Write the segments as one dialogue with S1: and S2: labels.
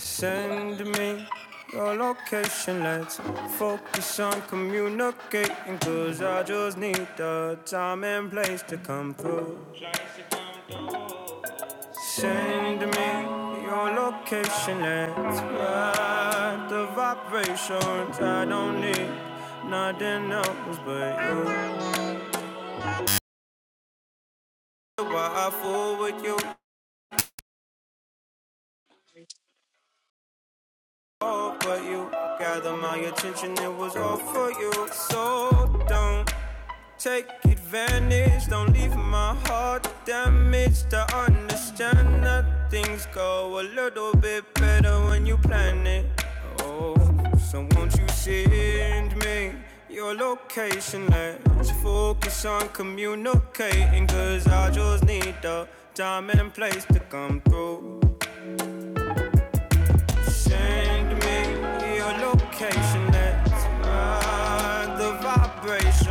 S1: Send me your location, let's focus on communicating. Cause I just need the time and place to come through. Send me your location, let's ride the vibrations. I don't need nothing else but you. Why I fool with you, all but you. Gather my attention, it was all for you. So don't Take advantage, don't leave my heart damaged. To understand that things go a little bit better when you plan it. Oh, so won't you send me your location? Let's focus on communicating, cause I just need the time and place to come through. Send me your location, let's ride the vibration.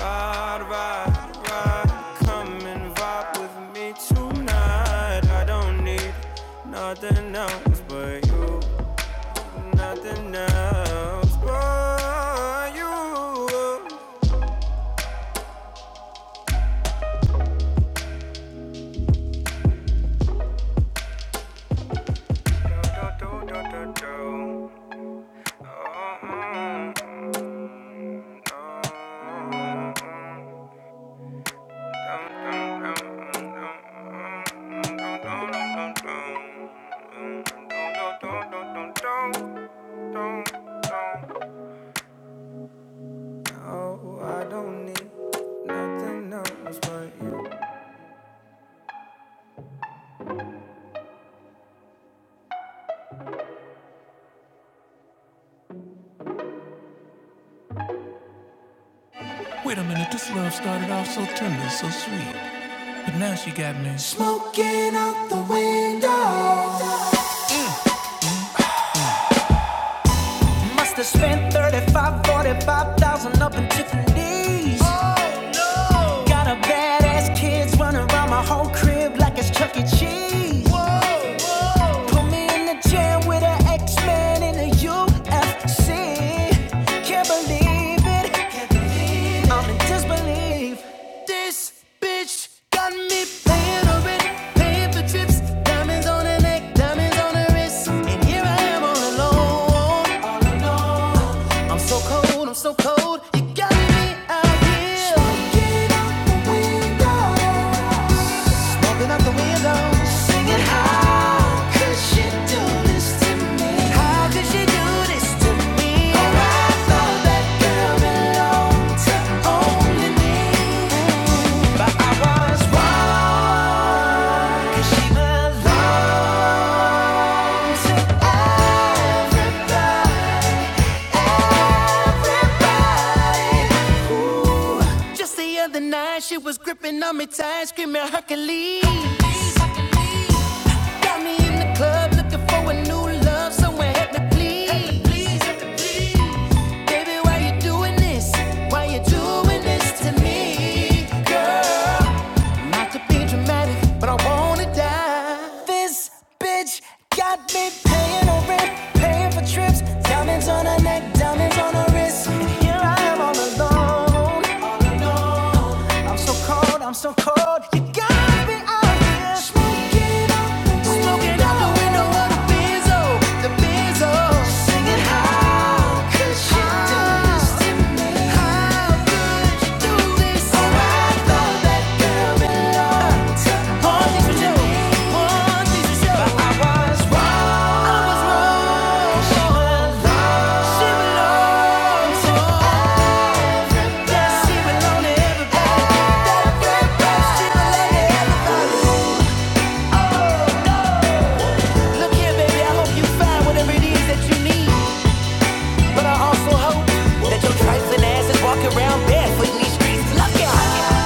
S1: Ride, ride, ride. Come and vibe with me tonight. I don't need nothing else but you. Nothing else but you. Do, do, do, do, do, do. Oh, mm, mm, mm. mm. Oh, I don't need nothing else but you. Wait a minute, this love started off so tender, so sweet. But now she got me. Smoke must have spent thirty-five, forty-five thousand up in Tiffany's. Oh, no. Got a badass kids running around my whole crib like it's Chuck E. Cheese. Whoa. Put me in the jam with an X-Man in a UFC. Can't believe it. I'm in disbelief. This bitch got me paying her rent, paying for trips, diamonds on her neck, diamonds on her wrist, and here I am all alone, all alone. I'm so cold, I'm so cold, you got me out here. Smoking out the window. Smoking out the window. Singing, how could she do this to me? How could she do this to me? Oh, I thought that girl belonged to only me. But I was wrong. She belonged to everybody. Everybody. Just the other night, she was gripping on me tight, screaming Hercules. Hercules, Hercules. Got me in the club looking for a new love, someone help me please. Baby, why you doing this? Why you doing this to me, girl? Not to be dramatic, but I wanna die. This bitch got me paying her rent, paying for trips, diamonds on her neck, diamonds on her wrist. And here I am all alone, all alone. I'm so cold, I'm so cold. You got me out here smoking out the window, smoking out the window of the Benzo, the Benzo, singing how could she do this to me? How I feel, I'm so down, here alone. Look here, baby, I hope you find whatever it is that you need. But I also hope that your trifling ass is walking around barefoot in these streets. Look out! Only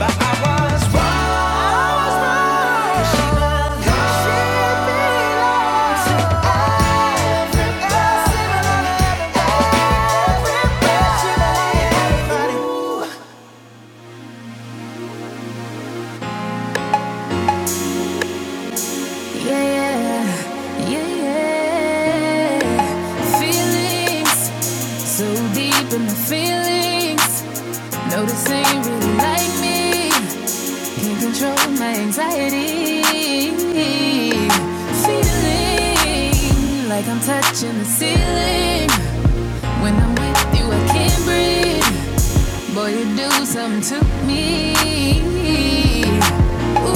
S1: but I was wrong. She belongs- to everybody. Yeah, feelings so deep in my feelings. No, this ain't really like me. Can't control my anxiety. Feeling like I'm touching the ceiling. When I'm with you, I can't breathe. Boy, you do something to me. Ooh,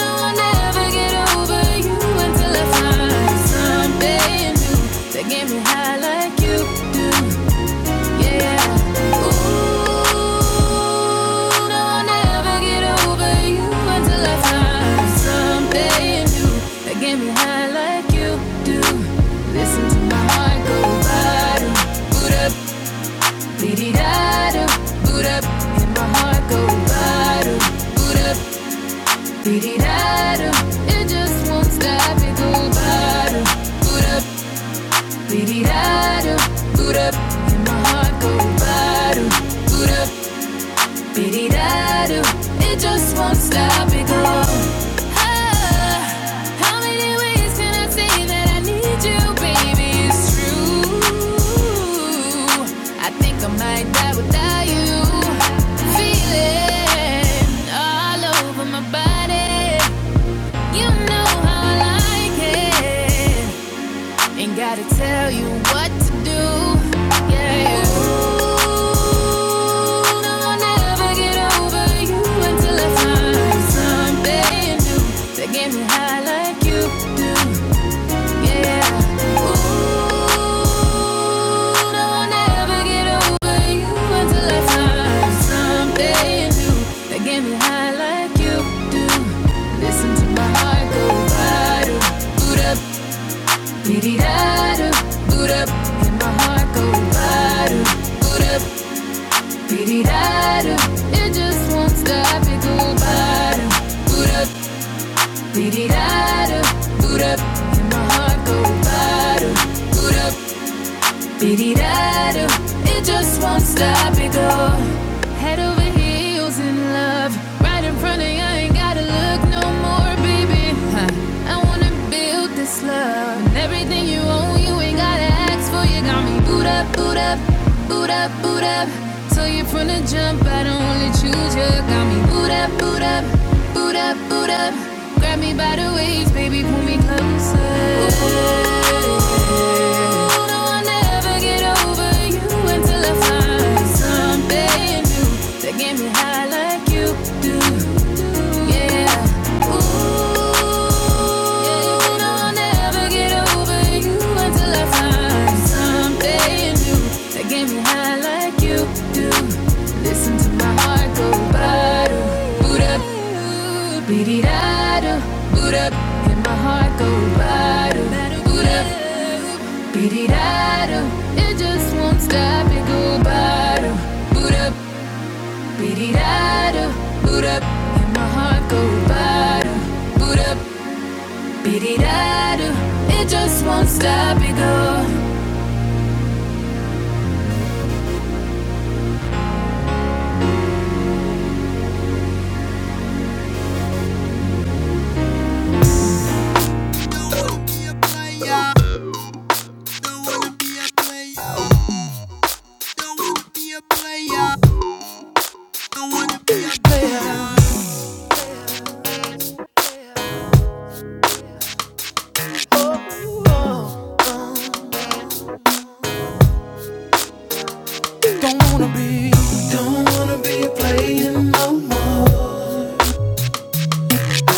S1: no, I'll never get over you until I find something new that get me high like you do. Yeah. Ooh, no, I'll never get over you until I find something new that get me high like you do. Listen to my heart go bottom, boot up, dee da do, boot up, and my heart go bottom, boot up, dee da do. It just won't stop. It go bottom, dee da do, boot up, and my heart go bottom, boot up. Biddy dadu, it just won't stop it go. Ah, how many ways can I say that I need you, baby? It's true. I think I might die without you. Feeling all over my body. You know how I like it. Ain't gotta tell you what to do. Yeah. Ooh. Boot up, boot up, and my heart go bada. Boot up, it just won't stop. It go bottom. Boot up. Di-di-da-do. Boot up. And my heart go bottom. Boot up. Diddy-da-do, it just won't stop it go. Head over heels in love, right in front of you. I ain't gotta look no more, baby. Huh. I wanna build this love. And everything you own, you ain't gotta ask for. You got me boot up, boot up, boot up, boot up. So you from the jump, I don't wanna choose you. Got me boot boot up, boot up, boot up, boot up. Grab me by the waist, baby, pull me closer. Ooh, no, I'll never get over you until I find something new that get me high like you do. Yeah. Ooh, yeah, no, I'll never get over over you until I find something new that get me high like you do. Listen to my heart go bada, boot up, beat da do, boot up, and my heart go bada, boot up, beat da do. It just won't stop. It go bada, boot up, beat da do, boot up, and my heart go bada, boot up. It just won't stop, it go. Don't wanna be, don't wanna be playing no more.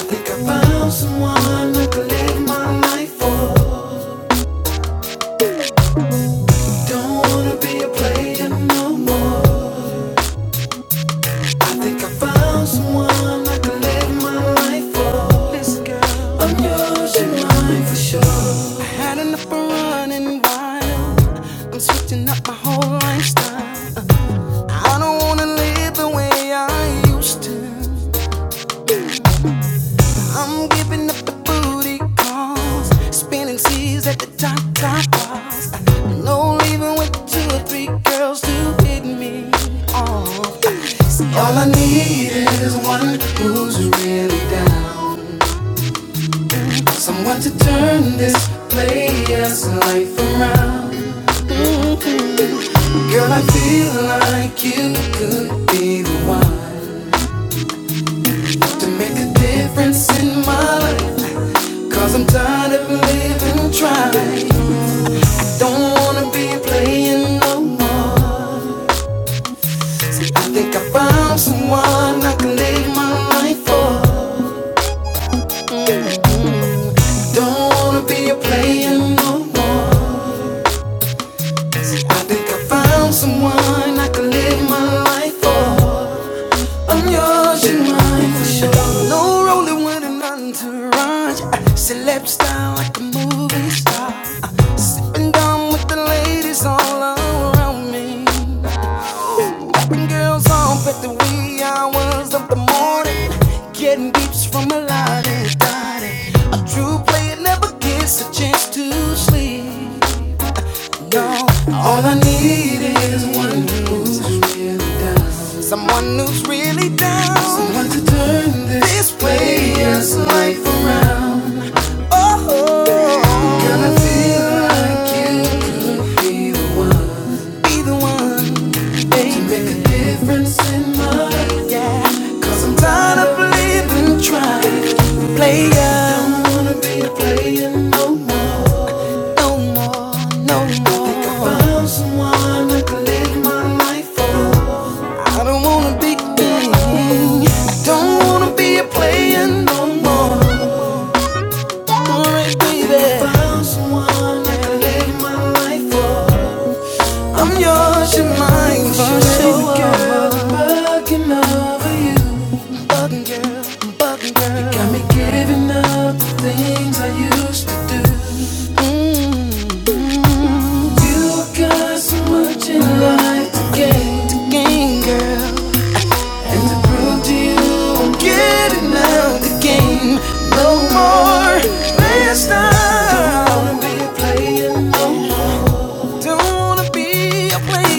S1: Think I found someone I could live my life for. Don't wanna be a player no more. Think I found someone I could live my life for. Listen, girl, I'm yours, you're mine for sure. I had enough of running wild. I'm switching up my whole lifestyle. I don't wanna live the way I used to. I'm giving up the booty calls, spinning seas at the top, top bars. No leaving with two or three girls to get me off. See, all I need is one who's really down, someone to turn this player's life around. Girl, I feel like you could be the one to make a difference in my life. i I'm tired of living trying. Don't wanna be playing no more. Think I found someone I can live my life for. Don't wanna be a player no more. Think I found someone I can live my life for. I'm yours, and mine for sure. No rolling with an entourage. Uh, Celeb style like a movie star. Uh, Sipping down with the ladies all around me. Girls up at the wee hours of the morning, getting beeps from a lot of body. A true player never gets a chance to sleep. No, all I need is one who's someone who's really down, someone to turn this player's life around. Oh, gonna be the one. Make a difference in my life. i I'm tired of living trying. Player. Don't wanna be a player no, no more. No more. If I found someone I could live my life for. I don't wanna be. Don't wanna be a player no more. Alright, baby. If I found someone I could live I'm yours, you're mine forever. Girl, I'm bugging over you. I'm bugging, girl. I'm bugging, girl. You got me giving up the things I used to do. I got so much in life to gain. To gain, girl. Prove to you I'm getting out the game. No more. players. I don't wanna be a player.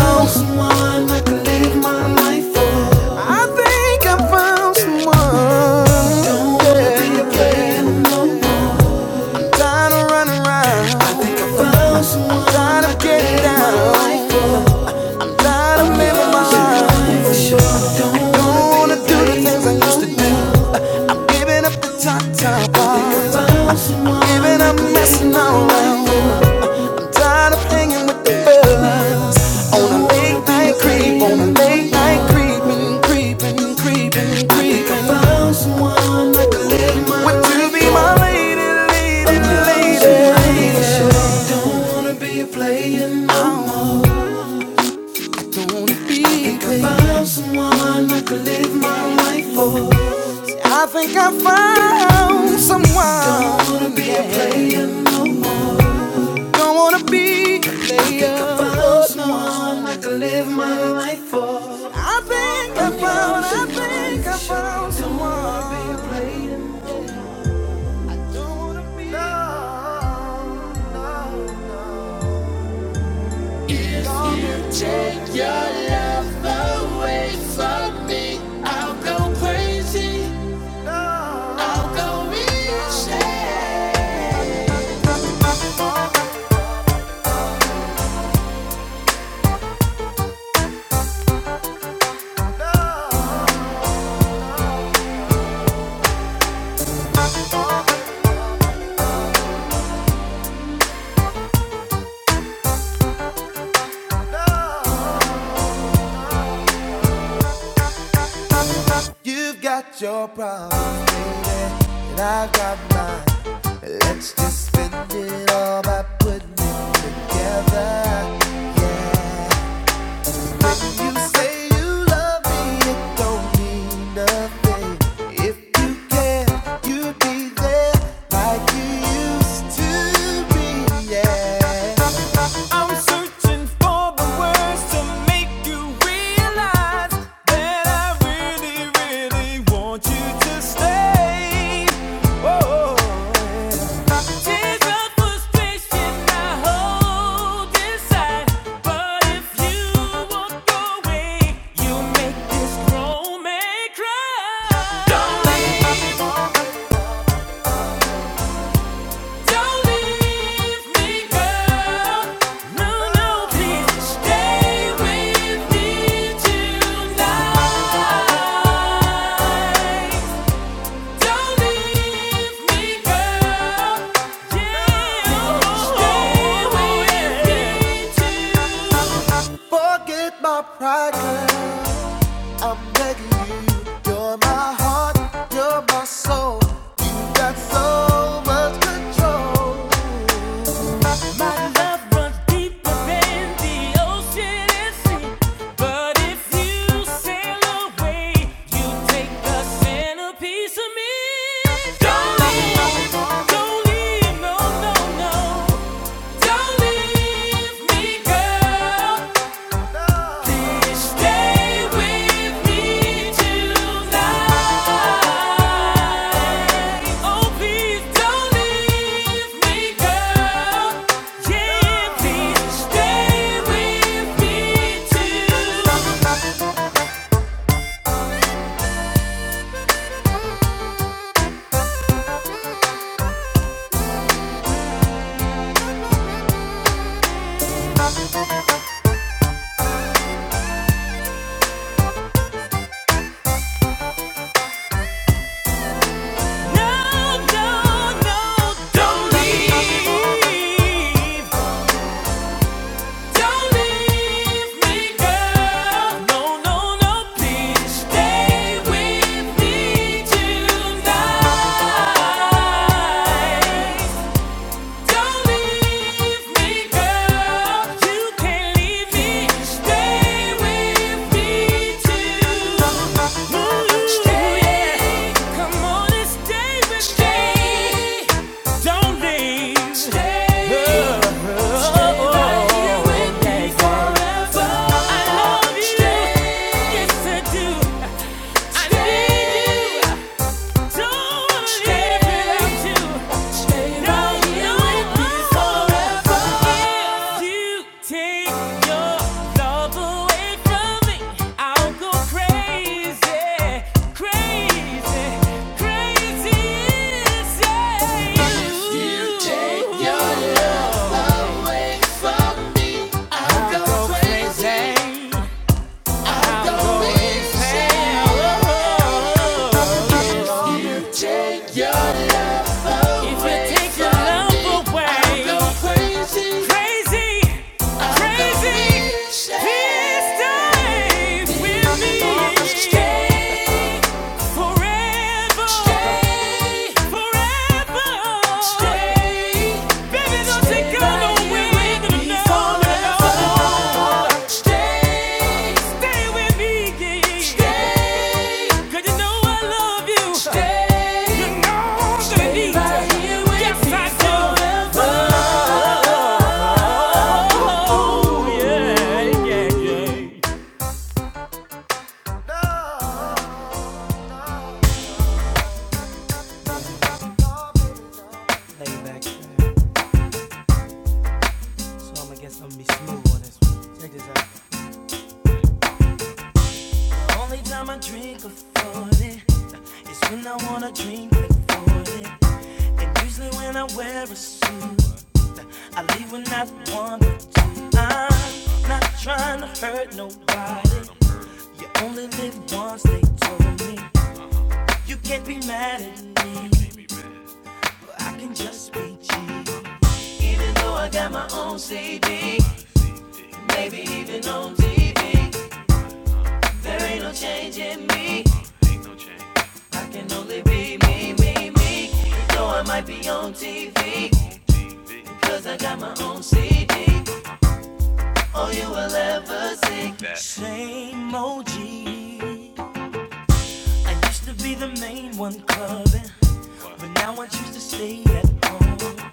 S1: I think I found someone I can live my life for. I think I found someone. Tired of running around, tired of getting down, tired of living my life. Wanna do the things I used to do, giving up the top top, giving up messing around. Tired of hanging with the fellas on a late night creep, on a late night creeping, creeping, creeping, creeping. Would you be my lady, lady, lady? wanna be I think with. I Found someone I could live my life for. I think I found someone. Don't wanna be yeah. a player. Don't wanna be a player. I I think I Found someone I could live my life for. I think I found. I think I found someone. Don't wanna be a Player. Don't wanna be. No, no, no. Take me. No. You've got your problems, baby, and I've got mine. Let's just spend it all by putting it together. Yeah. When you say you love me, it don't mean nothing. If you can, you'd be there like you used to be. Yeah. Don't leave, girl. No, no, please stay with Forget my pride, girl. I'm begging you. You're my heart, you're my soul. You got so much control. Don't leave, no, no, no. no. Don't leave, girl. Take your love away from me. I'll go crazy, crazy. Only time I drink a 40 is when I wanna drink like 40. And usually when I wear a suit, I leave with not one but i I'm not trying to hurt nobody. You only live once, they told me. You can't be mad at me, but I can just be cheap. Even though I got my own CD, even on TV, ain't no changing me. I can only be me, me, me. Though I might be on TV, cause I got my own CD. You a same OG. I used to be the main one clubbing, but now I choose to stay at home.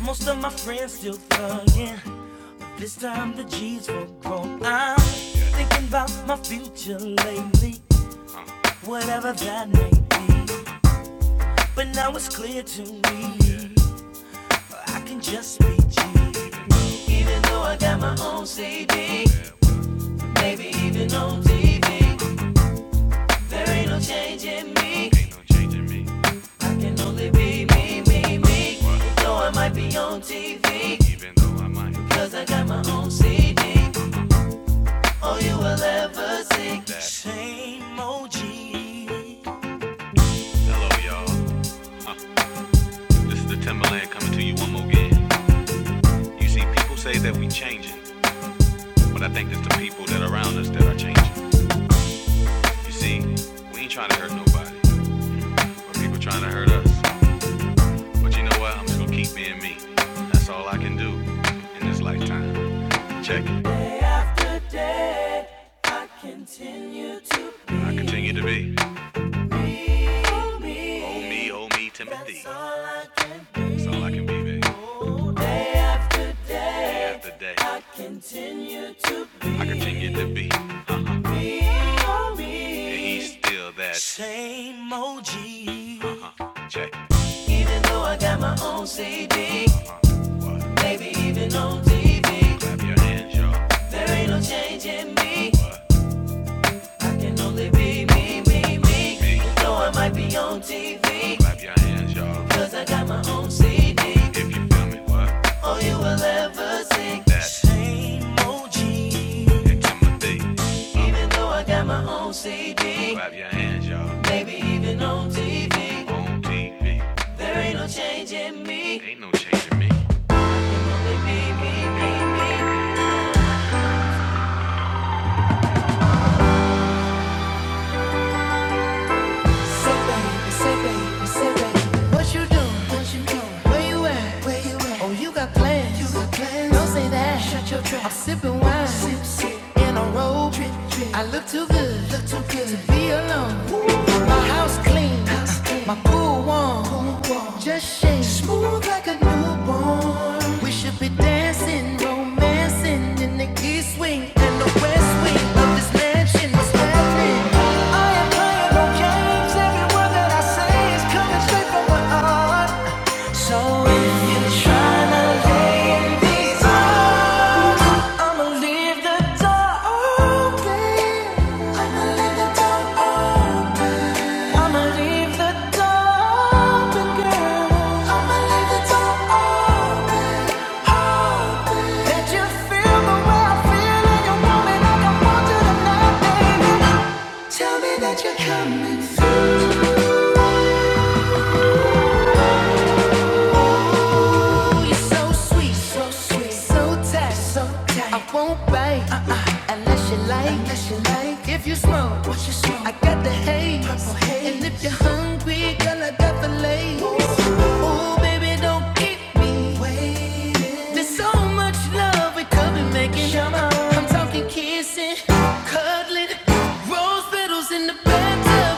S1: Most of my friends still thugging. This time the G's will grow. I'm thinking about my future lately, whatever that may be. But now it's clear to me, I can just be G. Even though I got my own CD, maybe even on TV, there ain't no change in me. Changing me, even though I might have that. Same old G. Hello, y'all. Huh. This is the Timberland coming to you one more again. You see, people say that we changing, but I think it's the people that are around us that are changing. You see, we ain't trying to hurt nobody, but people trying to hurt us. But you know what? I'm just gonna keep being me. That's all I can do in this lifetime. Check it. I continue to be. Oh me, oh me, Timothy. That's all I can be, baby. Day after day, I continue to be. And he's still that. Same OG. Uh-huh. Check. it. Even though I got my own CD, even on D. Ain't no change in me. Can only be me, me, me. me. Though I might be on TV. Yeah, hands, Got my own seat. Tell me what. All you will ever see. That hit to my feet. Clap your hands, y'all. On TV. Ain't no changing me. Say baby, say baby, say baby. What you doing? What you doing? Where you at? Where you at? Oh, you got plans. You got plans. Don't say that. Shut your trap. I'm sipping wine. Sip, In a robe. I look too good. Look too good. To be alone. Woo. My house clean. House clean. My pool cool one. Just shake. Smooth like a newborn. We should be dancing, romancing in the east wing and the west wing of this mansion. What's happening? I am playing no games. Every word that I say is coming straight from my heart. So if you're trying lay in these arms, I'ma leave the door open. I'ma leave the door open. I'ma leave the door open, girl. I'ma leave the door open. open. That you feel the way I feel and you want me like I want you tonight, baby. Tell me that you're coming. So sweet, so sweet, so tight, so tight. I won't bite uh-uh. unless you like, unless you like it. Oh, the haze. purple haze. And if you're hungry, girl, I got fillets. Oh, baby, don't keep me. waiting. There's so much love we could be making. I'm talking kissing, cuddling, riddles in the bathtub.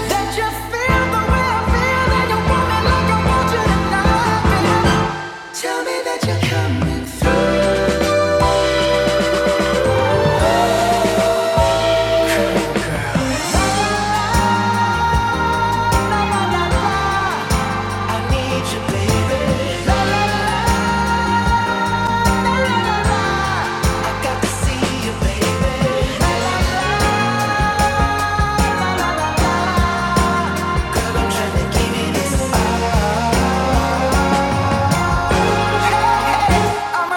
S1: That you feel the way I feel, and you want me like I want you tonight. Tell me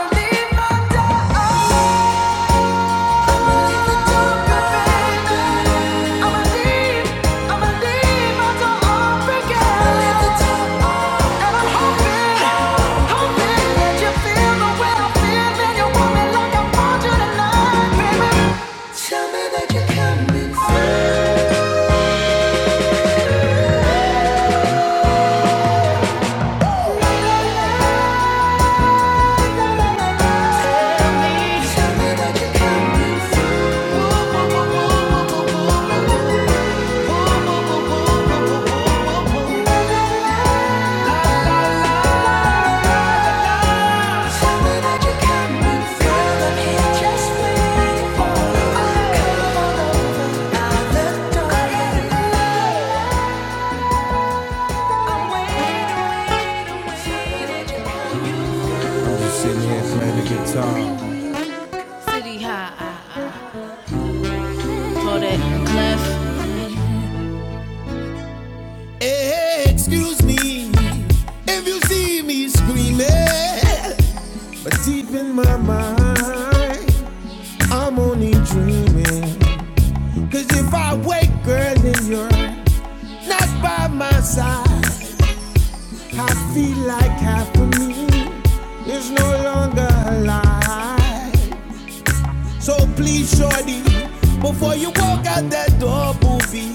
S1: that you're coming. Tell me that you're coming. Sitting here playing the guitar. Hey, excuse me if you see me screaming, but deep in my mind, I'm only dreaming. Cause if I wake, girl, then you're not by my side. I feel like half of me is no longer alive. So please, shorty, before you walk out that door, booby,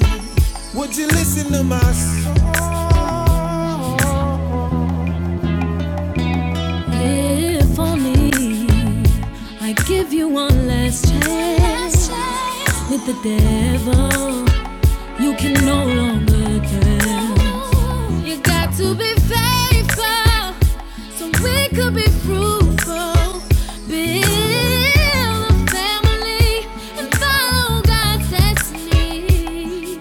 S1: would you listen to my song? If only I give you one last chance with the devil. you can no longer guess. You got to be faithful so we could be fruitful. Build a family and follow God's destiny.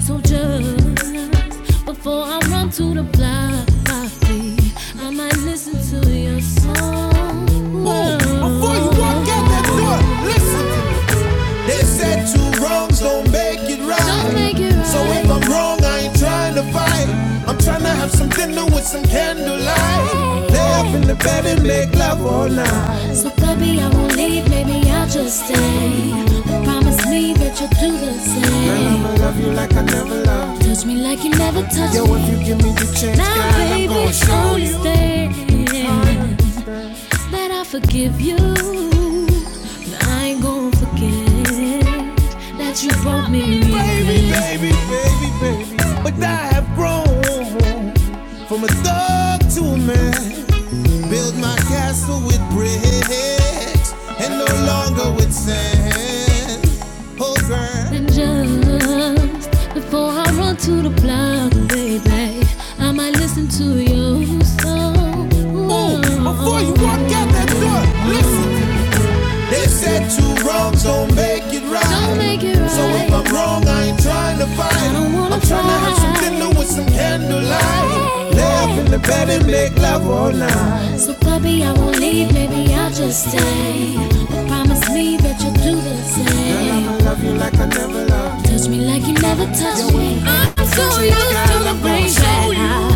S1: So just before I run to the block, I feel I might listen to your song. Boom. Before you walk out that door, listen to me. They said two wrongs don't make it right. Don't make it right. So right. if I'm wrong, I ain't trying to fight. I'm trying to have some dinner with some candlelight. Lay up in the bed and make love all night. So baby, I won't leave, maybe I'll just stay. But promise me that you'll do the Girl, same. Girl, like I never loved. you. Touch me like you never touched Yo, me. Yo, if you give me the chance, Now, God, baby, I'm gonna it's show only you. stay that I forgive you. But I ain't gonna forget that you broke me. baby, baby, baby, baby. But I have grown from a thug to a man. Build my castle with bricks and no longer with sand. Oh, girl. And just before I run to the block, baby, I might listen to your song. Oh, before you walk out that door, listen. They said two wrongs don't make it right. Don't make it right. So if right. I'm wrong, I ain't trying to fight. I don't wanna I'm trying to have some dinner with some candlelight. Hey. Lay in the bed and make love all night. So puppy, I won't leave, maybe I'll just stay. But promise me that you'll do the same. Touch me like you never touched me. I'm so used to the brain that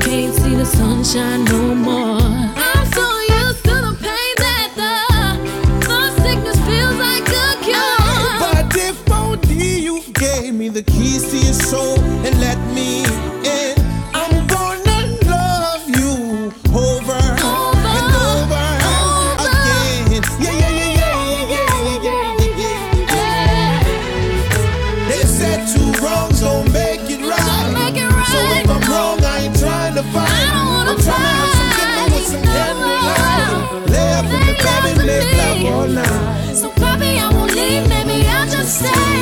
S1: can't see the sunshine no more. I'm so used to the pain that the, the sickness feels like a cure. But if only you gave me the keys to your soul and let me in, I'm gonna love you over, Over, and over, over. again. Yeah, yeah, yeah, yeah, yeah, yeah, yeah, yeah, yeah, yeah. Yeah. yeah, yeah. They said two wrongs don't make it right. Don't make it right, So if I'm no. wrong, I ain't trying to fight. I don't wanna I'm trying fight. to have some dinner with fight, some no. candlelight. Lay up in the Lay bed up and with live love me. all night. So probably I won't leave, maybe I'll just stay.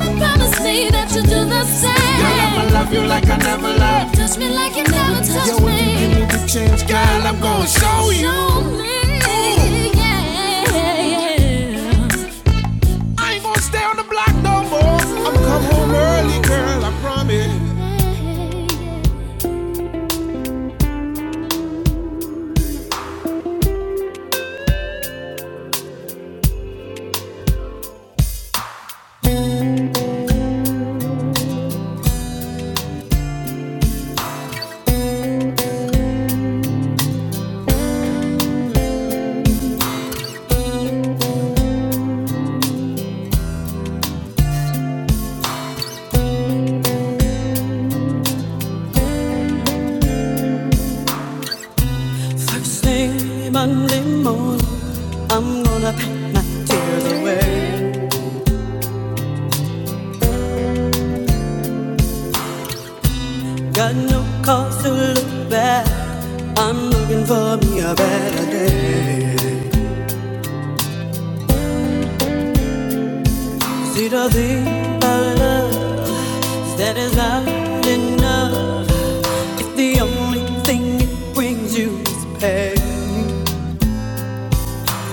S1: And promise me that you'll do the same. Girl, I'ma love you like I never loved. Touch me like you never touched me. Yo, if you give me. want to change, girl, I'm gonna show you. Show me, Ooh. yeah, yeah. yeah. I ain't gonna stay on the block no more. I'm come home early, girl, I promise. Say Monday morning, I'm gonna pack my tears away. Got no cause to look back. I'm looking for me a better day. See the thing I love that is not enough. If the only thing it brings you is pain.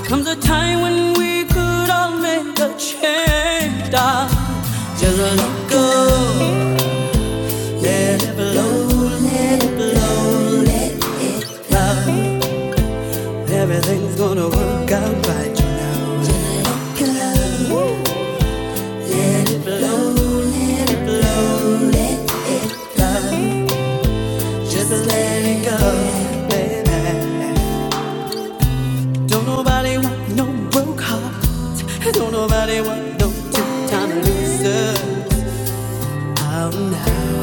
S1: Comes a time when we could all make a change. Darling. Just let go. Everything's gonna work out right. Just let it go, baby. Don't nobody want no broke heart. Don't nobody want no two-time loser. Oh no.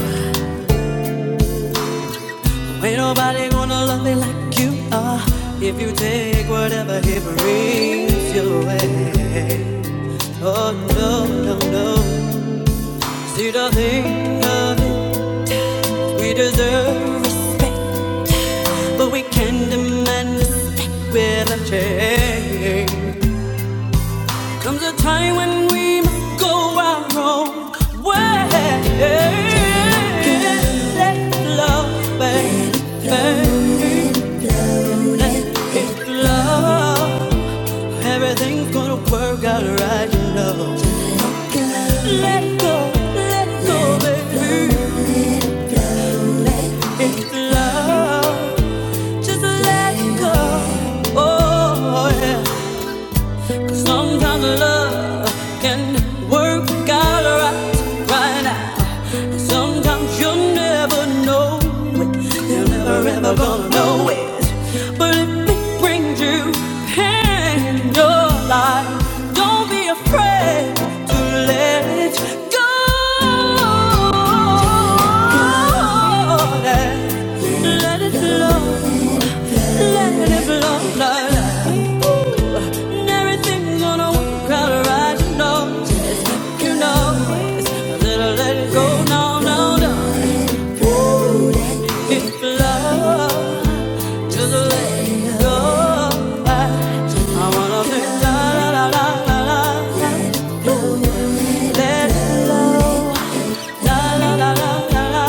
S1: Ain't nobody gonna love me like you are. If you take whatever he brings your way. Oh no, no, no. See the thing of it. We deserve us, but we can not demand respect without change. Comes a time when we must go our own way. Let love, baby, let love. Everything's gonna work out right, you know. Let go, let go, baby. It's love, just let go. Oh yeah. Sometimes love can work out right, right now. Sometimes you'll never know it. You're never ever gonna know it. But if it brings you pain in your life, don't be afraid to let it go. Let it flow, let it flow, let la, la. Everything's gonna work out right, you know. you know it's a little let it go. No, no, no. It's love, just love. I wanna be la la la la la Let it la la la la la la.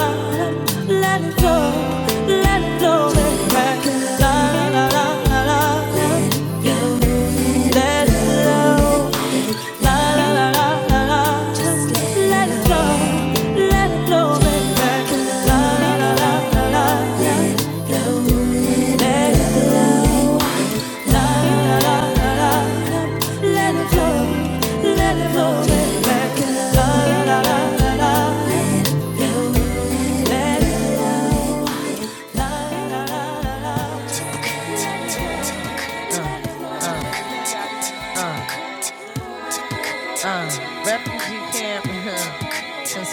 S1: Let it flow, let it flow, let it crack. La la la la la la. Let it la la la la la la. Just let it flow, let it flow, let it crack. La la la la.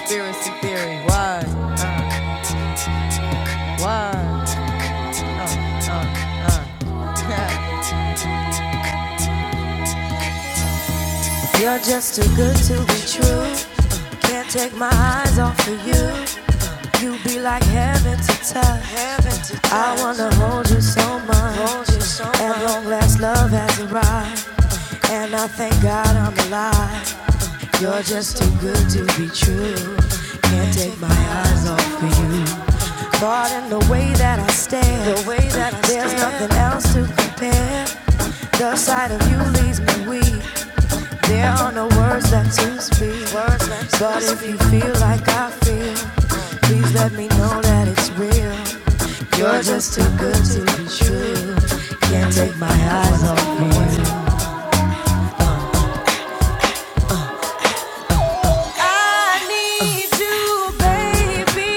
S1: Conspiracy theory, why, why? You're just too good to be true. Can't take my eyes off of you. You be like heaven to touch. I wanna hold you so much. Hold so At long last, love has arrived. And I thank God I'm alive. Good to be true. Can't take my heart in the way that I stand. The way that I stand. There's a side of you leaves me weak. There are no words left to speak. Words but if you feel like I feel. Please let me know that it's real. Just too good to be true. Can't take my eyes off you. I need you, baby.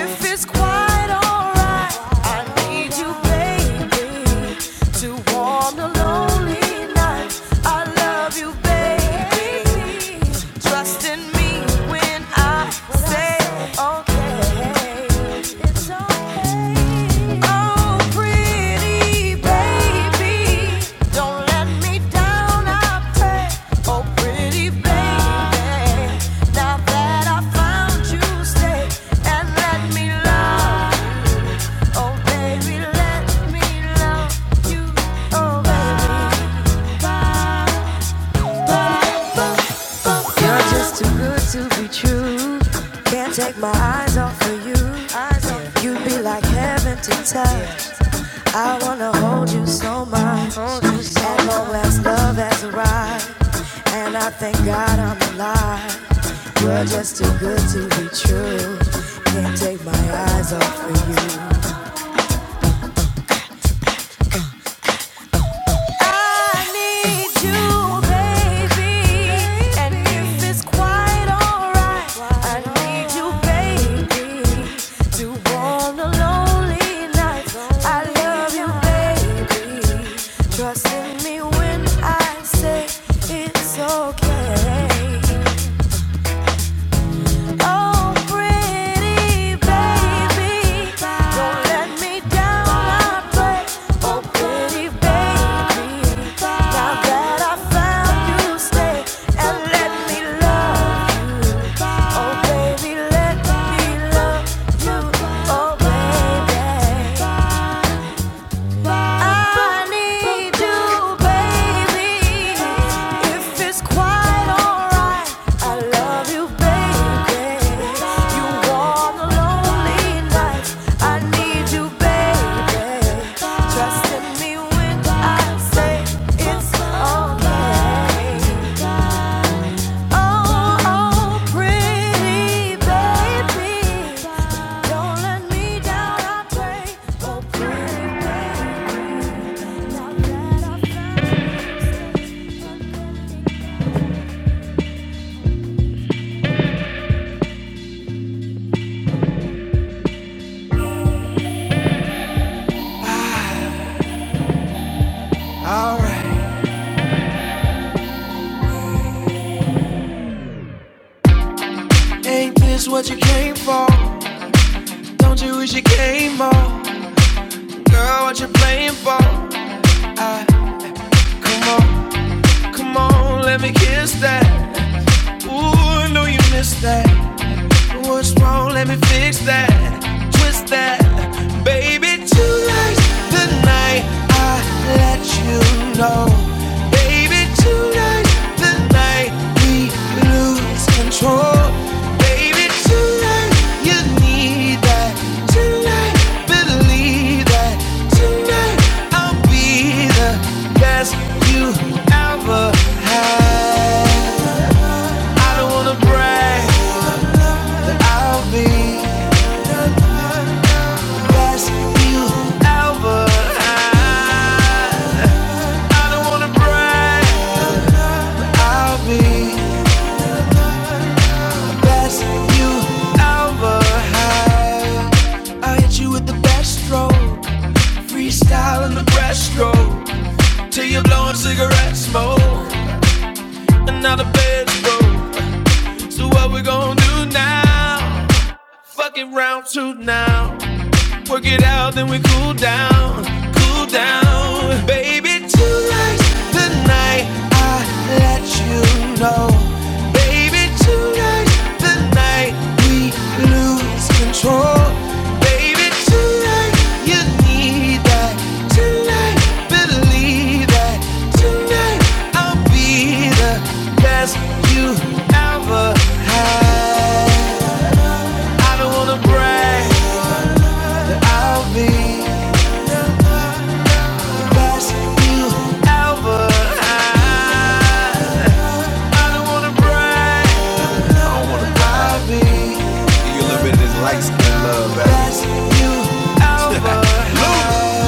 S1: If it's quite alright, I need you, baby, to warm the lonely night. I love you, baby. Trust in me when I say. Bye. You're just too good to be true. Can't take my eyes off of you. You'd be like heaven to touch. I wanna hold you so much. At long last love has arrived. And I thank God I'm alive. You're just too good to be true. Can't take my eyes off of you. Need you, baby, and if I need you, baby, to warm the lonely nights. I love you, baby. Trust in me when I say it's okay. Oh, pretty baby, don't let me down. I pray. Oh, pretty baby, now that I found you, stay and let me love you. Oh, baby, let me love you. Oh, baby. I need you, baby. If it's quite alright, I love you, baby. You want a lonely night. I need you, baby. Trust in me when I say it's okay. Oh, oh, pretty baby, don't let me down. I pray, oh pretty baby, Ain't this what you came? Don't you wish you came? Girl, what you playing for? Come on, come on, let me kiss that. Ooh, I know you missed that. What's wrong? Let me fix that. Twist that. Baby, tonight's the night I let you know. Baby, tonight's the night we lose control. Baby, tonight you need that. Tonight, believe that. Tonight, I'll be the best you ever had. I don't wanna brag, but I'll be the best you ever had. I don't wanna brag, but I'll be the best you ever had. I hit you with the best stroke, freestyle in the breaststroke, till you're blowing cigarette smoke, and now the bed's broke. So what we gonna do now? Fucking round two now. Work it out, then we cool down, cool down. Baby, tonight's the night I let you know. Baby, tonight's the night we lose control. Baby, tonight you need that. Tonight, believe that. Tonight, I'll be the best you ever had. I don't wanna brag that I'll be. best you ever had. I don't wanna brag, I don't wanna lobby. You a little bit of this light love, Best you ever had.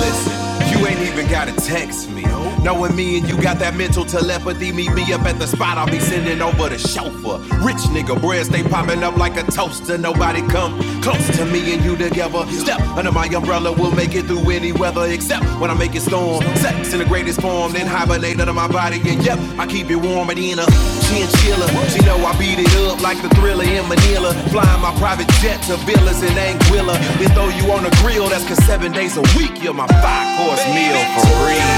S1: listen, you ain't even gotta text me. Knowing me and you got that mental telepathy, meet me up at the spot. I'll be sending over the chauffeur. Rich nigga breads, they popping up like a toaster. Nobody come close to me and you together. Step. Under my umbrella, we'll make it through any weather except when I make it storm. Sex in the greatest form, then hibernate under my body. And yep, I keep it warm and in a chinchilla. She know I beat it up like the thriller in Manila. Flying my private jet to villas in Anguilla. Then throw you on the grill, that's cause seven days a week, you're my five course meal for real.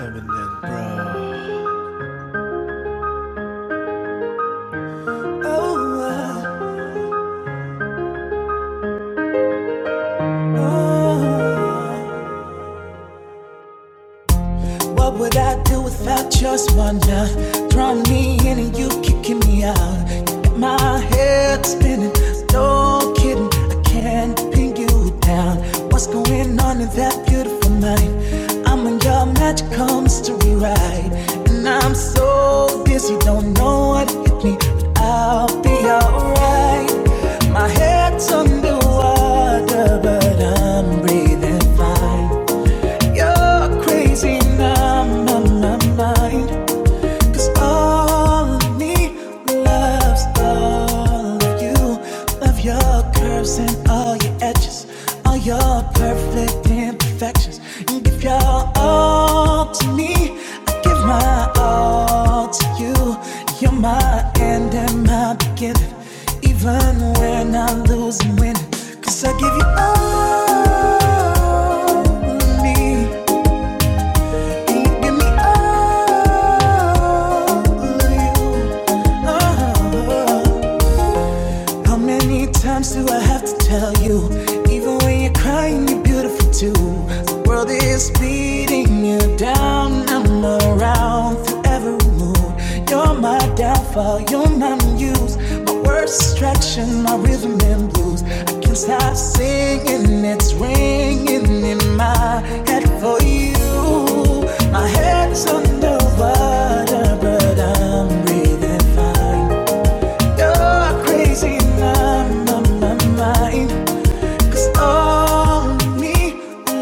S1: Eminem, bro. Oh, oh, oh. What would I do without your wonder? Drawing me in and you kicking me out. You got my head spinning. No kidding, I can't pin you down. What's going on in that beautiful night? I'm on your magical mystery ride, and I'm so dizzy, don't know what hit me, but I'll be alright. My head's underwater, but I'm breathing fine. You're crazy now, my, my mind. all of me loves all of you. Love your curves and all your edges, all your perfect imperfections. You give all to me, I give my all to you. You're my end and my beginning, even when I lose and win. Cause I give you all of me. Give me all of you. Oh. How many times do I have to tell you? Even when you're crying, you're beautiful too. The world is beating you down. I'm around through every mood. You're my downfall, you're my muse. My worst distraction, my rhythm and blues. I can't stop singing, it's ringing in my head for you. My head's under water, but I'm breathing fine. You're crazy in my, my, my mind. 'Cause only me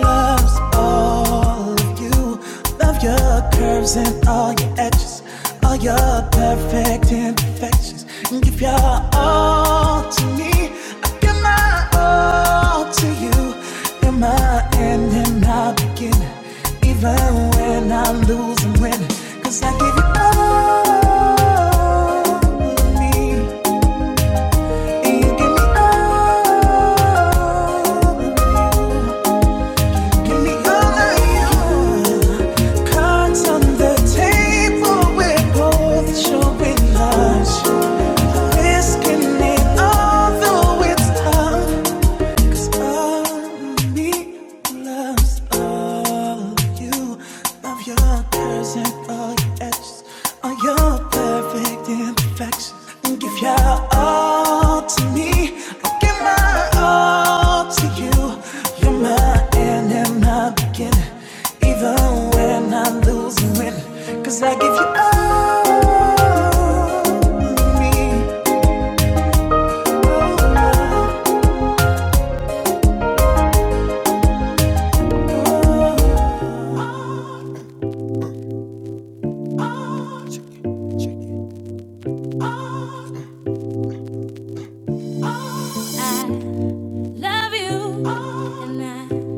S1: loves all of you. Love your curves and all your edges, all your perfect imperfections. And give your all to me. I give my all to you. You're my end and my beginning. Even when I lose and win, 'cause I give you all of me. Love you, and I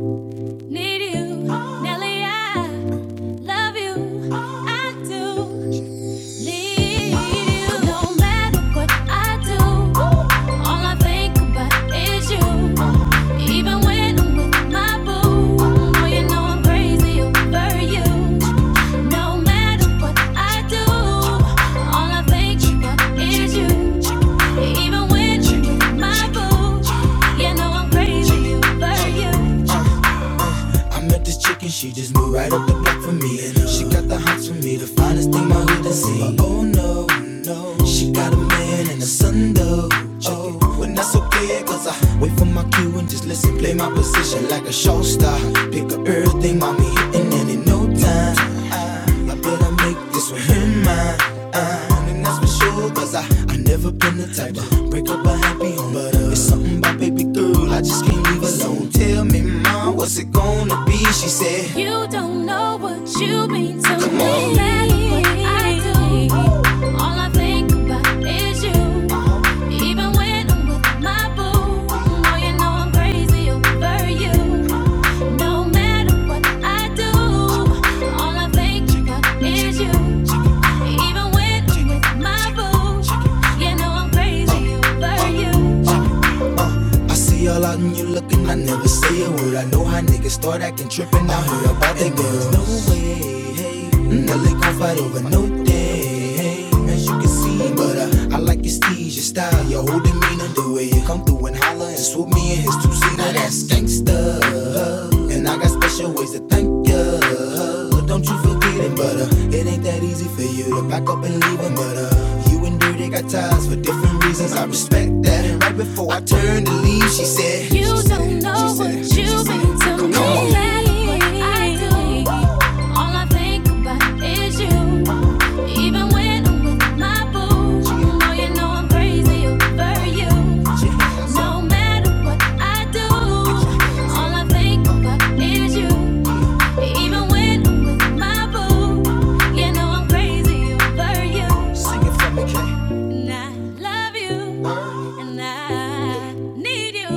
S1: need you. oh. Nelly, I love you, oh. I do. Even when you're with my boo, you know I'm crazy for you. You don't know what you mean to me. No matter what I do, all I think about is you. Even when I'm with my boo, oh, you know I'm crazy over you. No matter what I do, all I think about is you. Even when I'm with my boo, you know I'm crazy over you. Plotting, I didn't say a word. I know how niggas start acting tripping out here about their girls. No way. said thank you. Look, don't you forget it, but uh, it ain't that easy for you to pack up and leave him. But uh, you and Dirty got ties for different reasons. I respect that. And right before I turned to leave, she said, You she don't said, know what you have been to me. Come on. I do. All I think about is you. Even when I'm with my boo, you you know I'm crazy over you. No matter what I do, all I think about is you. Even when I'm with my boo, you know I'm crazy over you. And I love you, and I need you.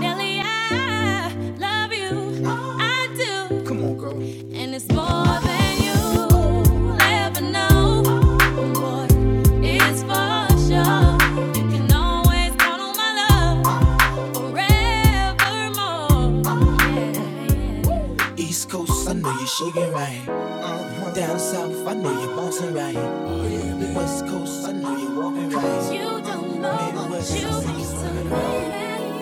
S1: Nelly, I love you, I do. And it's more than you'll ever know. Boy, for sure. You can always count on my love forevermore. Yeah, yeah. East Coast, I know you're shaking right. Down south, I know you're bouncing right. West coast, I know you're walking right. Cause You don't know what Midwest, you think so. I see you missed swimming right.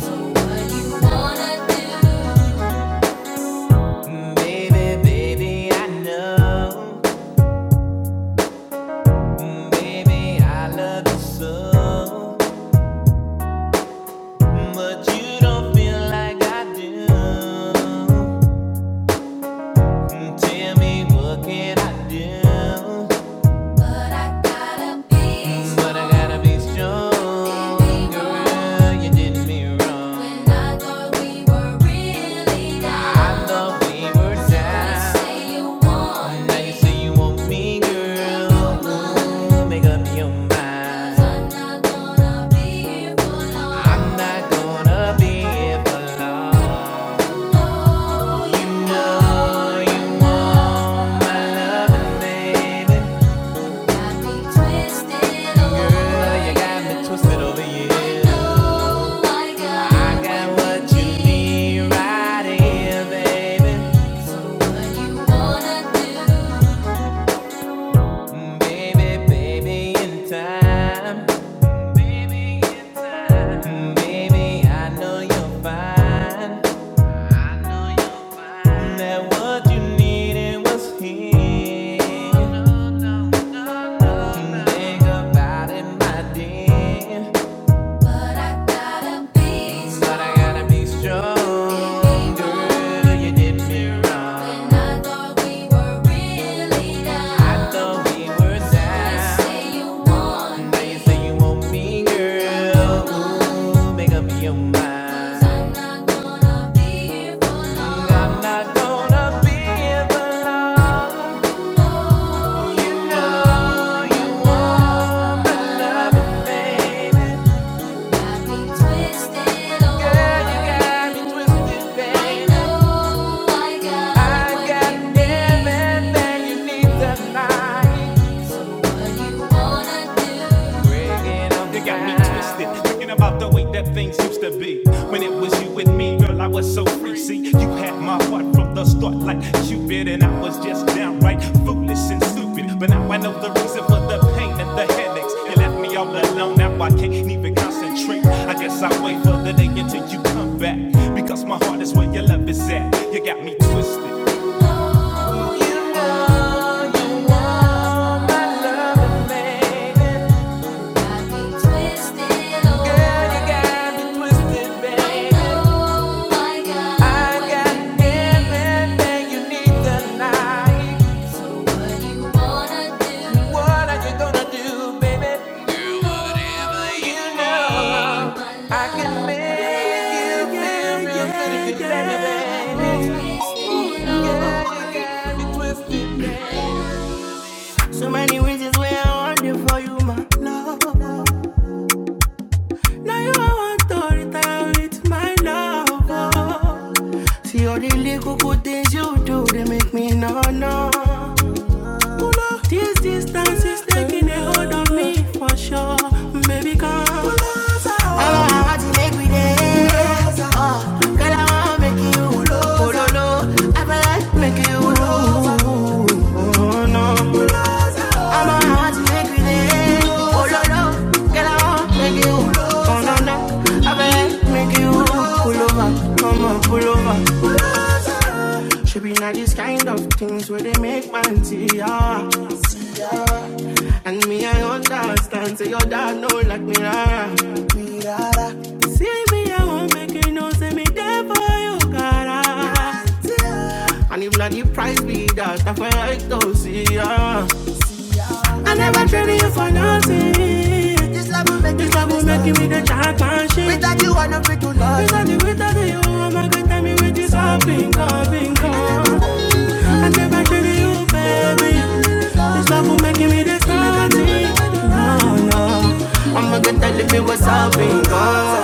S1: What you wanna do? What can I do? But I gotta be But I gotta be You did me wrong. I thought we were really I thought we were you down. Now you say you want me, girl. Make up your 'cause mind. I'm not gonna be here for I'm not gonna be here for long. Oh, You know Now you say you want me, girl. Make up your mind. 'Cause I'm not gonna be here for long. I'm not gonna be here for long. You know you want my loving, baby. Got me twisted, oh, Girl, you got me twisted, baby. I know I got I what got you need. everything you need tonight. What you wanna do? It got me twisted, thinking about the way that things used to be. When it was you with me, girl, I was so free. See, you had my heart from the start, like Cupid, and I was just downright foolish and stupid. But now I know the reason for the pain and the headaches. You left me all alone, now I can't even concentrate. I guess I'll wait for the day until you come back, because my heart is where your love is at. You got me twisted. Girl, you got got. me twisted. I know I got. I can make yeah, yeah, So many reasons why I want you for you, my love. Now you want to retire with my love. oh. See all the little good things you do, they make me no no. This distance is taking a hold on me for sure, baby. girl. Should be not these kind of things where they make man see ah. And me, I understand, say your dad know like me, ah. See me, I won't make you know, say me there for you, cara. And if not, the price be that, that's why I don't see ya. I never traded you for nothing. This love will make This love will make you with the championship. Without you, I am not feel to lost. Without the without you, I'm going a tell me with this all bingo, bingo. I never traded you, baby. This love will make you with the starting. No, no. I'm a good time, tell me what's up, bingo.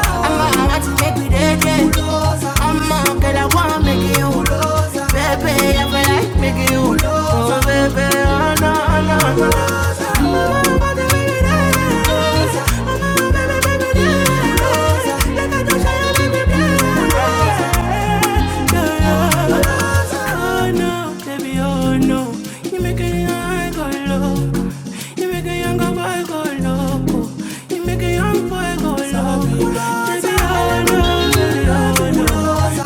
S1: I'm going to make me dead, I'm a girl, I wanna make you Baby, I feel like making you Oh, baby, oh, no, oh, no, oh, no Oh, baby, baby, dance. Oh, Like I don't show you, baby, dance. Yeah, yeah. Oh, no, baby, oh, no make a young boy go loco. You make a young boy go loco. Baby, I wanna, I wanna.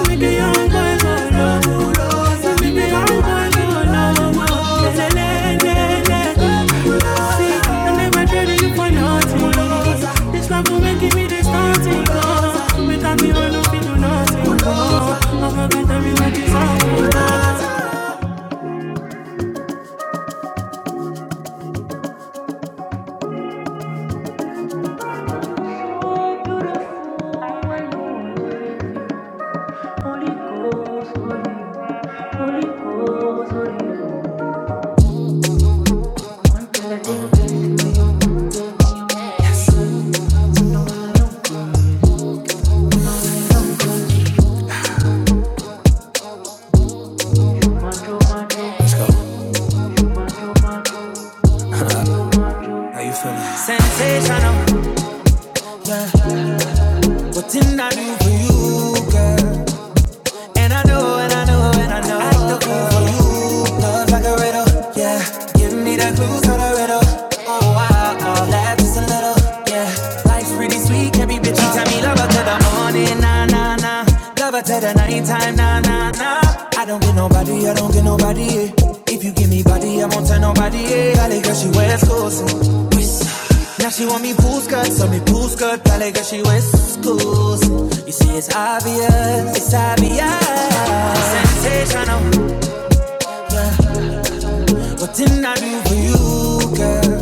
S1: Make a young boy go loco. You make a young boy go loco. Le, le, le, le, le. See, I never traded you for nothing. This love will make me the starting gun. Without you, I don't feel do nothing. Oh, I forget everything is all. Sensational. What did I do for you? And I know, and I know, and I know. I took it for you. Love like a riddle, yeah. Give me the clues to the riddle. Oh, wow, oh, laugh just a little, yeah. Life's pretty sweet, every bitch. You tell me love her to the morning, nah, nah, nah. Love her to the nighttime, nah, nah, nah. I don't get nobody, I don't get nobody. Yeah. If you give me body, I won't tell nobody. Yeah. Valley girl, she west coast. mm. Now she want me pool skirt, so me pool skirt. Valley girl, she west coast. mm. You see, it's obvious, it's obvious. Sensational, what did I do for you, girl?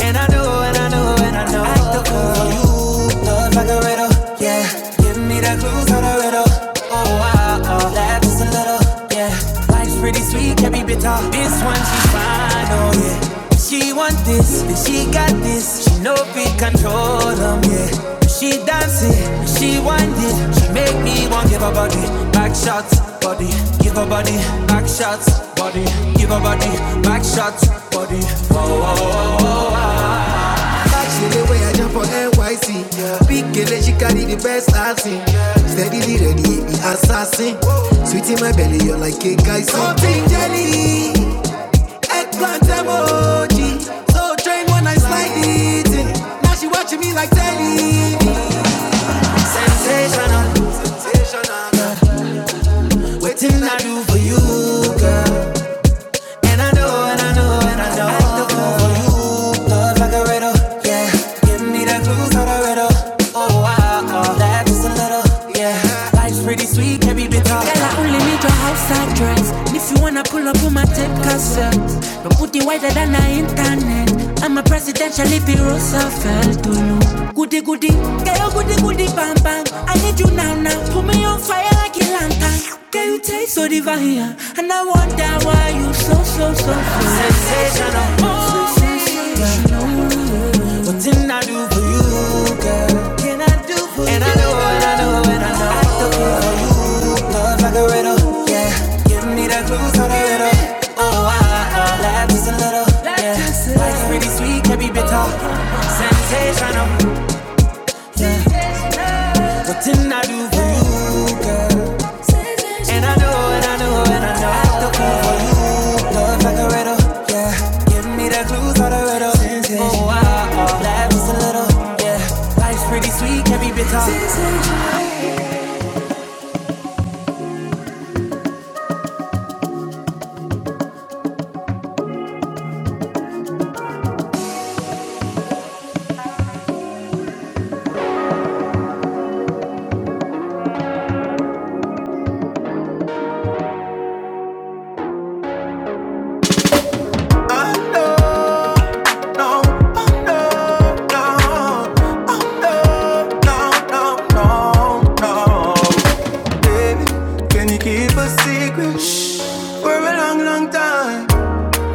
S1: And I know, and I know, and I know. I still come for you, love like a riddle. Yeah, give me that clues to the riddle. Oh, wow, oh, laugh just a little. Yeah, life's pretty sweet, can not be bitter. This one, she's fine, oh yeah. She want this, and she got this. She know we control 'em, yeah. She dance it, she wind it. She make me want give her body, back shots, body, give her body, back shots, body, give her body, back shots, body. Oh, she the way I jump for NYC. Big girl, she carry the best acting. Steadily ready, the assassin. Sweet in my belly, you're like a guy. Something jelly, eggplant emoji. So trained when I slide it. in. Now she watching me like telly. Sensational, sensational. Waiting I do for you, girl. And I know, and I know. like a riddle. Yeah, give me the clues on the riddle. Oh, wow, oh, that is a little. Yeah, life's pretty sweet, every bit of it. Girl, I only need your outside dress. And if you wanna pull up on my tape cassette, my booty wider than the internet. I'm a presidential hippie Roosevelt to you. Goody goody, girl, goody goody, bang bang. I need you now, now. Put me on fire like a lantern. Girl, you taste so divine, yeah. and I wonder why you so so so so sensational. Oh, sensational. Nothing I do for you, girl. Can I do for and you? And I know, and I know, and I know. I do for you. Love like a riddle, yeah. Give me that clue so the riddle. Oh, I, I laugh just a little, yeah. Life's pretty sweet, can be bitter. Sensational. Nothing I do for you, and I know, and I know, and I know. I do for you. Love like a riddle, yeah. Give me that clue so the riddle. Oh, I, I laugh just a little, yeah. Life's pretty sweet, can be bitter. Oh no, no, oh no, no, oh no, no, no, no, no. Baby, can you keep a secret Shh, for a long, long time?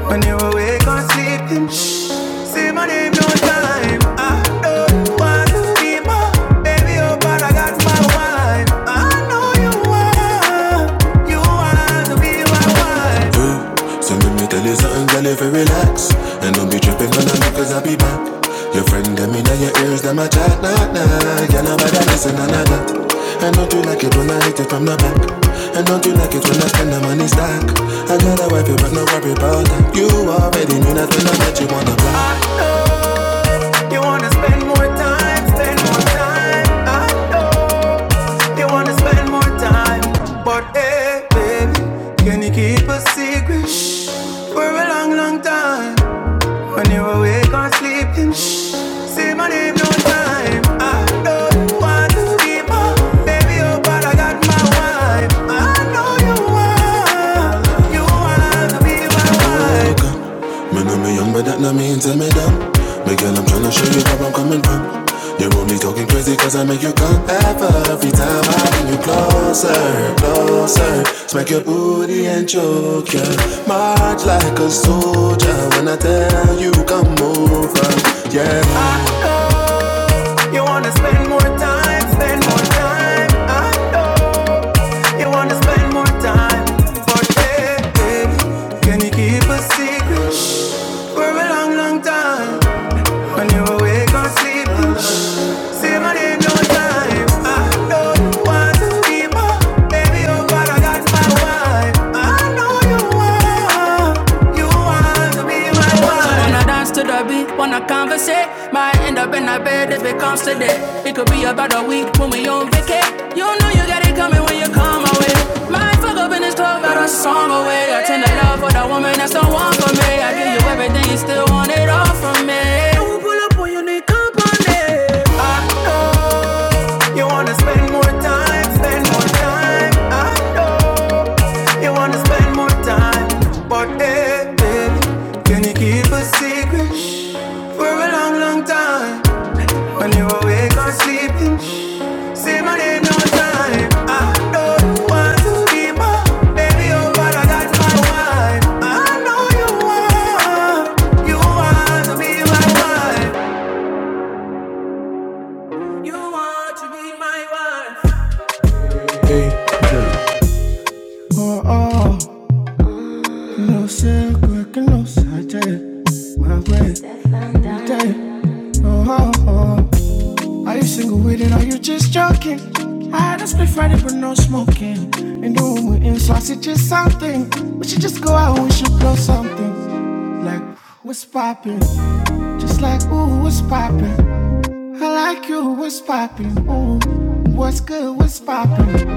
S1: When you're awake or sleeping, shh, say my name no time. I don't want to be my baby, oh, but I got my wife. I know you want, you want to be my wife. Do you wanna I know You wanna spend more time, spend more time. I know you wanna spend more time. But hey, baby, can you keep a secret shh, for a long, long time? When you're awake or sleeping, shh, say my name no time. I know you want to keep up, baby, oh, but I got my wife. I know you want, you want to be my wife. Man, I'm a young, but that not mean tell me dumb. Big girl, I'm tryna show you where I'm coming from. You're only talking crazy cause I make you come Every time I bring you closer, closer Smack your booty and choke ya March like a soldier when I tell you come over, yeah Ah, you wanna spend more time, spend more time. I know you wanna spend more time. But hey, hey, can you keep a secret for a long, long time? When you awake or sleeping, say my name no time. I don't want to be more. Baby, oh God, I got my wife. I know you want, you want to be my wife. Wanna dance to the beat, wanna conversate. Might end up in a bed if it comes to that. It could be about a week when we on vacay. You know you got it coming when you come away. Might fuck up in this club, got a song away. I tend to love for the woman that's the one for me. I give you everything, you still want it all from me. You wanna spend more time, spend more time. I know you wanna spend more time. But hey, baby, can you keep a secret for a long, long time? When you awake or sleeping, say my name no time. I know you want to be my baby, oh, but I got my wife. I know you want, you want to be my wife. You want to be my wife. oh, oh, oh. Are you single with it or you just joking? I had a split Friday but no smoking. In the room we're in, so I suggest something. We should just go out and we should blow something. Like, what's poppin'? Just like, ooh, what's poppin'? I like you, what's poppin'? Ooh, what's good, what's poppin'?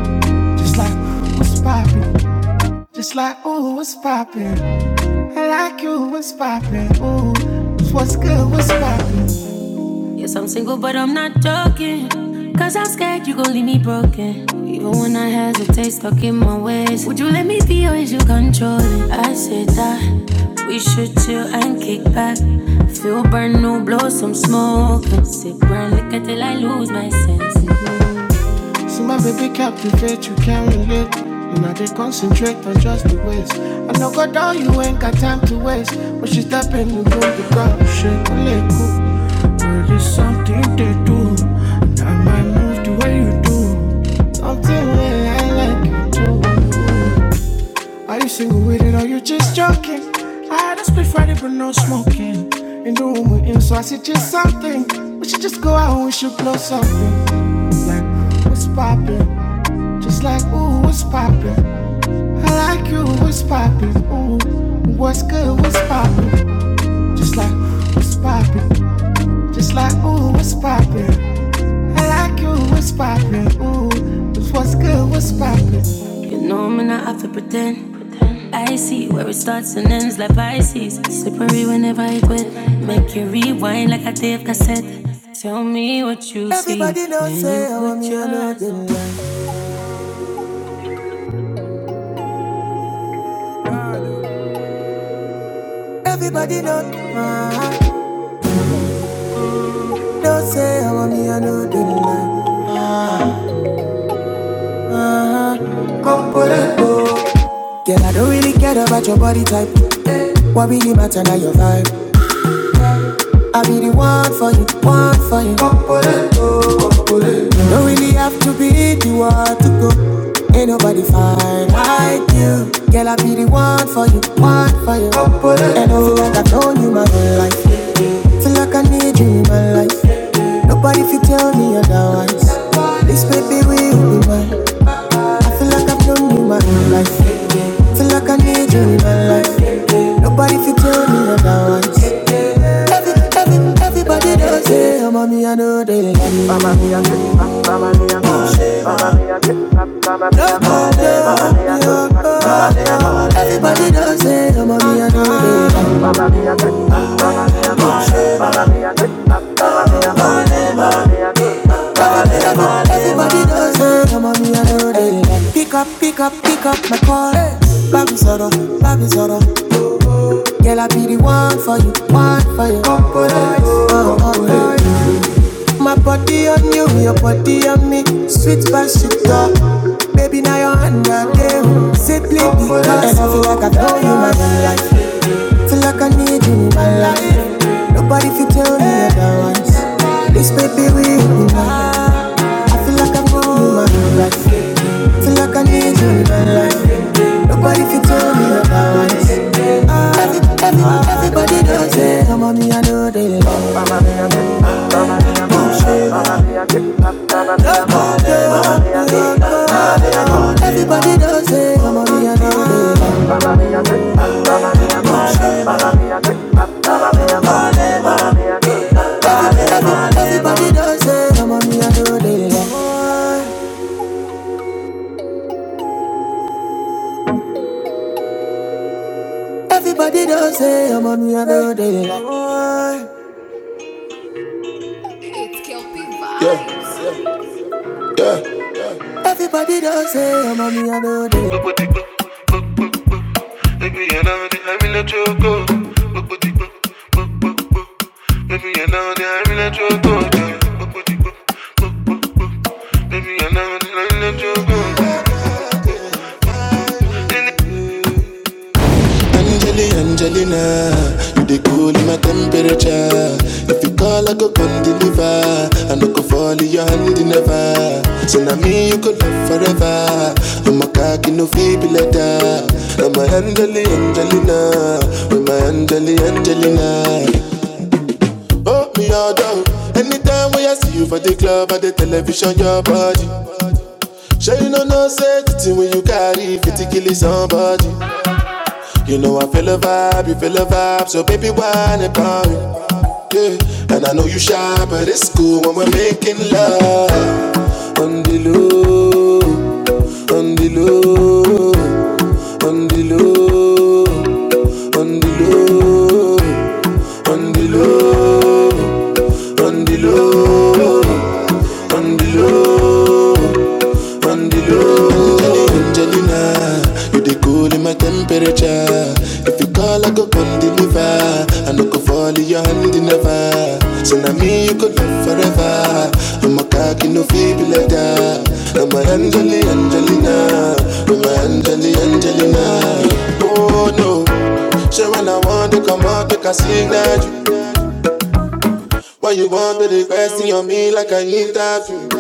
S1: Just like, what's poppin'? Just like, ooh, what's poppin'? I like Yes, I'm single, but I'm not joking. Cause I'm scared you gon' leave me broken. Even when I hesitate, stuck in my ways. Would you let me be or is you controlling? I said that we should chill and kick back. Feel burn, no blow some smoke. and Sip brown liquor till I lose my sense. Well, I You know I'm not have to pretend. I see where it starts and ends like Pisces. Slippery whenever I quit. Make you rewind like a tape cassette. Tell me what you everybody see. Everybody don't when say you I want me, I your know them, I know them. Girl, I don't really care about your body type. What really matter now your vibe? I be the one for you, one for you. Don't really have to be the one to go. Ain't nobody fine like you. Girl, I be the one for you, one for you. And oh, like I've known you my whole life. Feel like I need you in my life. Nobody fit tell me otherwise. This baby will be mine. Feel like I've known you my whole life. Feel like I need you in my life. Nobody fit tell me otherwise. Every, every, everybody does say, oh, mommy, I know they love me. Everybody dancing, I'm on me and all day. Everybody dancing, I'm on me and all Pick up, pick up, pick up my call. Babi soro, babi soro. Girl, I be the one for you, one for you. Oh, oh, oh. My body on you, your body on me. Sweet passion, Baby, now you're under gave. Simply because I feel like I know you my life. Feel like I need you in my life. Nobody can tell me otherwise. This baby we in my I feel like I'm going my life. Feel like I need you in my life. Nobody can tell me about this. everybody knows it. Come on, me, I know they love it. Bullshit. No more pain. Everybody knows it. Come on, me, I know they love it. Bullshit. All they want. Everybody knows it. Come on, me, I know they love Everybody knows it. Come on, me, I know they love Everybody knows it. Come on, me, I know they love Baby, I never did I let you go. Angelina, Angelina, you the cool in my temperature. If you call, I go come deliver. I no go fall in your hand never. So now me, you could love forever. I'm a cocky no feeble letter. I'm a Angelina, Angelina, with my Angelina, Angelina. Oh, me all down. Anytime when I see you for the club or the television, your body. Sure you know no safety when you carry 50 killing somebody. You know I feel a vibe, you feel a vibe, so baby why not about me? Yeah, and I know you shy, but it's cool when we're making love. On the low, on the low, on the low, on the low, on the low. Run the low, run the low, run the low. Angelina, you the cool in my temperature. If you call, I go come deliver. I no go fall in your hand never. So now me you could love forever. I'm a cocky no feeble like that. I'm a Angeli Angelina, I'm a Angeli Angelina. Oh no, so when I want to come out, make I signal you. Why you want to request question on me like I interview?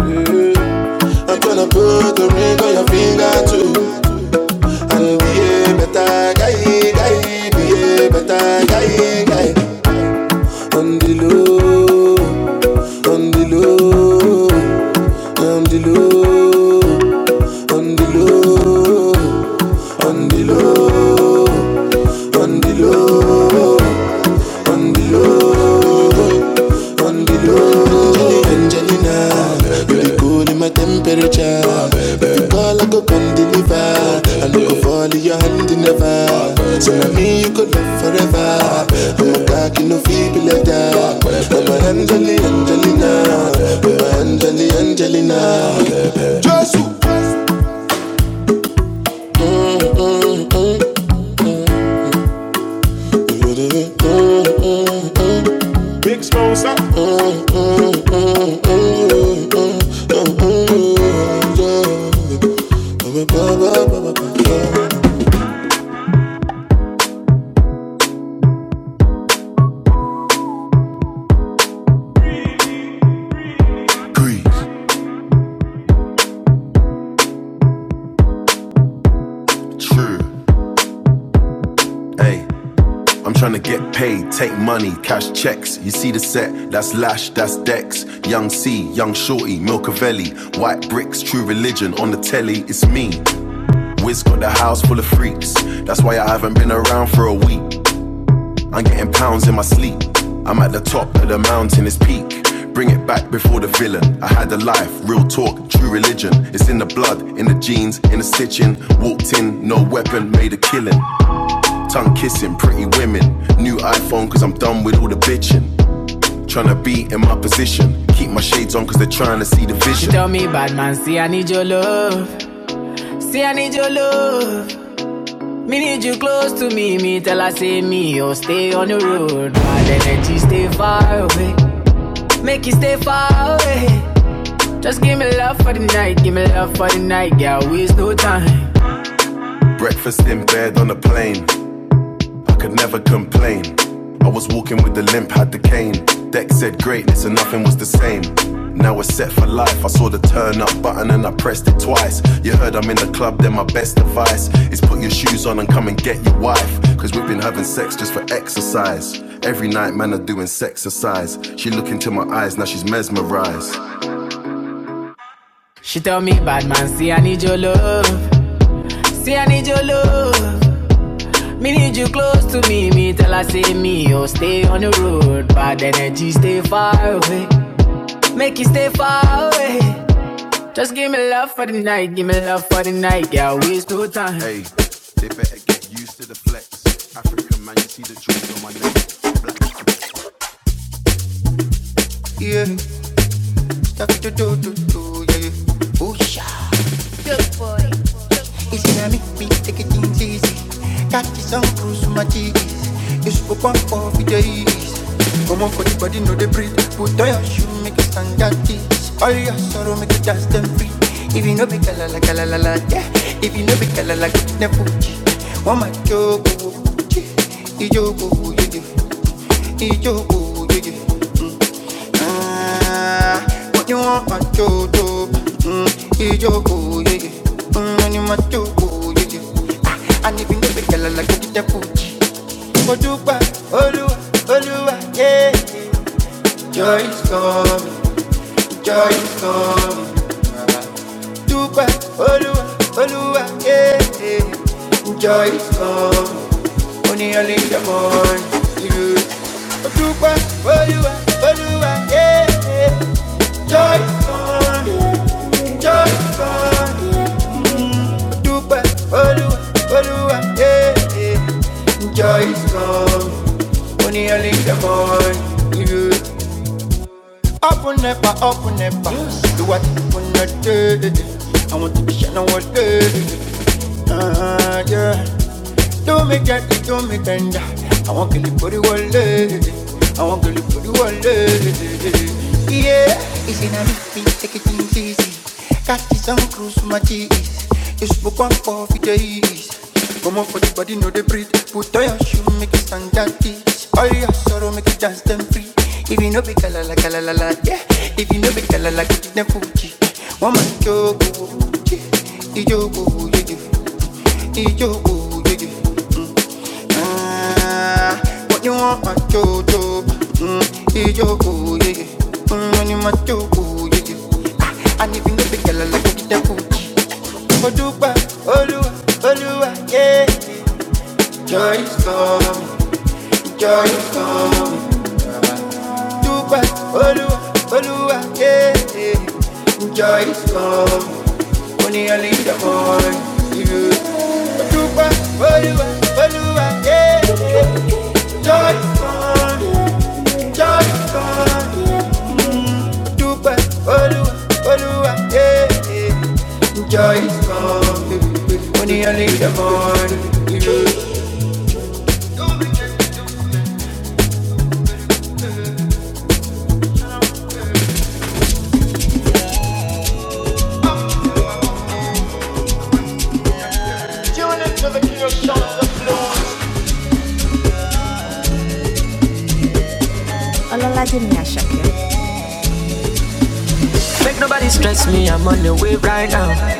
S1: Mm. I'm gonna put a ring on your finger too. And be a better guy, guy, be a better guy, guy. On the low, on the low, on the low, on the low, on the low, on the low. on the low. Angelina, you the cool in my temperature. If you call, I go come deliver. I no go fall in your hand never. So now me you go love forever. I'm a cocky no feel be like I'm a Angeli, Angelina, I'm a Angeli, Angelina. Jesus. Three, two. Hey, I'm trying to get paid, take money, cash checks. You see the set, that's Lash, that's Dex. Young C, Young Shorty, Milcavelli. White brick on the telly, it's me. Wiz got the house full of freaks. That's why I haven't been around for a week. I'm getting pounds in my sleep. I'm at the top of the mountain, it's peak. Bring it back before the villain. I had a life, real talk, true religion. It's in the blood, in the genes, in the stitching. Walked in, no weapon, made a killing. Tongue kissing, pretty women. New iPhone, cause I'm done with all the bitching. Tryna be in my position. Keep my shades on, cause they're trying to see the vision. She vision. tell me bad man your love. Say I need your love. Me need you close to me. Me tell her say me oh stay on the road. Bad energy stay far away. Make you stay far away. Just give me love for the night. Give me love for the night. Yeah, waste no time. Breakfast in bed on a plane. I could never complain. I The limp had the cane. Deck said greatness and nothing was the same. Now with a life, I saw the turn up button and I pressed it twice. You heard I'm in the club, then my best advice is put your shoes on and come and get your wife. Cause we've been having sex just for exercise. Every night, man, are doing sexercise. She look into my eyes, now she's mesmerized. She tell me, bad man, see I need your love. See I need your love. Me need you close to me. Me tell her say me, oh stay on the road. Bad energy, stay far away. Make you stay far away. Just give me love for the night, give me love for the night. Yeah, good time. Hey, they better get flex. I'm like, Yeah, that do do do do yeah. Oh yeah, it's gonna make me take it things easy. Got this on cruise my cheeks. You spoke on for the days. Come on for the body, know they breathe. Put on your shoe, make it stand at this. All your sorrow, make it dance them free. If you know be kala la kala la la, yeah. If you know be kala la, never. One my joke. Ijogo, jeje, Ijogo, jeje. Ah, what you want, my jojo? Mm, Ijogo, jeje, mm, and you my jojo, jeje. Ah, and if you know the girl, I like to get Gucci. Ojuba, Oluwa, Oluwa, yeah. Joy is coming, joy is coming. Juba, Oluwa, Oluwa, yeah. Joy is coming. Money I leave your mind to you. Odupa, Oluwa, Oluwa, yeah, yeah. Joy is gone, joy is gone. Mm. Odupa, Oluwa, Oluwa, yeah, yeah. Joy is gone. Money I leave your mind to you. Open Up and never, up and never. Do what you wanna do. I want to be shining what good. Uh, yeah. Do me get it, do me tender. I want to live for the world, eh. I want to live for the world, eh. Yeah, it's in a meeting, take it things easy. Catch this on cruise my cheese. You smoke one for the days. Come on for the body, no they breathe. Put on your shoe, make it stand that teach. All your sorrow, make it dance them free. If you know be kalala kalala la, yeah. If you know be kalala, get it them Fuji. One man jogo, ijogo, ijogo yeah, yeah. Ah, what you want, my Jojo? Mm, Ijo, yeah, yeah. Mm, when you my Jojo, yeah, yeah. Ah, and if you girl, like to get that cool. Odupa, Oluwa, wait, it's for you, for- yeah, yeah. Enjoy this morning, I leave the morning. You. Odupa, Oluwa, Oluwa, yeah, yeah. Enjoy this morning, enjoy this morning. Well, yeah, yeah. Joy is coming, money only the morning. Make nobody stress me, I'm on the way right now.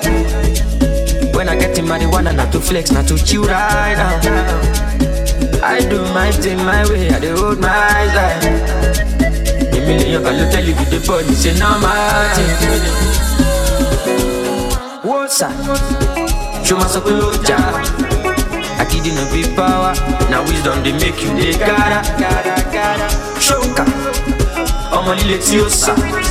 S1: When I get in marijuana, not to flex, not to chill right now. I do my thing my way, I do hold my life. A million can tell you with the body, say no matter. What's up? Show my soul to jar. I kid you no big power. Now wisdom they make you the cara. Shoka, I'm on Letios.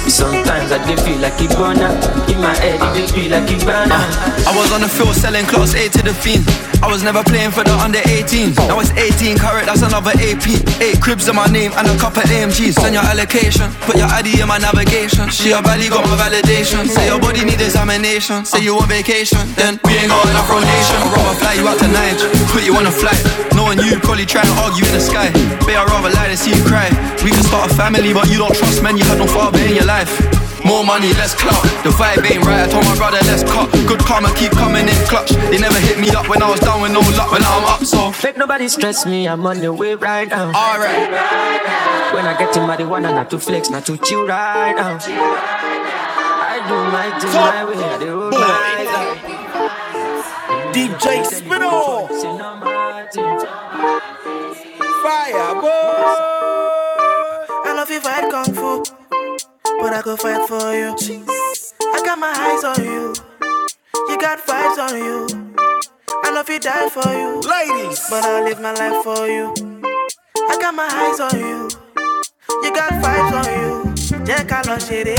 S1: Sometimes I dey feel like Ibonna. In my head, it dey feel like Ibonna. I was on the field selling class A to the fiends. I was never playing for the under 18. Now it's 18 carat, that's another AP. Eight cribs in my name and a couple AMGs. Send your allocation, put your ID in my navigation. She a valley got my validation. Say your body need examination. Say you on vacation, then we ain't got enough rotation. I'd rather fly you out to Niger, put you on a flight. Knowing you probably try and argue in the sky. Babe, I'd rather lie than see you cry. We can start a family, but you don't trust men. You had no father in your life. More money, less clout. The vibe ain't right. I told my brother, let's cut. Good karma keep coming in clutch. They never hit me up when I was down with no luck. When I'm up, so Make nobody stress me, I'm on the road. Alright. One and not to flex, not I, I do my way. The road But DJ Spino. Fire, boy. I love you fight kung fu, but I go fight for you. I got my eyes on you, you got vibes on you. I love you die for you, Ladies. but I live my life for you. I got my eyes on you, You got vibes on you, jẹ́ ká lọ ṣeré.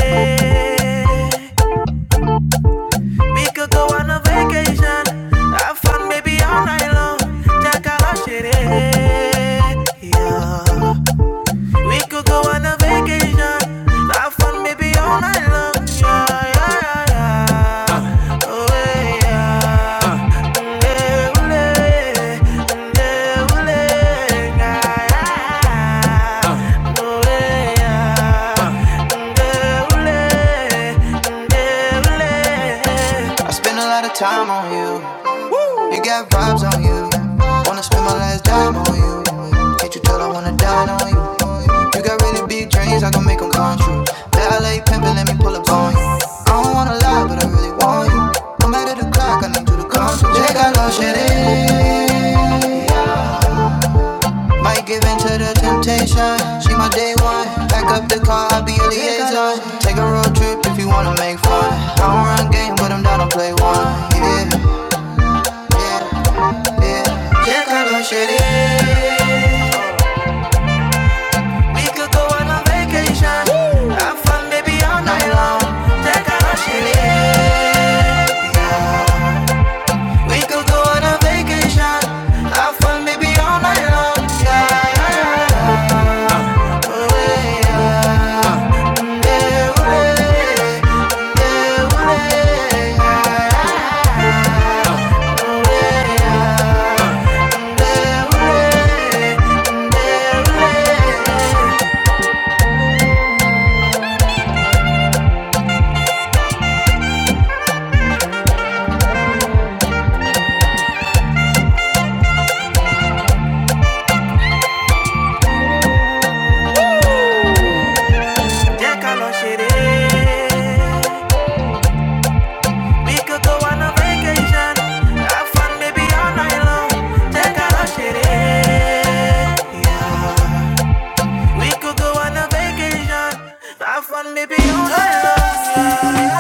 S1: We could go on a vacation, have fun baby all night long, jẹ́ ká lọ ṣeré. Yeah. We could go on a vacation, have fun baby all night long. Yeah, yeah, yeah, yeah. Oh, yeah. Mm, eh, mm, eh, yeah, yeah. Oh, yeah. Spend a lot of time on you. You got vibes on you. Wanna spend my last dime on you. Can't you tell I wanna dine on you? You got really big dreams, I gon' make 'em come true. LA pimpin', let me pull up on you. I don't wanna lie, but I really want you. No matter the clock, I need you to come through. Llegalo, shitty. Might give in to the temptation. She my day one. Back up the car, I'll be your liaison. Take a road trip if you wanna make fun. I don't run game, but I'm down to play one. Yeah. Check out our shitty. We could go on a vacation. Have fun, baby, all night long. Check out our shitty. We could go on a vacation. Have fun, baby, all night long. Yeah. Check out our shitty. We could go on a vacation. Have fun, baby, all night long. Check out our shitty. Yeah. We could go on a vacation. Have fun, baby, all night long. Yeah.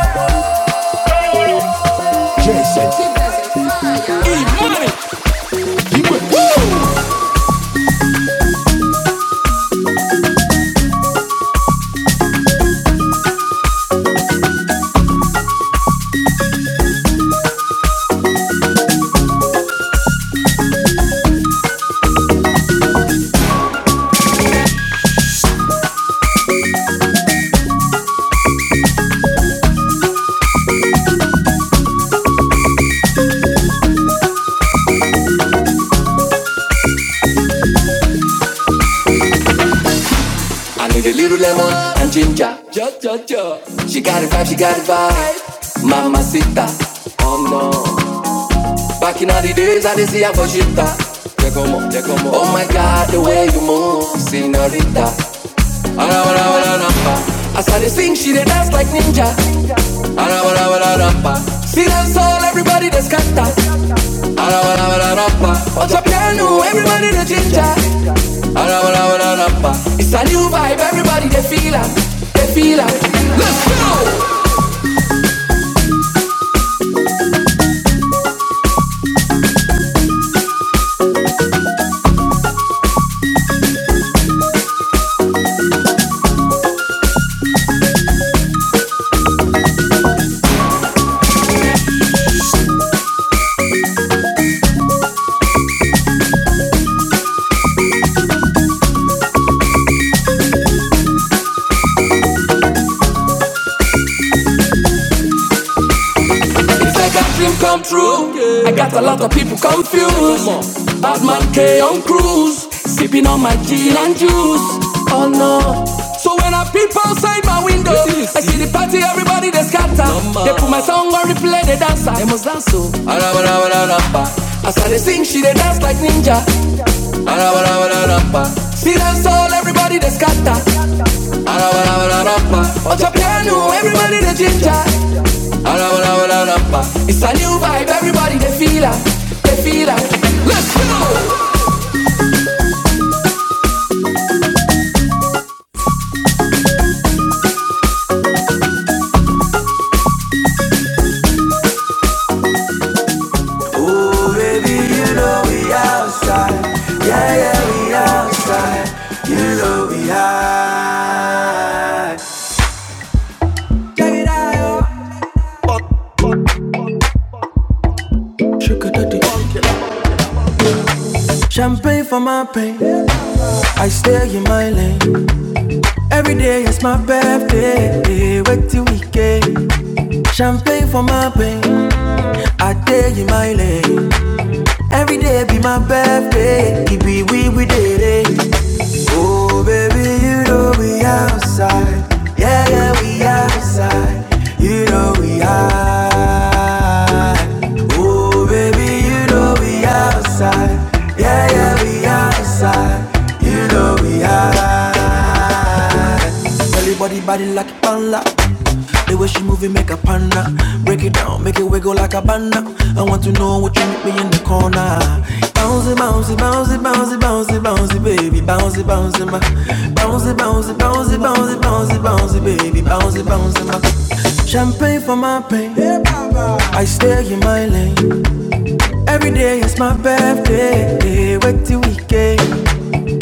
S1: Hey, I need a little lemon and ginger. Ja, ja, ja. She got a vibe, she got a vibe. Mama Sita. Oh no. Back in all the days, I didn't see her for shitter. Yeah, yeah, Oh my god, the way you move. See, as I started sing, she did dance like ninja. See that soul, everybody that's scatter. Rapper, watch your piano, everybody the ginger. It's a new vibe, everybody they feel it, they feel it. Let's go. It's like a dream come true. I got a lot of people confused. Batman, man K on cruise, sipping on my gin and juice. Oh no. So when I peep outside my window, I see the party, everybody they scatter. They put my song on replay, they dance. They must dance so. As I they sing, she they dance like ninja. See dance all, everybody they scatter. Ocha piano, everybody they ginger. It's a new vibe, everybody they feel it, they feel it. Let's go. Get it out. Sugar daddy. Champagne for my pain. I stay in my lane. Every day is my birthday. Wait till weekend. Champagne for my pain. I stay in my lane. Every day be my birthday. It be we we did it. Oh, baby, you know we outside. Yeah, yeah, we outside. You know we outside. Oh, baby, you know we outside. Yeah, yeah, we outside. You know we outside. Belly body body like a panda. The way she move it make a panda. Break it down, make it wiggle like a banda. I want to know what you meet me in the corner. Bouncy, bouncy, bouncy, bouncy, bouncy, bouncy, baby, bouncy, bouncy, ma. Bouncy, bouncy, bouncy, bouncy, bouncy, bouncy, baby, bouncy, bouncy, ma. Champagne for my pain. I stay in my lane. Every day is my birthday. Hey, Wait till weekend.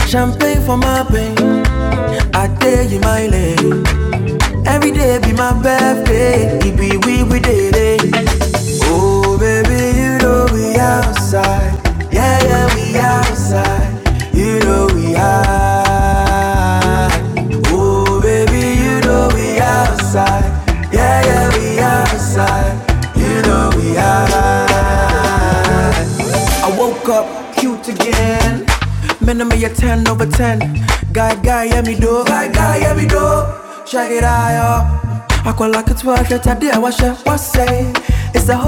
S1: Champagne for my pain. I stay in my lane. Every day be my birthday, it be we we day day. Oh baby, you know we outside, yeah yeah we outside, you know we are. I woke up cute again, man I'm a ten over ten. Got oh my guy, yeah we do, check it out. yo. I call like a twelve, yet I did what she was say. It's a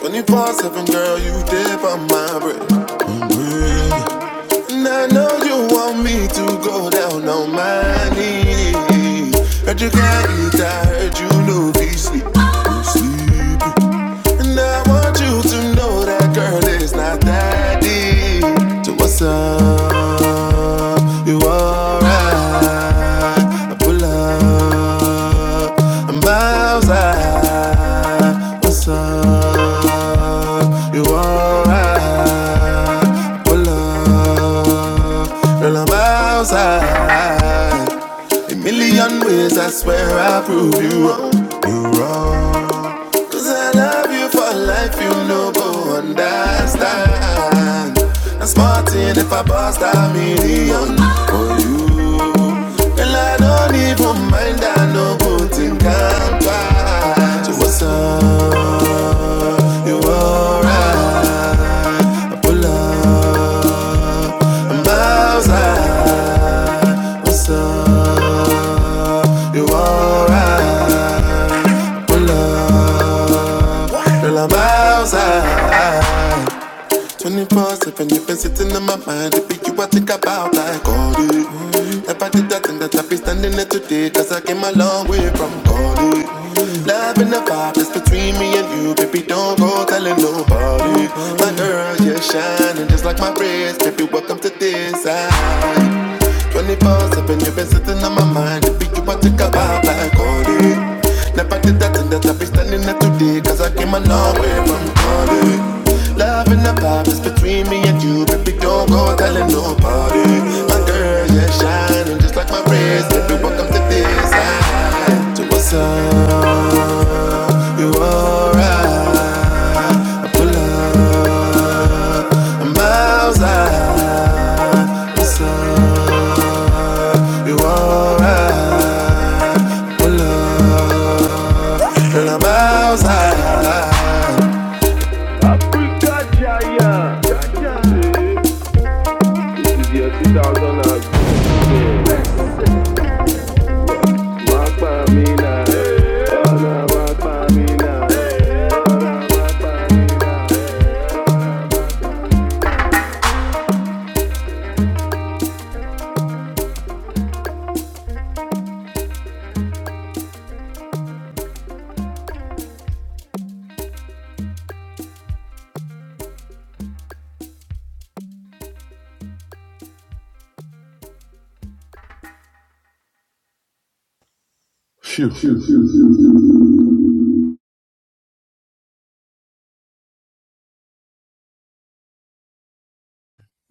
S1: 24 7, girl, you dip on my bread. And I know you want me to go down on my knees. Heard you got it, I heard you know be sleep. Sleepy. And I want you to know that girl is not that deep. So what's up? You alright? I pull up. I'm outside. What's up? You alright? I pull up. Girl, I'm outside. A million ways I swear I prove you wrong. You wrong. Cause I love you for life, you know, go understand. I'm smarting if I bust a million for you. And I don't even mind, I know good thing can pass. So what's up? You alright? Pull up, I'm outside. What's up? You alright? Pull up, girl, I'm outside. 24 7, you've been sitting in my mind. If you I think about like all day. Never did that thing that I be standing there today. Cause I came a long way from all day. Love in the vibe that's between me and you. Baby, don't go telling nobody. My girl, you're shining just like my wrist. Baby, welcome to this side. 24 7, you've been sitting on my mind. If you I think about like all day. Never did that and that I be standing there today Cause I came a long way from party Love and the vibe is between me and you Baby, don't go telling nobody My girl, yeah, shining just like my wrist Baby, welcome to this side To a side you alright? I pull up. I'm outside. What's up? You alright? I pull up. And I'm outside. Africa Jaya. This is your 2006. Wakpa Mina. Ona Wakpa Mina. Ona Wakpa Mina.
S2: Phew.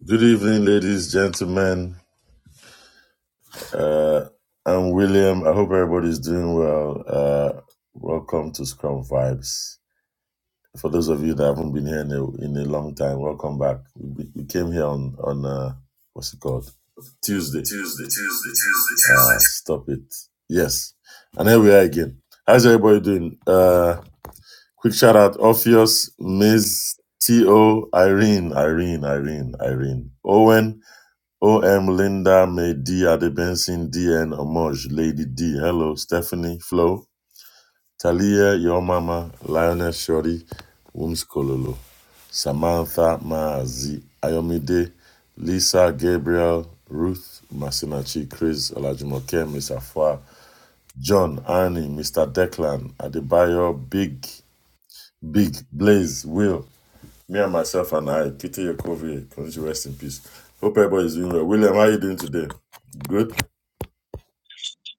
S2: Good evening, ladies, gentlemen. Uh, I'm William. I hope everybody's doing well. Uh, welcome to Scrum Vibes. For those of you that haven't been here in a, in a long time, welcome back. We, we came here on on uh, what's it called Tuesday. Tuesday, Tuesday, Tuesday, Tuesday. Ah, stop it. Yes, and here we are again. How's everybody doing? Uh, quick shout out, Orpheus, Ms. T O, Irene, Irene, Irene, Irene, Owen. OM Linda May D Adebensin DN Amoj Lady D Hello Stephanie Flo Talia Your Mama Lioness Shorty Wums Kololo Samantha Maazi Ayomide Lisa Gabriel Ruth Masinachi Chris Olajumoke Miss Afua John Annie Mr. Declan Adebayo Big Big Blaze Will me and myself and I, Kitty Yakovia, can you rest in peace. Hope everybody's doing well. William, how are you doing today? Good.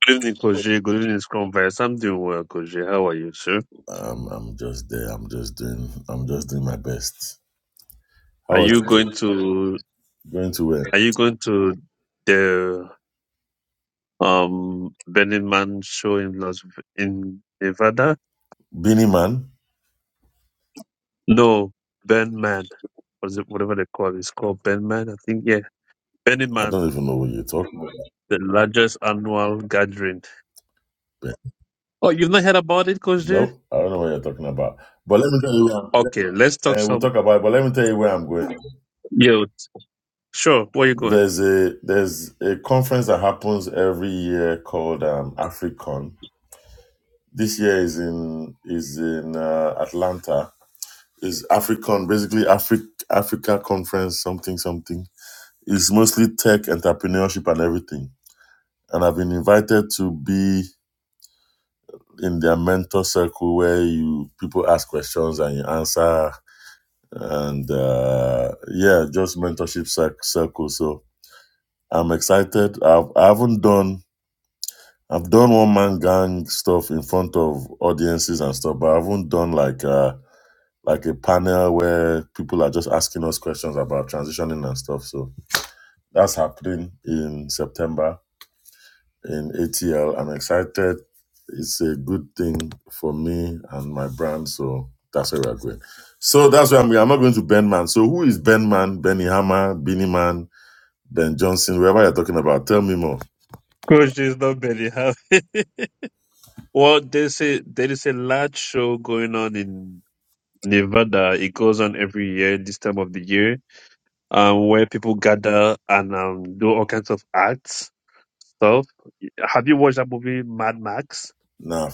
S3: Good evening, Koji. Good evening, Scrumverse. I'm doing well, Koji. How are you, sir?
S2: Um, I'm just there. I'm just doing. I'm just doing my best. How
S3: Are
S2: was
S3: you going
S2: it?
S3: to
S2: going to where?
S3: Are you going to the um Burning Man show in Las in Nevada?
S2: Beanie man.
S3: No, Ben Man. What is it, whatever they call it. It's called Ben Man, I think. Yeah, Burning
S2: I
S3: Man,
S2: don't even know what you're talking about.
S3: the largest annual gathering.
S2: but-
S3: Oh, you've not heard about it, Koji?
S2: Nope. I don't know what you're talking about. But let me tell you. Where I'm,
S3: Okay, let's talk
S2: and we'll
S3: some.
S2: talk about it. But let me tell you where I'm going.
S3: Yeah, sure. Where you going?
S2: There's a there's a conference that happens every year called um, Africon. This year is in is in uh, Atlanta It's Africon, basically Africa Africa conference something something. It's mostly tech entrepreneurship and everything. And I've been invited to be in their mentor circle where you people ask questions and you answer and uh, yeah, just mentorship circle. So I'm excited. I've I haven't done I've done one man gang stuff in front of audiences and stuff, but I haven't done like uh like a panel where people are just asking us questions about transitioning and stuff. So That's happening in September in ATL. I'm excited. It's a good thing for me and my brand. So that's where we're going. So that's where I'm going. I'm not going to Ben Man. So who is Ben Man, Benny Hammer, Beanie Man, Ben Johnson, whoever you're talking about? Tell me more.
S3: Koji is not Benny. Well, there's a there is a large show going on in Nevada. It goes on every year this time of the year, um, where people gather and um, do all kinds of arts stuff. Have you watched that movie Mad Max?
S2: Nah,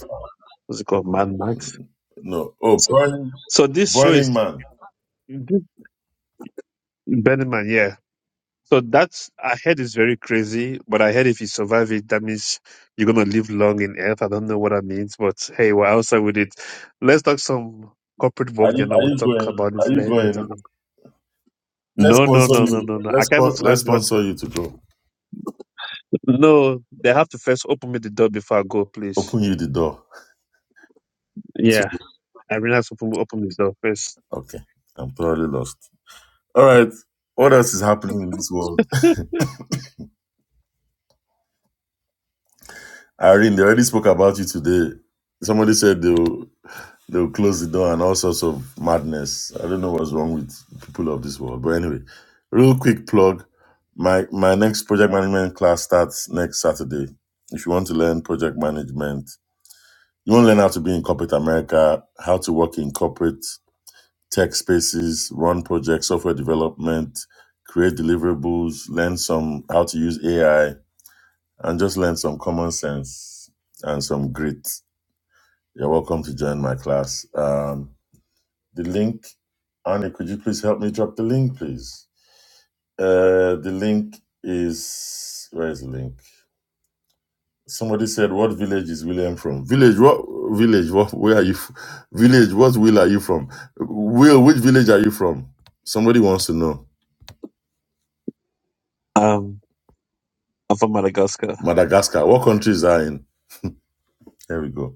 S3: What's it called? Mad Max.
S2: no. Oh, Burning,
S3: So this show is
S2: Burning Man.
S3: Benjamin, yeah. So that's I heard is very crazy, but I heard if you survive it, that means you're gonna live long in Earth. I don't know what that means, but hey, we're outside with it. Let's talk some corporate
S2: Are
S3: work,
S2: you,
S3: then I
S2: are
S3: will
S2: you
S3: talk
S2: going?
S3: about it
S2: Are you
S3: la- later.
S2: going?
S3: on.
S2: Let's
S3: No, no,
S2: sponsor
S3: no, no,
S2: you.
S3: no, no. I
S2: Let's,
S3: can't even
S2: spon- let's
S3: survive.
S2: sponsor you to go.
S3: No, they have to first open me the door before I go, please.
S2: Open you the door. To-
S3: Yeah, I really have to open, open the door first.
S2: Okay. I'm totally lost. All right. What else is happening in this world? Irene, they already spoke about you today. Somebody said they'll they'll close the door and all sorts of madness. I don't know what's wrong with people of this world. But anyway, real quick plug. My my next project management class starts next Saturday. If you want to learn project management, you want to learn how to be in corporate America, how to work in corporate tech spaces, run projects, software development, create deliverables, learn some how to use AI and just learn some common sense and some grit. You're welcome to join my class. Um, the link, Annie, could you please help me drop the link, please? Uh, the link is where is the link? Somebody said, "What village is William from?" Village, what village? What where are you? f- Village, what will are you from? Will, which village are you from? Somebody wants to know.
S3: Um, I'm from Madagascar.
S2: Madagascar. What country is are in? There we go.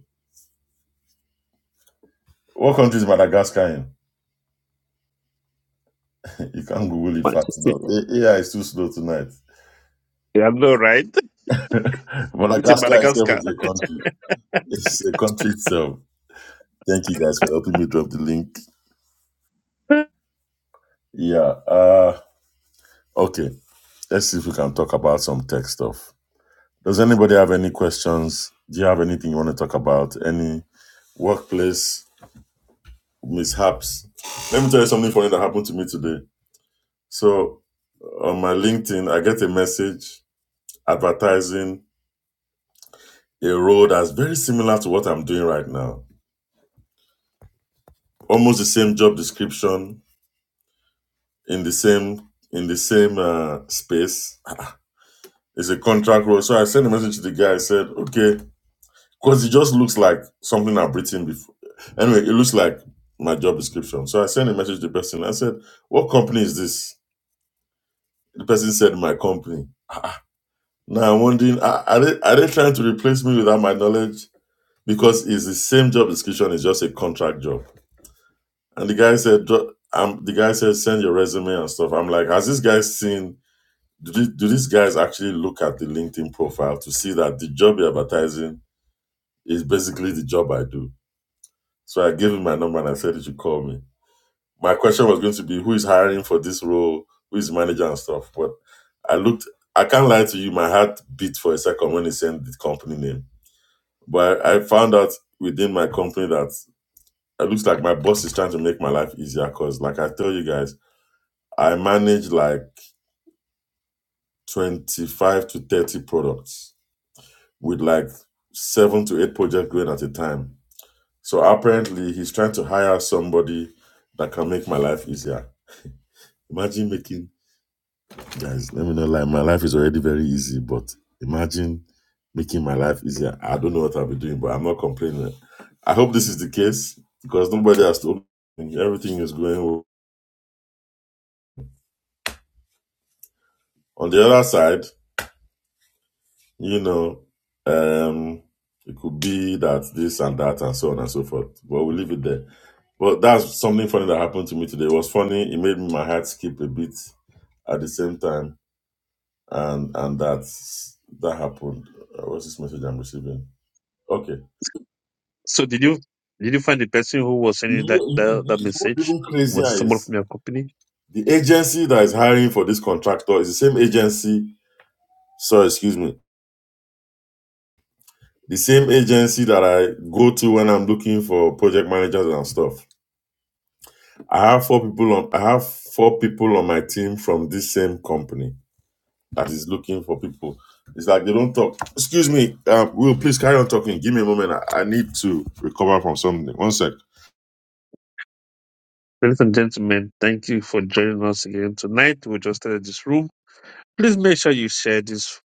S2: What country is Madagascar in? you can't Google it
S3: What?
S2: fast enough. A- AI is too slow tonight.
S3: Yeah, I know, right? It's in
S2: Madagascar itself
S3: Madagascar.
S2: is a country. It's a country itself. Thank you guys for helping me drop the link. Yeah. Uh okay. Let's see if we can talk about some tech stuff. Does anybody have any questions? Do you have anything you want to talk about? Any workplace mishaps? Let me tell you something funny that happened to me today. So on my LinkedIn, I get a message advertising a role that's very similar to what I'm doing right now. Almost the same job description, in the same in the same uh, space. It's a contract role. So I sent a message to the guy. I said, okay, because it just looks like something I've written before. Anyway, it looks like my job description. So I sent a message to the person. I said, what company is this? The person said, my company. Now I'm wondering, are, are, they, are they trying to replace me without my knowledge? Because it's the same job description. It's just a contract job. And the guy said, um, the guy said, send your resume and stuff. I'm like, has this guy seen do, this, do these guys actually look at the LinkedIn profile to see that the job you're advertising is basically the job I do? So I gave him my number and I said he should call me. My question was going to be who is hiring for this role, who is manager and stuff. But I looked, I can't lie to you, my heart beat for a second when he sent the company name. But I, I found out within my company that it looks like my boss is trying to make my life easier because, like I tell you guys, I manage like 25 to 30 products with like seven to eight projects going at a time. So apparently he's trying to hire somebody that can make my life easier. Imagine making guys, let me not lie, my life is already very easy, but imagine making my life easier. I don't know what I'll be doing, but I'm not complaining. I hope this is the case because nobody has told me everything is going well. On the other side, you know, um, it could be that this and that and so on and so forth. But we'll leave it there. Well, that's something funny that happened to me today. It was funny. It made my heart skip a bit at the same time, and and that's that happened. Uh, What's this message I'm receiving? Okay.
S3: So did you did you find the person who was sending
S2: Yeah,
S3: that
S2: you- you-
S3: that, that
S2: you- what's
S3: message?
S2: even
S3: Was it
S2: crazier
S3: someone
S2: is
S3: from your company?
S2: the agency that is hiring for this contractor is the same agency. Sorry, excuse me. The same agency that I go to when I'm looking for project managers and stuff. I have four people on. I have four people on my team from this same company that is looking for people. It's like they don't talk. Excuse me, um, Will, please carry on talking. Give me a moment. I, I need to recover from something. One sec.
S3: Ladies and gentlemen, thank you for joining us again tonight. We just started this room. Please make sure you share this.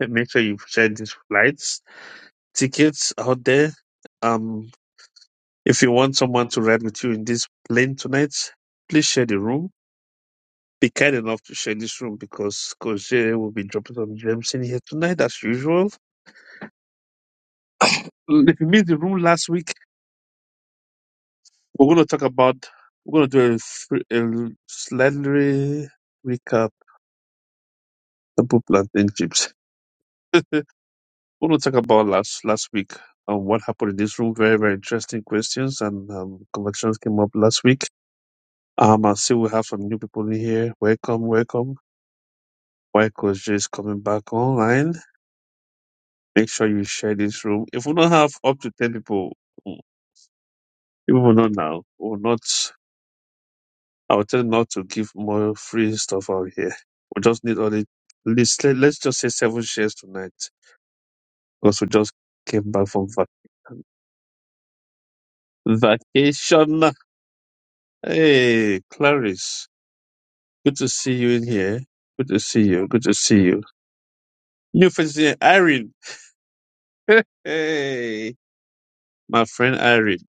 S3: Make sure you share these flights tickets out there. Um, If you want someone to ride with you in this plane tonight, please share the room. Be kind enough to share this room because Coach Jay will be dropping some gems in here tonight, as usual. Mm, If you missed the room last week, we're going to talk about, we're going to do a, fr- a slightly recap about plantain chips. We're going to talk about last last week um, what happened in this room. Very, very interesting questions and um, conversations came up last week. Um, I see we have some new people in here. Welcome, welcome. White Coast J is coming back online. Make sure you share this room. If we don't have up to 10 people, mm, people will not now. We will not, I will tell them not to give more free stuff out here. We just need only, let's, let- let's just say seven shares tonight because we just came back from vacation. Vacation. Hey, Clarice, good to see you in here. Good to see you. Good to see you. New face here, Irene. Hey, my friend Irene.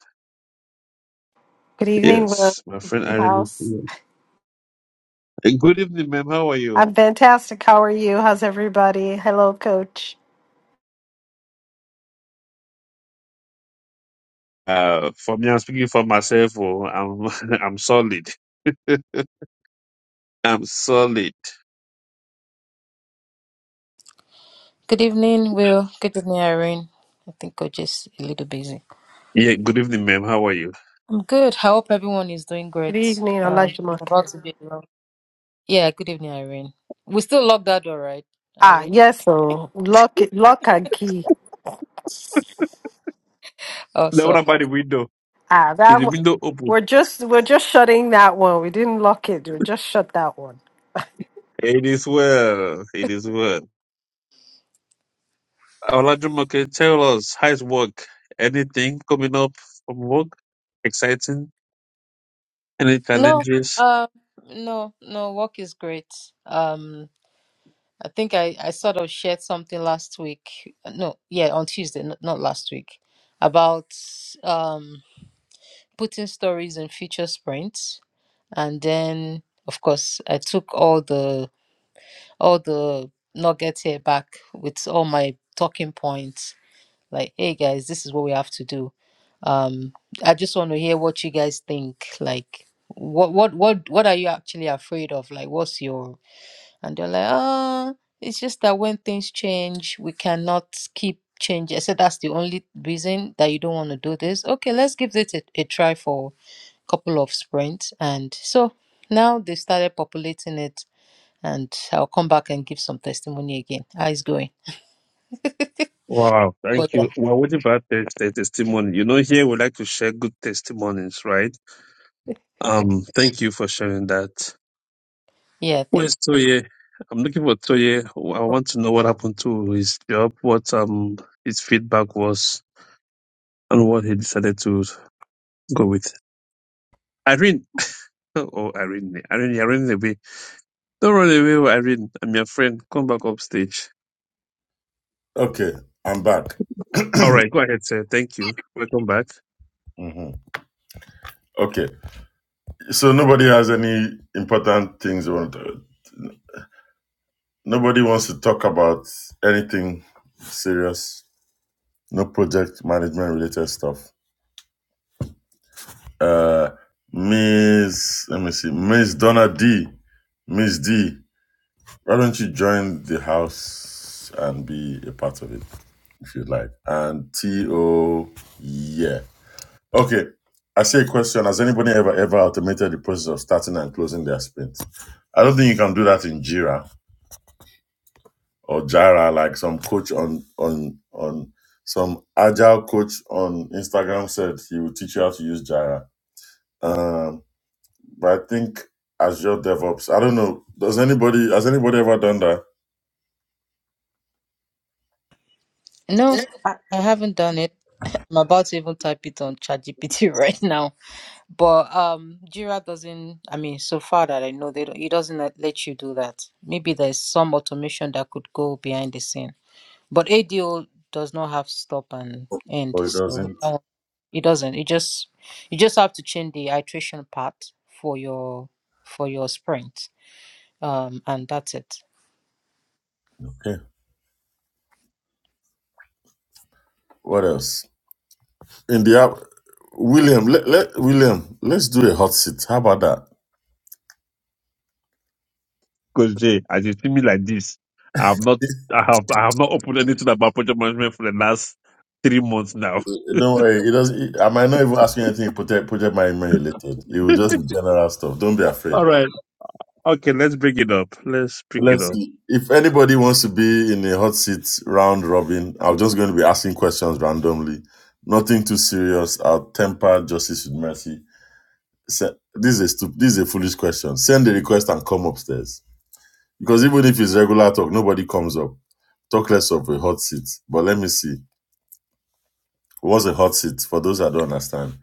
S4: Good evening, Will.
S3: Yes, my
S4: Good
S3: friend
S4: evening,
S3: Irene.
S4: House.
S3: Hey, Good evening, ma'am. How are you?
S4: I'm fantastic. How are you? How's everybody? Hello, Coach.
S3: Uh, for me, I'm speaking for myself. Oh, I'm I'm solid. I'm solid.
S5: Good evening, Will. Good evening, Irene. I think we're just a little busy.
S3: Yeah. Good evening, ma'am. How are you?
S5: I'm good. I hope everyone is doing
S4: Good
S5: great.
S4: evening,
S5: Um, it's about
S4: Olajumoke.
S5: to be a long. Yeah, good evening, Irene. We still locked that door, right,
S4: Ah,
S5: Irene?
S4: yes, so lock it, lock and key.
S3: Now, what
S5: Awesome.
S3: about the window?
S4: Ah,
S3: Is
S4: that
S3: the
S4: one.
S3: window open?
S4: We're just we're just shutting that one. We didn't lock it. We just shut that one.
S3: It is well. It is well. Olajumoke, tell us how's work? Anything coming up from work? Exciting? Any
S5: No,
S3: challenges?
S5: um, no, no. Work is great. Um, I think I I sort of shared something last week. No, yeah, on Tuesday, n- not last week, about um putting stories in future sprints, and then of course I took all the all the nuggets here back with all my talking points. Like, hey guys, this is what we have to do. Um, I just want to hear what you guys think. Like, what what what what are you actually afraid of? Like, what's your and they're like, ah, it's just that when things change, we cannot keep changing. I said that's the only reason that you don't want to do this. Okay, let's give it a, a try for a couple of sprints, and so now they started populating it and I'll come back and give some testimony again. How it's going?
S3: Wow.
S5: But
S3: Thank
S5: yeah,
S3: you. We're waiting for that test- the testimony. You know, here we like to share good testimonies, right? Um. Thank you for sharing that.
S5: yeah, thank
S3: Where's Toye? I'm looking for Toye. I want to know what happened to his job, what um his feedback was, and what he decided to go with. Irene, oh Irene, Irene, Irene, away! Don't run away, oh, Irene. I'm your friend. Come back upstage.
S2: Okay, I'm back.
S3: All right, go ahead, sir. Thank you. Welcome back,
S2: hmm Okay, so nobody has any important things. they want to- Nobody wants to talk about anything serious. No project management related stuff. Uh, Miss, let me see, Miss Donna D, Miss D, why don't you join the house and be a part of it? if you would like. And T O yeah. Okay. I see a question. Has anybody ever ever automated the process of starting and closing their sprint? I don't think you can do that in Jira or Jira, like some coach on on on some agile coach on Instagram said he will teach you how to use Jira. Um, but I think Azure DevOps. I don't know. Does anybody has anybody ever done that?
S5: you. No, I, I haven't done it. I'm about to even type it on ChatGPT right now. But um, Jira doesn't. I mean, so far that I know, they don't, it doesn't let let you do that. Maybe there's some automation that could go behind the scene. But ADO does not have stop and end,
S2: Or it
S5: so
S2: doesn't?
S5: that one- it doesn't. It just you just have to change the iteration part for your for your sprint. Um, and that's it.
S2: Okay. What else? in the app. William, let, let William, let's do a hot seat. How about that?
S3: Coach Jay. As you see me like this, I have not, I have, I have not opened anything about project management for the last three months now.
S2: Don't worry, it doesn't. I might not even ask you anything project project management related. It will just be general stuff. Don't be afraid.
S3: All right, okay, let's bring it up. Let's bring it
S2: Let's
S3: up.
S2: see. If anybody wants to be in a hot seat round robin, I'm just going to be asking questions randomly. Nothing too serious. I'll temper justice with mercy. Se- This is a stup- this is a foolish question. Send the request and come upstairs because even if it's regular talk, nobody comes up. Talk less of a hot seat. But let me see. What's a hot seat? For those that don't understand,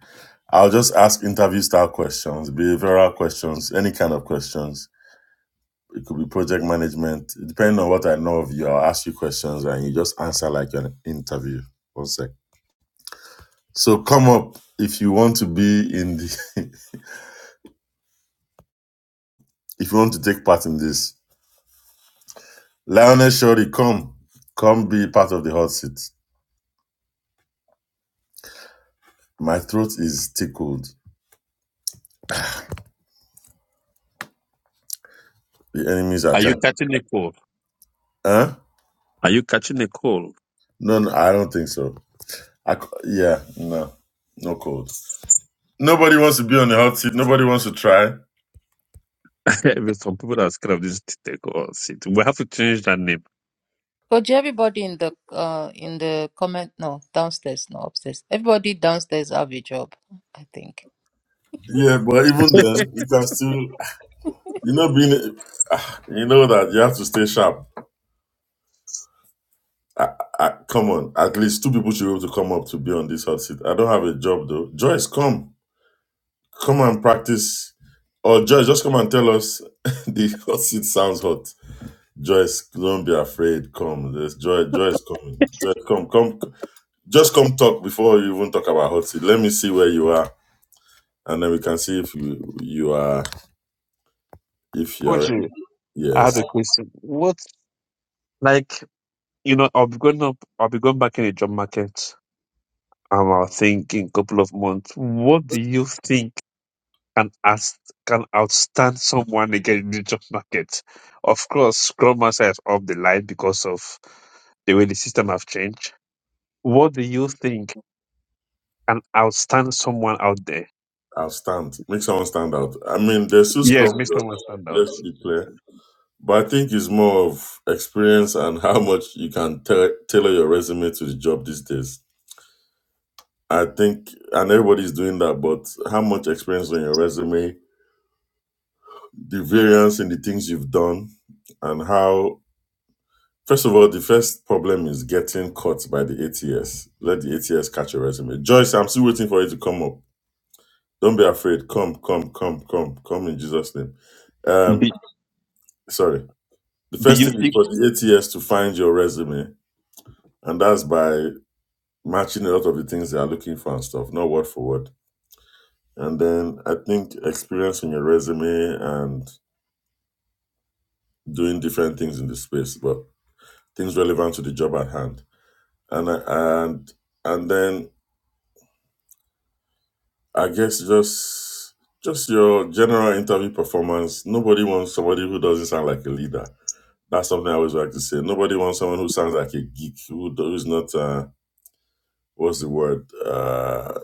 S2: I'll just ask interview style questions, behavioral questions, any kind of questions. It could be project management. Depending on what I know of you, I'll ask you questions and you just answer like an interview. One sec. So come up if you want to be in the, if you want to take part in this. Lionel Shorty, come. Come be part of the hot seat. My throat is tickled. The enemies are
S3: Are you
S2: trying.
S3: catching the cold?
S2: Huh?
S3: Are you catching the call?
S2: No, no, I don't think so. I, c- yeah, no, no cold. Nobody wants to be on the hot seat. Nobody wants to try.
S3: Even Some people that are scared of this TikTok or shit. We have to change that name.
S5: Coach, everybody in the uh in the comment no downstairs, no upstairs. Everybody downstairs have a job, I think.
S2: Yeah, but even then, you can still, you know, being, you know that you have to stay sharp. I, I, come on, at least two people should be able to come up to be on this hot seat. I don't have a job though. Joyce, come, come and practice, or Joyce, just come and tell us the hot seat sounds hot. Joyce, don't be afraid. Come, there's Joy. Joyce, coming. Joyce, come, come, just come talk before you even talk about hot seat. Let me see where you are, and then we can see if you you are if you are
S3: Koji, I have
S2: Yes,
S3: a question. What, like, you know, I'll be going up, I'll be going back in the job market. Um, I think in a couple of months. What do you think? can out can outstand someone again in the job market. Of course, Scrum Master is off the line because of the way the system have changed. What do you think can outstand someone out there?
S2: I'll stand. Make someone stand out. I mean, there's still scrum,
S3: Yes, make
S2: though.
S3: someone stand out.
S2: Let's be clear. But I think it's more of experience and how much you can ta- tailor your resume to the job these days. I think, and everybody's doing that, but how much experience on your resume, the variance in the things you've done, and how, first of all, the first problem is getting caught by the ATS. Let the ATS catch your resume. Joyce, I'm still waiting for you to come up. Don't be afraid. Come, come, come, come, come in Jesus' name. Um,
S3: Do,
S2: sorry. The
S3: do
S2: first
S3: you
S2: thing is
S3: think?
S2: for the ATS to find your resume, and that's by matching a lot of the things they are looking for and stuff, not word for word. And then I think experience in your resume and doing different things in the space, but things relevant to the job at hand. And I, and and then I guess just just your general interview performance. Nobody wants somebody who doesn't sound like a leader. That's something I always like to say. Nobody wants someone who sounds like a geek, who, do- who's not. Uh, what's the word? Uh,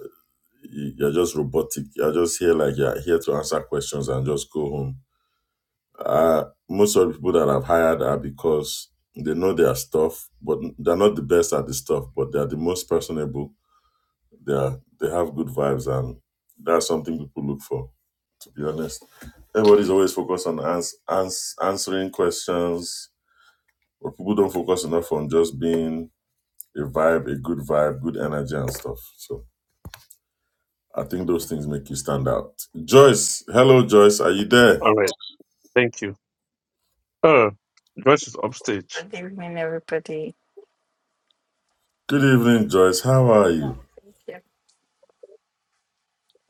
S2: you- you're just robotic. You're just here like you're here to answer questions and just go home. Uh, most of the people that I've hired are because they know their stuff, but they're not the best at the stuff, but they're the most personable. They are, they have good vibes, and that's something people look for. To be honest, everybody's always focused on ans- ans- answering questions, but people don't focus enough on just being a vibe, a good vibe, good energy, and stuff. So I think those things make you stand out. Joyce, hello, Joyce. Are you there?
S3: All right, thank you. Oh, Joyce is upstage.
S6: Good evening, everybody.
S2: Good evening, Joyce. How are
S6: Oh,
S2: you?
S6: thank you.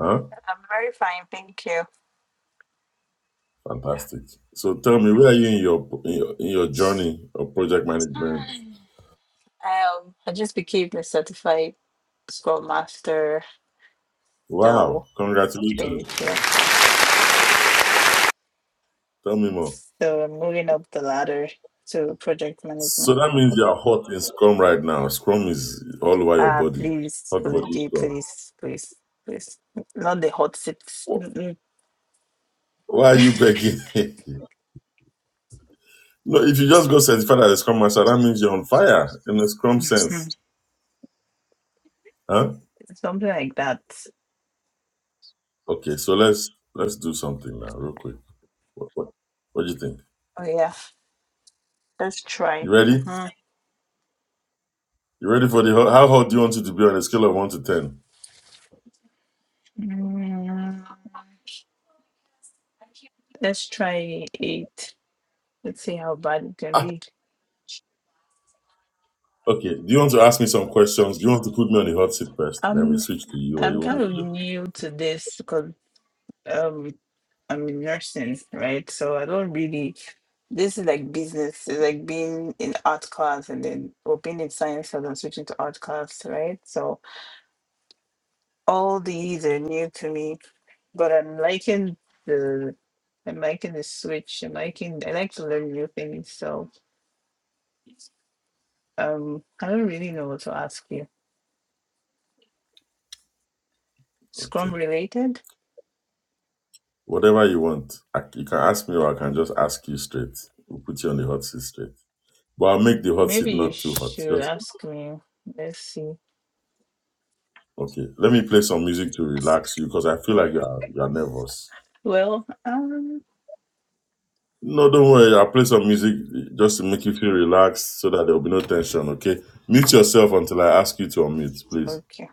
S2: Huh?
S6: I'm very fine, thank you.
S2: Fantastic. So tell me, where are you in your in your, in your journey of project management?
S6: Um, I just became a certified Scrum Master, so
S2: Wow! Congratulations.
S6: thank you.
S2: Tell me more.
S6: So I'm moving up the ladder to project
S2: So
S6: management.
S2: that means you are hot in Scrum right now. Scrum is all over your
S6: Ah,
S2: body.
S6: please,
S2: Hot body
S6: please,
S2: Scrum.
S6: please, please, please. Not the hot seats.
S2: Wh-
S6: Mm-mm.
S2: Why are you begging? no, if you just go certified as a Scrum Master, that means you're on fire in the Scrum
S6: Hmm.
S2: sense. Huh?
S6: Something like that.
S2: Okay, so let's let's do something now, real quick. What, what, what do you think?
S6: Oh, yeah. Let's
S2: You
S6: try.
S2: ready?
S6: Uh-huh.
S2: You ready for the hot- how hot do you want it to be on a scale of one to ten?
S6: Mm, let's try eight. Let's see how bad it can
S2: Ah,
S6: be.
S2: okay. Do you want to ask me some questions? Do you want to put me on the hot seat first? Then we
S6: I'm
S2: switch to you, or
S6: I'm
S2: you want
S6: kind
S2: me
S6: of
S2: to
S6: new to this because um I'm in nursing, right? So I don't really this is like business. It's like being in art class and then or being in science class and switching to art class, right? So all these are new to me, but I'm liking the I'm liking the switch. I'm liking I like to learn new things. So um I don't really know what to ask you.
S2: do?
S6: Scrum
S2: Okay.
S6: related?
S2: Whatever you want, I, you can ask me, or I can just ask you straight. We'll put you on the hot seat straight. But I'll make the hot seat
S6: Maybe you
S2: not too hot.
S6: should
S2: Just
S6: ask me. Let's see.
S2: okay. Let me play some music to relax you because I feel like you're you're nervous.
S6: Well, um,
S2: No, don't worry. I'll play some music just to make you feel relaxed so that there will be no tension, okay? Mute yourself until I ask you to unmute, please.
S6: okay.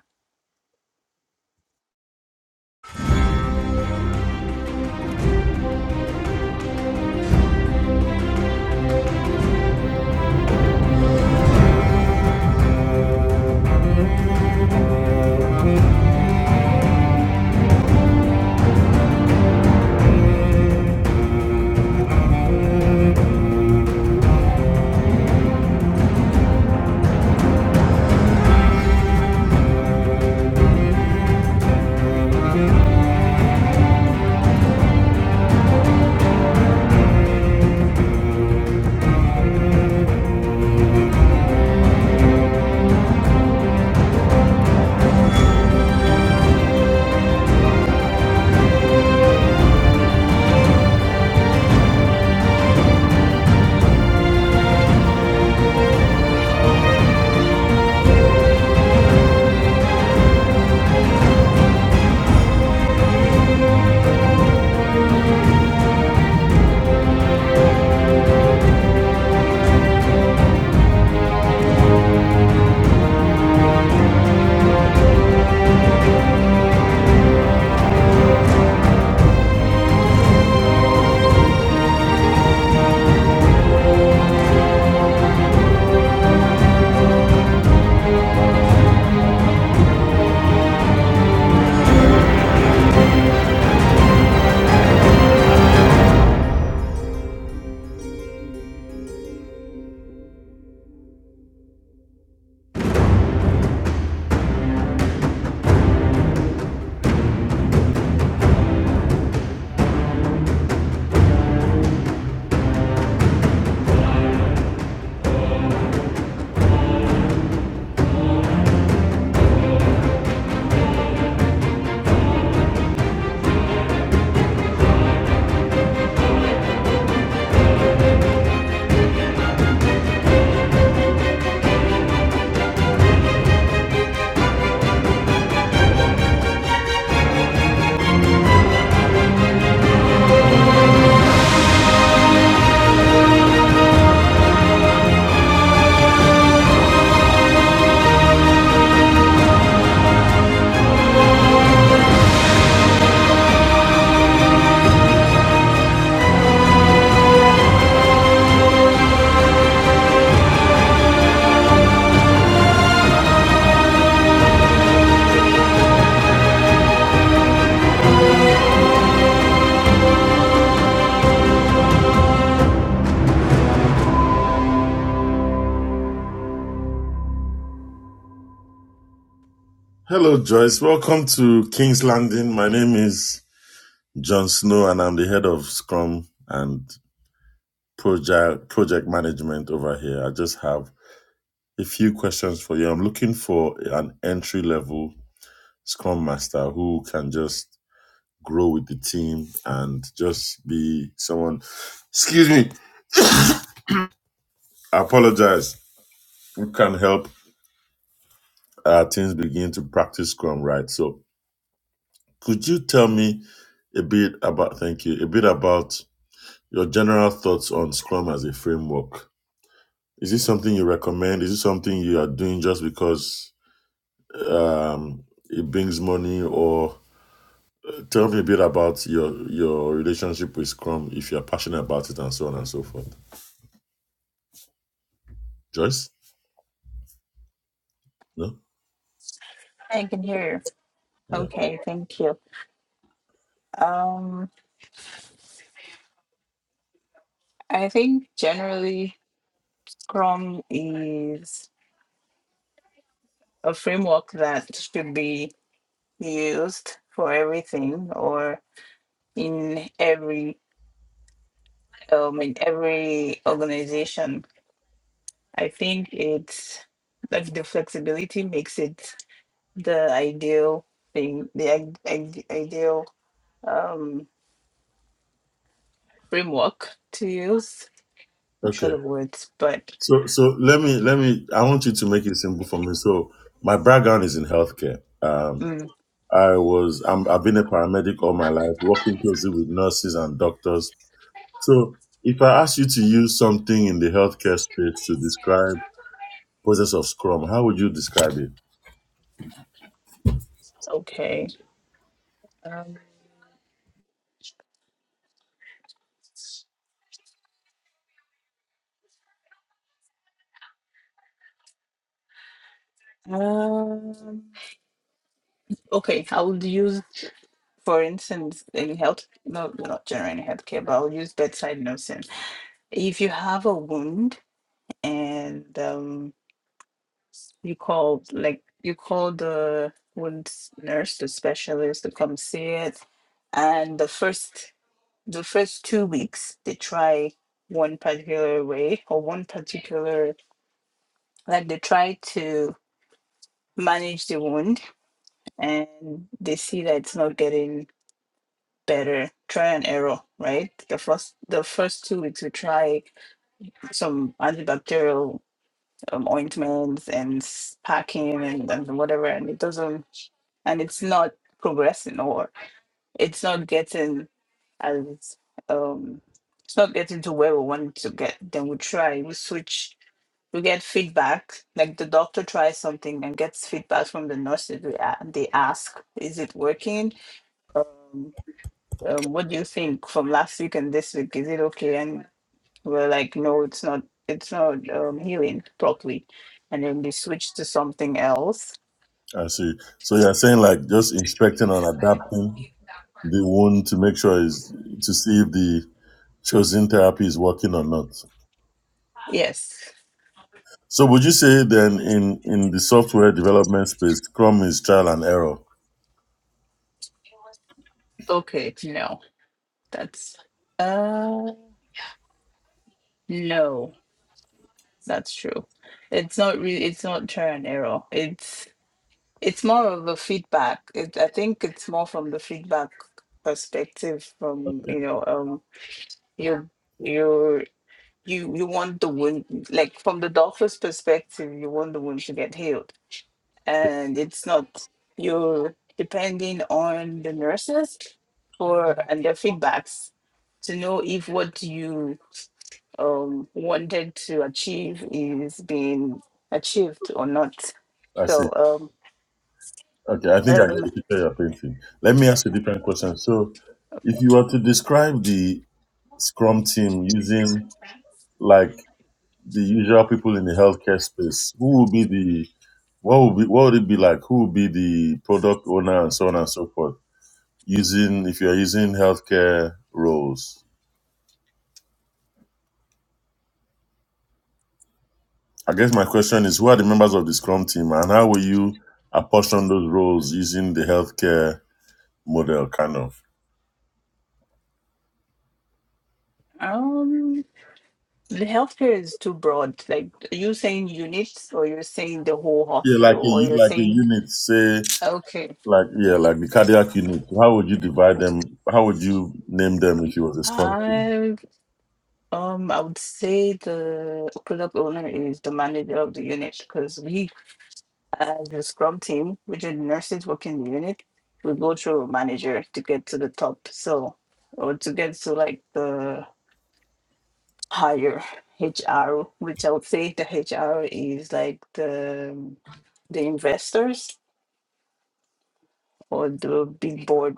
S2: Hello, Joyce. Welcome to King's Landing. My name is John Snow, and I'm the head of Scrum and Project, project Management over here. I just have a few questions for you. I'm looking for an entry level Scrum Master who can just grow with the team and just be someone. Excuse me. I apologize. Who can help Uh, teams begin to practice Scrum, right? So, could you tell me a bit about, thank you, a bit about your general thoughts on Scrum as a framework? Is this something you recommend? Is it something you are doing just because um, it brings money? Or tell me a bit about your your relationship with Scrum, if you're passionate about it, and so on and so forth. Joyce, no,
S6: I can hear you.
S2: yeah,
S6: Okay, thank you. Um, I think generally Scrum is a framework that should be used for everything or in every um in every organization. I think it's like the flexibility makes it the ideal thing, the i- i- ideal um framework to use. I'm
S2: okay.
S6: short of words, but
S2: So, so let me let me. I want you to make it simple for me. So, my background is in healthcare. Um,
S6: Mm,
S2: I was I'm, I've been a paramedic all my life, working closely with nurses and doctors. So if I ask you to use something in the healthcare space to describe process of Scrum, how would you describe it?
S6: okay. Um, um, okay, I would use, for instance, in health, no, not generally healthcare, but I'll use bedside nursing. If you have a wound and um, you call, like, you call the wound nurse, the specialist to come see it, and the first, the first two weeks, they try one particular way or one particular, like, they try to manage the wound and they see that it's not getting better try and error right the first the first two weeks we try some antibacterial um, ointments and s- packing and, and whatever and it doesn't and it's not progressing or it's not getting as um it's not getting to where we want it to get then we try we switch we get feedback like the doctor tries something and gets feedback from the nurses we a- they ask is it working Um, um, what do you think from last week and this week? Is it okay? And we're like, no, it's not, it's not um, healing properly. And then they switch to something else.
S2: I see. So you're saying like just inspecting and adapting the wound to make sure is to see if the chosen therapy is working or not.
S6: Yes.
S2: So would you say then in in the software development space, Scrum is trial and error?
S6: Okay. No, that's, uh, no, that's true. It's not really, it's not trial and error. It's, it's more of a feedback. It, I think it's more from the feedback perspective from, you know, um, you, you. you you want the wound like from the doctor's perspective you want the wound to get healed and it's not you're depending on the nurses for and their feedbacks to know if what you um wanted to achieve is being achieved or not
S2: I see.
S6: so
S2: Okay, I
S6: um
S2: think I can
S6: um
S2: picture your painting. Let me ask you a different question. So, if you were to describe the Scrum team using like the usual people in the healthcare space, who would be the what would be what would it be like? Who would be the product owner and so on and so forth? Using if you are using healthcare roles, I guess my question is, who are the members of the Scrum team, and how will you apportion those roles using the healthcare model, kind of?
S6: um the healthcare is too broad like are you saying units or you're saying the whole
S2: Yeah, like
S6: hospital
S2: a
S6: or
S2: u-
S6: you're
S2: like a
S6: saying
S2: unit, say
S6: okay
S2: Like yeah, like the cardiac unit. How would you divide them? How would you name them if you were this country?
S6: I Um, I would say the product owner is the manager of the unit because we, as the scrum team, which are the nurses working the unit, we go through a manager to get to the top. So, or to get to like the higher HR, which I would say the HR is like the the investors or the big board.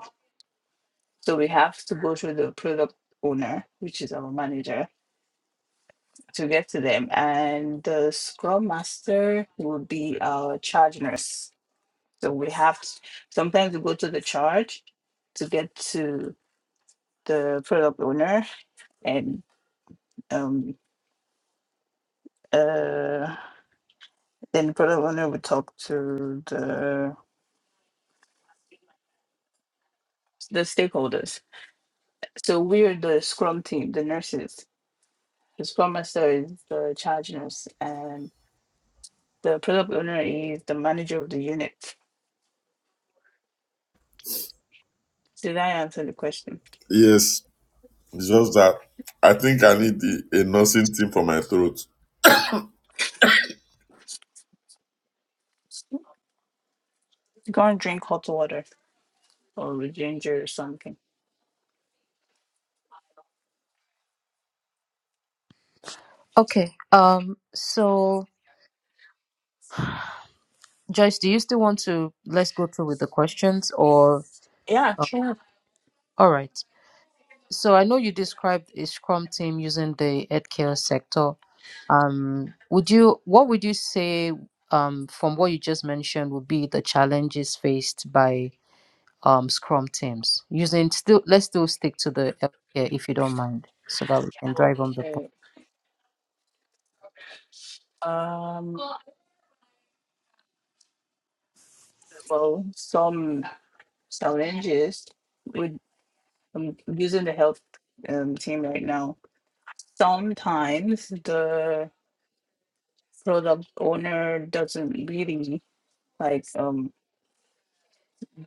S6: So we have to go through the product owner, which is our manager, to get to them. And the Scrum Master will be our charge nurse. So we have to, sometimes we go to the charge to get to the product owner, and um, uh, then the product owner will talk to the the stakeholders. So we're the Scrum team, the nurses. The Scrum Master is the charge nurse, and the product owner is the manager of the unit. Did I answer the question?
S2: Yes, it's just that I think I need the, a nursing team for my throat.
S6: Go and drink hot water. or with ginger or something.
S5: Okay. Um. So, Joyce, do you still want to let's go through with the questions or?
S6: Yeah,
S5: Uh,
S6: sure.
S5: all right. So I know you described a Scrum team using the healthcare sector. Um. Would you? What would you say? Um. From what you just mentioned, would be the challenges faced by um scrum teams using still let's still stick to the healthcare if you don't mind so that we can drive on the point
S6: Okay. Um, well, some challenges with um, using the health um, team right now. Sometimes the product owner doesn't really like. Um,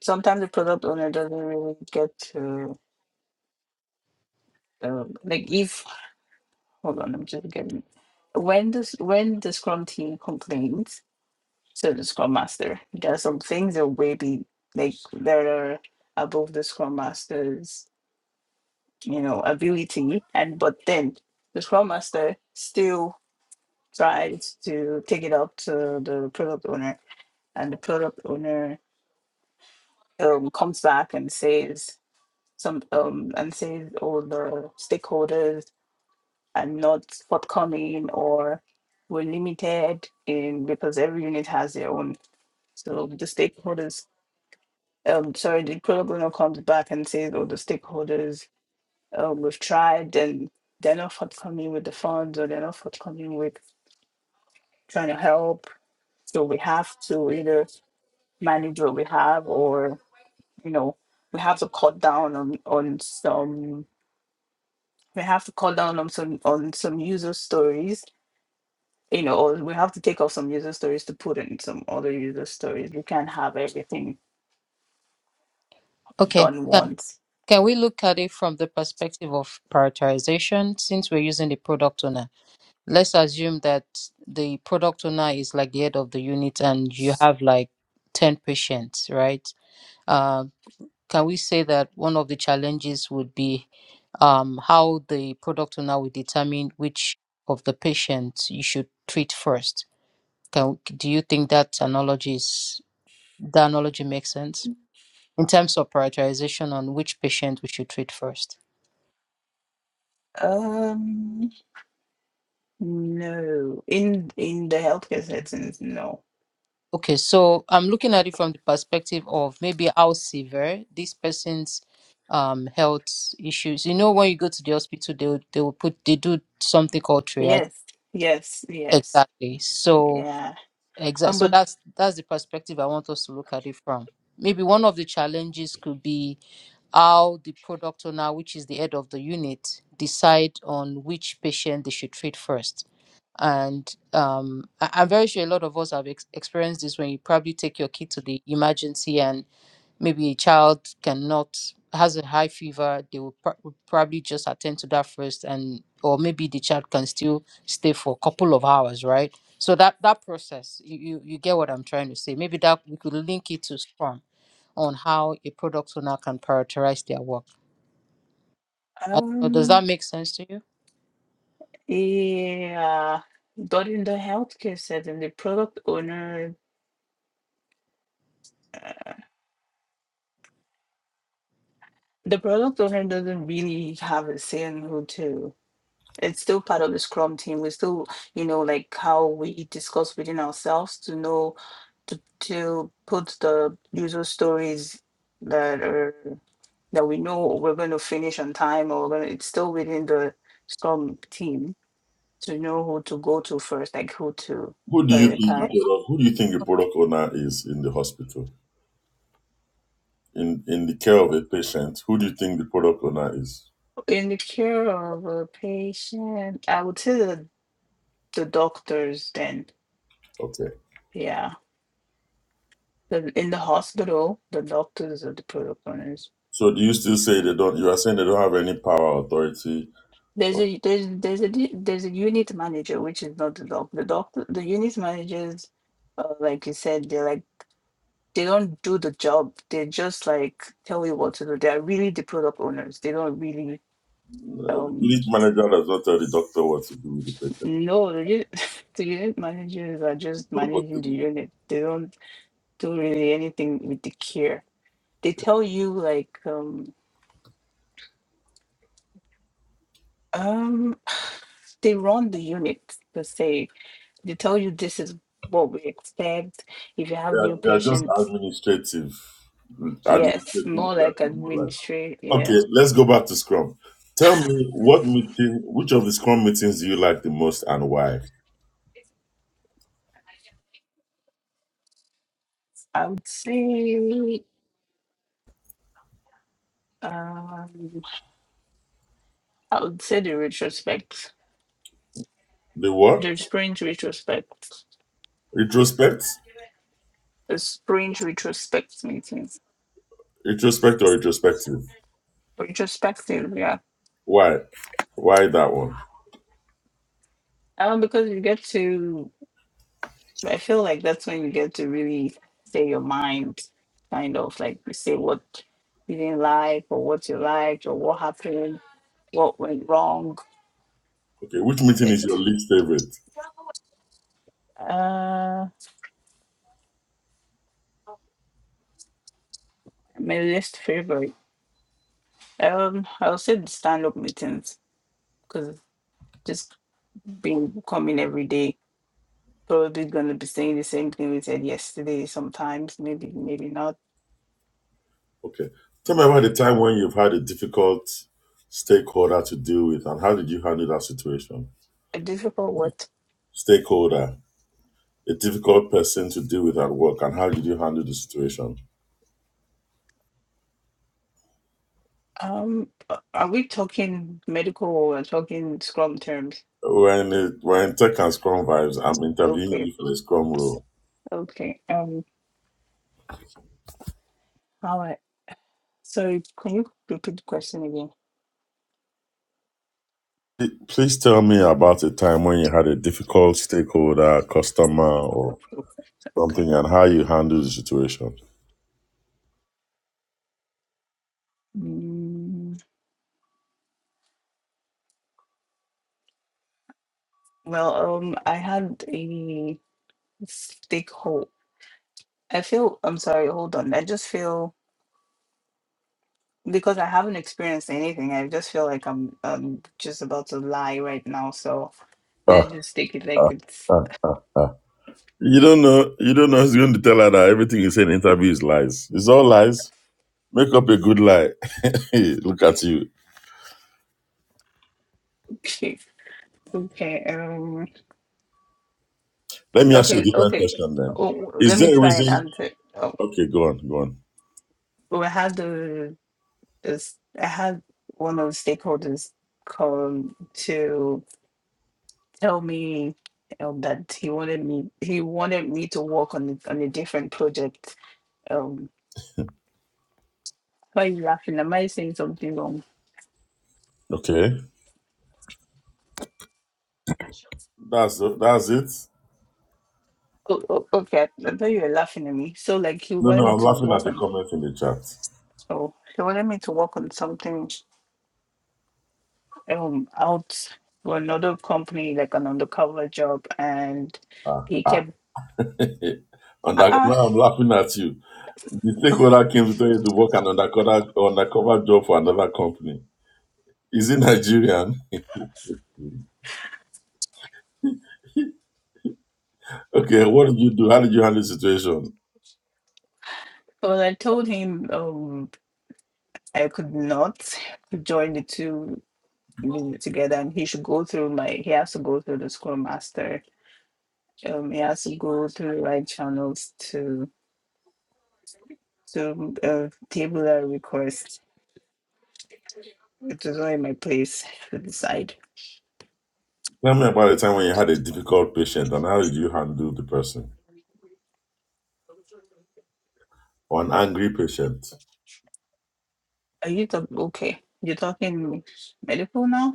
S6: sometimes the product owner doesn't really get to um, like if. Hold on, I'm just getting. When this when the Scrum team complains, So the Scrum Master. There are some things that way be like that are above the Scrum Master's, you know, ability. And but then the Scrum Master still tries to take it up to the product owner, and the product owner um, comes back and says some um and says all the stakeholders are not forthcoming or we're limited in because every unit has their own. So the stakeholders um, sorry, the Pro comes back and says, oh, the stakeholders, um, we've tried and they're not forthcoming with the funds or they're not forthcoming with trying to help. So we have to either manage what we have or, you know, we have to cut down on, on some, we have to cut down on some, on some user stories, you know, or we have to take off some user stories to put in some other user stories. We can't have everything
S5: okay
S6: done
S5: ca-
S6: once.
S5: can we look at it from the perspective of prioritization since we're using the product owner let's assume that the product owner is like the head of the unit and you have like 10 patients right uh, can we say that one of the challenges would be um, how the product owner will determine which of the patients you should treat first Can, do you think that analogy is the analogy makes sense in terms of prioritization on which patient we should treat first?
S6: Um, No, in in the healthcare settings, no.
S5: Okay, so I'm looking at it from the perspective of maybe how severe this person's um, health issues. You know, when you go to the hospital, they will- they will put they do something called triage.
S6: Yes, yes, yes,
S5: Exactly. So
S6: yeah.
S5: exactly.
S6: Um,
S5: So
S6: but
S5: that's that's the perspective I want us to look at it from. Maybe one of the challenges could be how the product owner, which is the head of the unit, decide on which patient they should treat first. And um, I- I'm very sure a lot of us have ex- experienced this when you probably take your kid to the emergency and maybe a child cannot has a high fever. They will pr- will probably just attend to that first, and or maybe the child can still stay for a couple of hours, right? So that that process, you you, you get what I'm trying to say. Maybe that we could link it to Scrum on how a product owner can prioritize their work. I don't know. Does
S6: um,
S5: that make sense to you?
S6: yeah. But in the healthcare setting, the product owner, the product owner doesn't really have a say in who to. It's still part of the Scrum team. We still, you know, like how we discuss within ourselves to know to to put the user stories that are. that we know we're going to finish on time or we're gonna, it's still within the storm team to know who to go to first, like who to
S2: Who do you think the
S5: Oh,
S6: prioritize.
S2: product, who do you think the product owner is in the hospital in in the care of a patient? Who do you think the product owner is?
S6: In the care of a patient, I would say the, the doctors then,
S2: Okay.
S6: yeah. The, in the hospital, the doctors are the product owners.
S2: So do you still say they don't? You are saying they don't have any power, authority.
S6: There's a there's there's a di- there's a unit manager which is not the doc the doctor the unit managers uh, like you said they're like they don't do the job. They just like tell you what to do. They are really the product owners. They don't really
S2: The
S6: um
S2: unit manager does not tell the doctor what to do with the
S6: no the unit, the unit managers are just managing
S2: patient.
S6: the unit. They don't do really anything with the care. They tell you like um um they run the unit per se. They tell you this is what we expect. If you
S2: They
S6: have
S2: are,
S6: new
S2: they are just
S6: patients,
S2: administrative.
S6: yes,
S2: Administrative
S6: more like
S2: leadership, more like.
S6: administrate. Yeah,
S2: Okay, let's go back to Scrum. Tell me what meeting, which of the Scrum meetings do you like the most and why?
S6: I would say. Um, I would say the retrospect,
S2: The what?
S6: the spring retrospect,
S2: Retrospect?
S6: the spring retrospect meetings,
S2: Retrospect or retrospective?
S6: retrospective. Yeah,
S2: Why? Why that one?
S6: um, because you get to. I feel like that's when you get to really say your mind, kind of like you say what you didn't like or what you liked or what happened, what went wrong.
S2: Okay, which meeting
S6: It
S2: is your least favorite?
S6: uh, my least favorite. Um, I would say the stand up meetings because just being coming every day probably going to be saying the same thing we said yesterday sometimes maybe maybe not
S2: Okay. Tell me about the time when you've had a difficult stakeholder to deal with and how did you handle that situation?
S6: a difficult what
S2: Stakeholder, a difficult person to deal with at work and how did you handle the situation?
S6: um a- are we talking medical or we're talking scrum terms
S2: When it, when tech and Scrum vibes, I'm interviewing
S6: okay
S2: you for the Scrum role.
S6: okay um all right so can you repeat the question again
S2: P- Please tell me about a time when you had a difficult stakeholder, customer, or
S6: Oh, okay
S2: something, and how you handled the situation.
S6: mm, well um i had a stakehold. i feel i'm sorry hold on i just feel because i haven't experienced anything i just feel like i'm um just about to lie right now so They're
S2: Ah,
S6: just take it like it's
S2: ah, ah. You don't know. You don't know. who's going to tell her that everything you say in interview is lies. It's all lies. Make up a good lie. Look at you.
S6: okay. Okay. Um.
S2: Let me ask you a
S6: Okay.
S2: different
S6: Okay.
S2: question then.
S6: Oh,
S2: Is
S6: let me
S2: there a
S6: try
S2: reason?
S6: and answer. Oh,
S2: Okay, go on, go on.
S6: well, I had the this. I had one of the stakeholders come to tell me um, that he wanted me. He wanted me to work on a- on a different project. Um. Why are you laughing? Am I saying something wrong?
S2: Okay, that's that's it.
S6: Oh, oh, okay, I thought you were laughing at me. So, like, he
S2: No,
S6: wanted
S2: no,
S6: me
S2: I'm
S6: to
S2: laughing at
S6: work
S2: the
S6: on.
S2: comment in the chat.
S6: Oh, he wanted me to work on something um out to another company like an undercover job and
S2: Ah,
S6: he
S2: ah.
S6: kept
S2: Eh, Under,
S6: ah.
S2: now I'm laughing at you. The stakeholder came to tell you to work an undercover, undercover job for another company. Is he Nigerian? okay, what did you do? How did you handle the situation?
S6: well I told him um I could not join the two unit together and he should go through my he has to go through the school master um he has to go through the right channels to to uh, table a request it was not in my place to decide
S2: Tell me about the time when you had a difficult patient and how did you handle the person? Or an angry patient?
S6: are you talk- okay you're talking medical now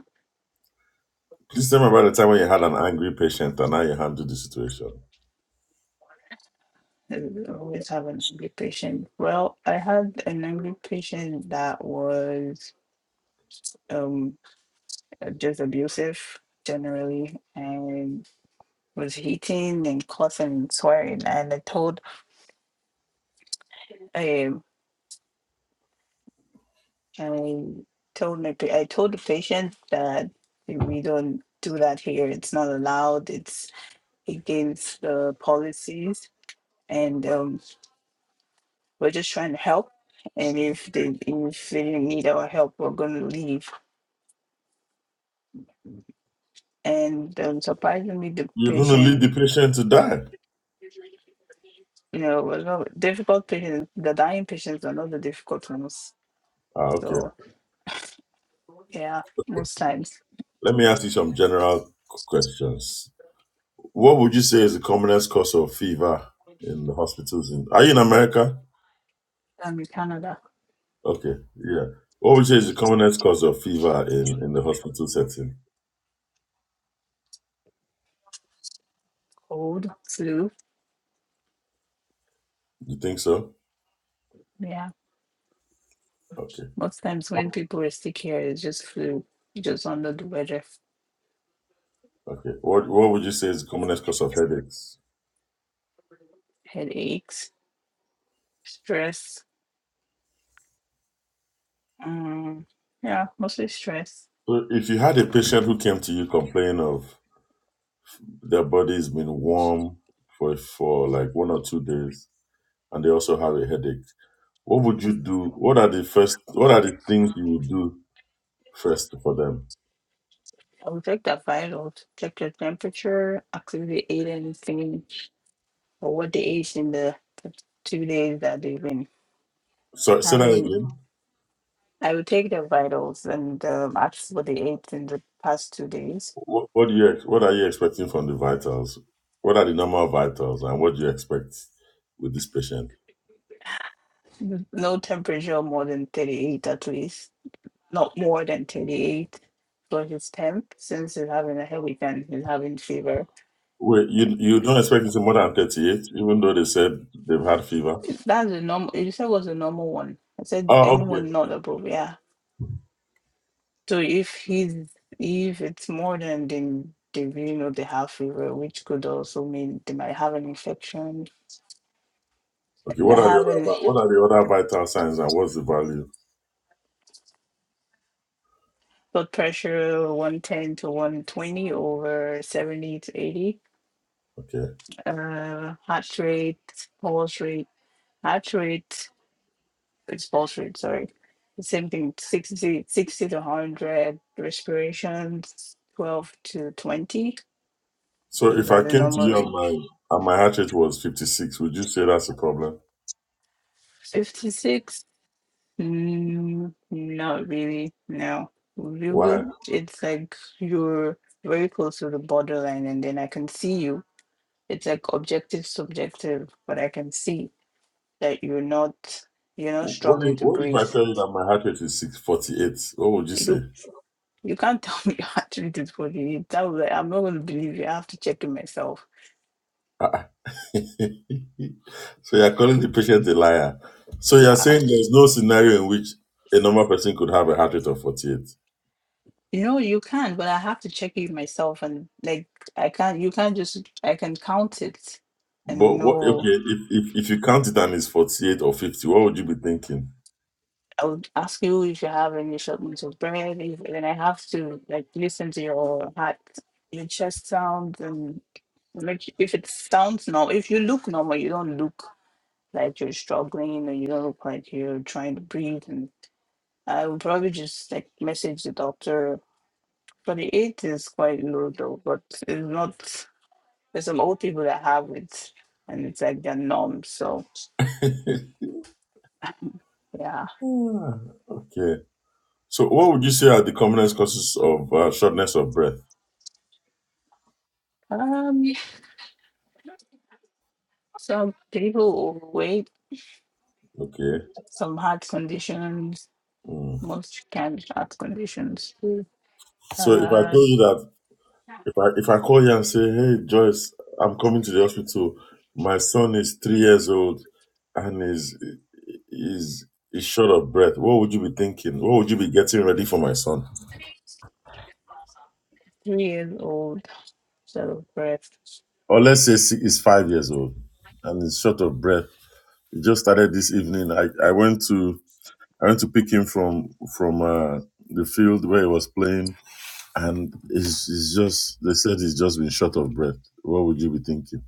S2: Please tell me about the time when you had an angry patient and how you handled the situation.
S6: and always have an angry patient. Well, I had an angry patient that was um just abusive generally and was hitting and cussing and swearing. And I told um I told my pa- I told the patient that we don't do that here. It's not allowed. It's against the policies, and um, we're just trying to help. And if they if they didn't need our help, we're gonna leave and um, surprisingly, the
S2: You're going to lead the
S6: patient,
S2: patient to die.
S6: you know, was not difficult patients. The dying patients are not the difficult ones.
S2: Ah, okay.
S6: So yeah, most times
S2: Let me ask you some general questions. What would you say is the commonest cause of fever in the hospitals? In, are you in America?
S6: um, in Canada,
S2: Okay, yeah. What would you say is the commonest cause of fever in, in the hospital setting?
S6: cold, flu.
S2: You think so?
S6: Yeah,
S2: Okay,
S6: most times when people are sick here, it's just flu, just under the weather,
S2: okay. What What would you say is the commonest cause of headaches?
S6: headaches, stress. Um, yeah, mostly stress.
S2: So if you had a patient who came to you complaining of their body's been warm for for like one or two days, and they also have a headache, what would you do? What are the first? What are the things you would do first for them?
S6: I will check that vitals, check your temperature, activity ate anything, or what they ate in the two days that they've been
S2: So say that
S6: having
S2: again.
S6: I will take the vitals and um, ask what they ate in the past two days.
S2: What, what do you ex- what are you expecting from the vitals? What are the normal vitals, and what do you expect with this patient?
S6: N- No temperature more than 38 at least. Not more than 38 for his temp since he's having a headache and he's having fever.
S2: Wait, you you don't expect it to more than thirty eight, even though they said they've had fever.
S6: If That's the normal. You said was a normal one. I said
S2: Oh, okay,
S6: anyone not above, yeah. So if he's if it's more than then they you know they have fever, which could also mean they might have an infection,
S2: okay.
S6: they
S2: What
S6: might
S2: are the
S6: have
S2: other
S6: an
S2: vi- what are the other vital signs, and what's the value?
S6: blood pressure 110 to 120 over 70 to 80
S2: Okay.
S6: uh heart rate pulse rate heart rate it's pulse rate sorry the same thing 60 60 to 100 respirations 12 to 20
S2: So
S6: those
S2: if
S6: are
S2: I
S6: the
S2: came to
S6: normal
S2: you and
S6: range
S2: my and my heart rate was fifty six, would you say that's a problem?
S6: 56 mm, not really no you
S2: Why?
S6: will it's like you're very close to the borderline and then i can see you It's like objective, subjective, but I can see that you're not you're not
S2: What
S6: struggling
S2: if
S6: to
S2: what if
S6: breathe.
S2: I tell you that my heart rate is six forty eight? What would you say?
S6: You you can't tell me your heart rate is 48. That was like, I'm not gonna believe you. I have to check it myself.
S2: so you're calling the patient a liar. So you're
S6: Uh,
S2: saying there's no scenario in which a normal person could have a heart rate of 48.
S6: you know you can, but I have to check it myself and like I can't you can't just I can count it
S2: But
S6: and
S2: what? Okay,
S6: know
S2: if if, if you count it and it's 48 or 50, what would you be thinking?
S6: I would ask you if you have any shortness of breath, if, and I have to like listen to your heart, your chest sound, and Like if it sounds normal, if you look normal, you don't look like you're struggling or you don't look like you're trying to breathe. And I would probably just like message the doctor. Forty-eight is quite low though, but it's not. There's some old people that have it, and it's like they're numb. So yeah,
S2: Ah, okay. So what would you say are the commonest causes of uh, shortness of breath?
S6: um, some people overweight,
S2: Okay.
S6: some heart conditions,
S2: Mm.
S6: most kind of heart conditions.
S2: So if I
S6: Uh,
S2: told you that. If I if I call you and say, "Hey Joyce, I'm coming to the hospital. My son is three years old and is is is short of breath." What would you be thinking? What would you be getting ready for my son?
S6: three years old, so breath.
S2: Or let's say si- he's five years old and is short of breath. He just started this evening. I, I went to I went to pick him from from uh, the field where he was playing, and he's, he's just they said he's just been short of breath. What would you be thinking?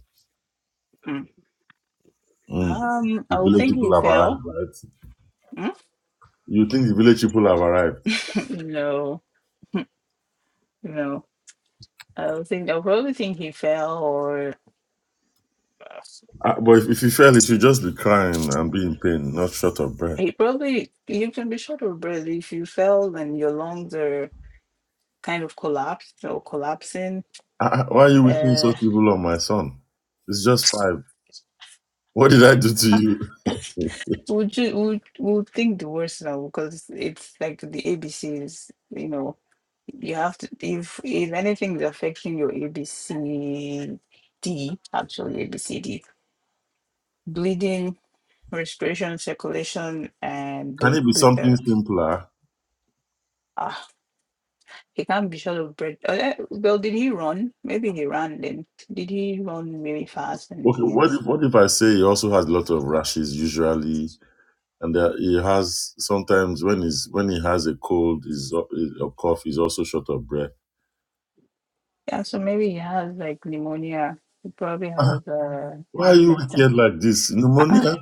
S2: Mm.
S6: Um,
S2: The
S6: I would
S2: village
S6: think he
S2: people have arrived,
S6: fell.
S2: right? You think the village people have arrived.
S6: no, no. I would think I would probably think he fell, or uh,
S2: Ah, but if, if you fail, it should just be crying and be in pain, not short of breath.
S6: he probably you can be short of breath if you fell and your lungs are kind of collapsed or collapsing.
S2: Ah, ah, why are you wishing
S6: Uh,
S2: such evil on my son? It's just five. What did I do to you?
S6: would you would would think the worst now because it's like the ABCs. You know, you have to if if anything is affecting your ABCD, actually ABCD bleeding respiration, circulation, and
S2: Can
S6: bl-
S2: it be
S6: bl- uh,
S2: something simpler?
S6: ah, he can't be short of breath. Uh, eh, well, did he run? Maybe he ran then. Did he run really fast? And
S2: Okay, what
S6: he's
S2: if what if I say he also has a lot of rashes usually, and that he has sometimes when he's when he has a cold, is a cough, he's also short of breath.
S6: yeah. So maybe he has like pneumonia. He probably has uh,
S2: Why
S6: an
S2: are you
S6: infection.
S2: wicked like this?
S6: Ah,
S2: Pneumonia?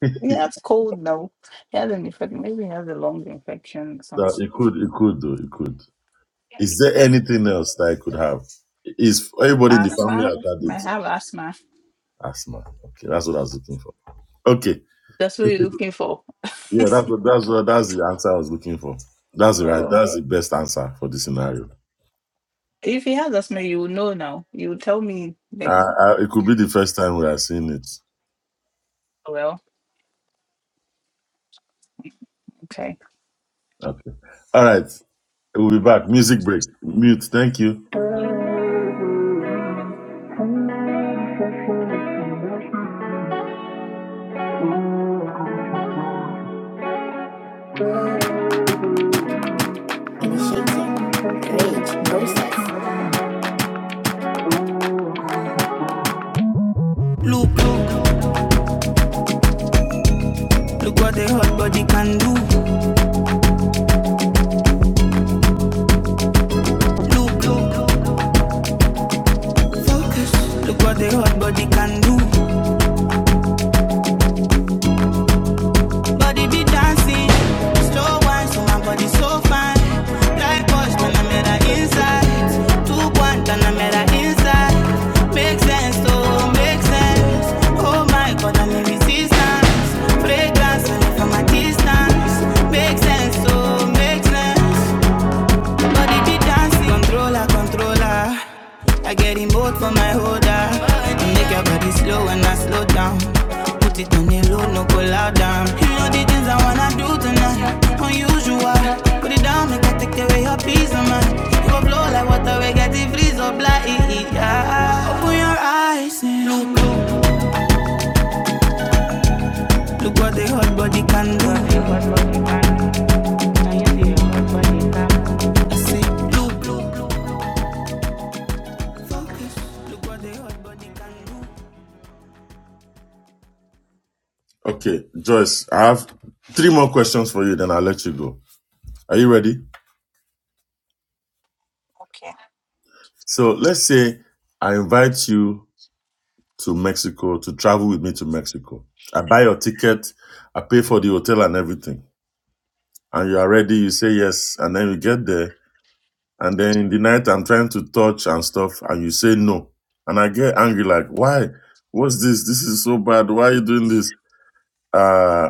S6: he has cold now. He has an infection. Maybe he has a lung infection or
S2: That it
S6: something.
S2: could, it could though, it could. Is there anything else that I could have? Is everybody in the family
S6: Asthma.
S2: has had
S6: Might
S2: it?
S6: have asthma.
S2: Asthma. Okay, that's what I was looking for. Okay.
S6: That's what you're looking for.
S2: Yeah, that's what that's what that's the answer I was looking for. That's the right.
S6: oh.
S2: That's the best answer for the scenario.
S6: If he has asthma, you will know now. You will tell me like
S2: Uh, uh, it could be the first time we are seeing it.
S6: Well, okay.
S2: Okay. All right. We'll be back. Music break. Mute. Thank you.
S1: Look, look, look what a hot body can do. Look, look, focus. Look what a hot body can do. Body be dancing, slow wine, so my body so fine. Like boys, then I'm inside. Two one, then I'm inside. Make sense, oh, make sense. Oh my God, I'm in resistance. Fragrance, and from a distance. Make sense, oh, make sense. Body be dancing. Controller, controller. I get in remote for my holder. Make your body slow and I slow down. Put it on the low, no go loud down. You know the things I wanna do tonight. Unusual. Put it down, make I take away your peace of mind. You go blow like water, we get it freeze or blind. Yeah. Open your eyes and look, look, look what the hot body can do. I say, look, look, look.
S2: Okay, Joyce. I have three more questions for you. Then I'll let you go. Are you ready?
S6: Okay.
S2: So let's say I invite you to Mexico to travel with me to Mexico. I buy your ticket, I pay for the hotel and everything. And you are ready, you say yes, and then you get there. And then in the night, I'm trying to touch and stuff, and you say no. And I get angry, like, why? What's this? This is so bad. Why are you doing this? Uh,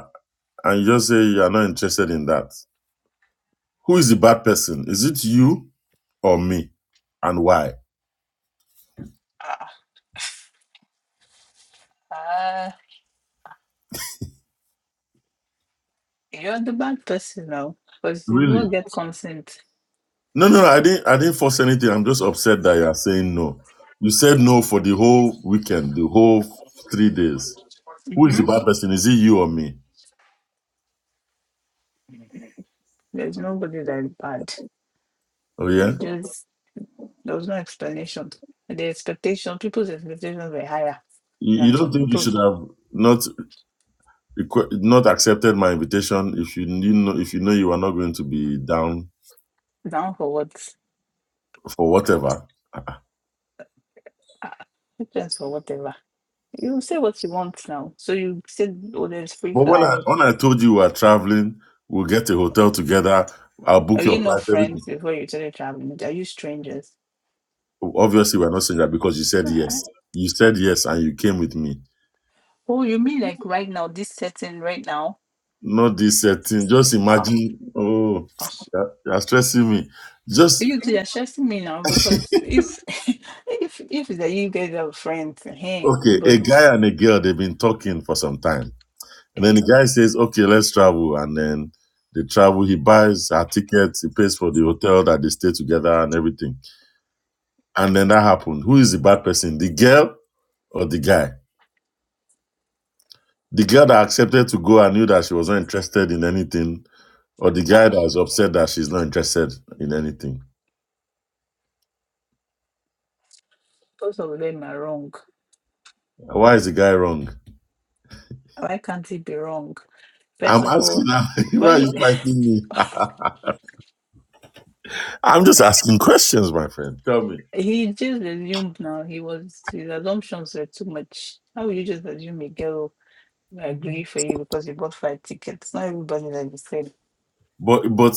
S2: and you just say you are not interested in that. Who is the bad person? Is it you or me? And why?
S6: Uh, uh, you're the bad person now because you
S2: Really?
S6: don't get consent.
S2: No, no, no, I didn't. I didn't force anything. I'm just upset that you are saying no. You said no for the whole weekend, the whole three days. Who is the
S6: hmm
S2: bad person? Is it you or me?
S6: There's nobody that's bad.
S2: Oh yeah.
S6: We just, there was no explanation. The expectation, people's expectations were higher
S2: You, you
S6: than
S2: don't
S6: some
S2: think you
S6: people.
S2: should have not requ- not accepted my invitation if you knew know if you know you are not going to be down
S6: Down for what?
S2: for whatever.
S6: Uh, depends for whatever. You say what you want now. So you said, oh, there's free
S2: But when I
S6: flight.
S2: when I told you we are traveling, we'll get a hotel together. I'll book
S6: Are you
S2: your
S6: not
S2: flight. Everything.
S6: friends before you started traveling? Are you strangers?
S2: Obviously, we're not saying that because you said
S6: Uh-huh.
S2: yes. You said yes, and you came with me.
S6: Oh, you mean like right now, this setting right now?
S2: Not this setting. Just
S6: Ah,
S2: imagine. Oh,
S6: ah.
S2: you're you're stressing me. Just
S6: You two are stressing me now because if if if that you guys are friends, hey,
S2: okay. A
S6: but
S2: guy and a girl they've been talking for some time, and then the
S6: uh,
S2: guy says, "Okay, let's travel." And then they travel. He buys her tickets. He pays for the hotel that they stay together and everything. And then that happened. Who is the bad person? The girl or the guy? The girl that accepted to go and knew that she was not interested in anything, or the guy that is upset that she's not interested in anything.
S6: both of them are wrong.
S2: Why is the guy wrong?
S6: Why can't he be wrong?
S2: I'm
S6: First of
S2: asking
S6: all,
S2: now. why are
S6: why
S2: you fighting me? I'm just asking questions, my friend. Tell me.
S6: he just assumed now he was his assumptions were too much. How will you just assume a girl will agree for you because you bought five tickets? Not everybody that you said
S2: But but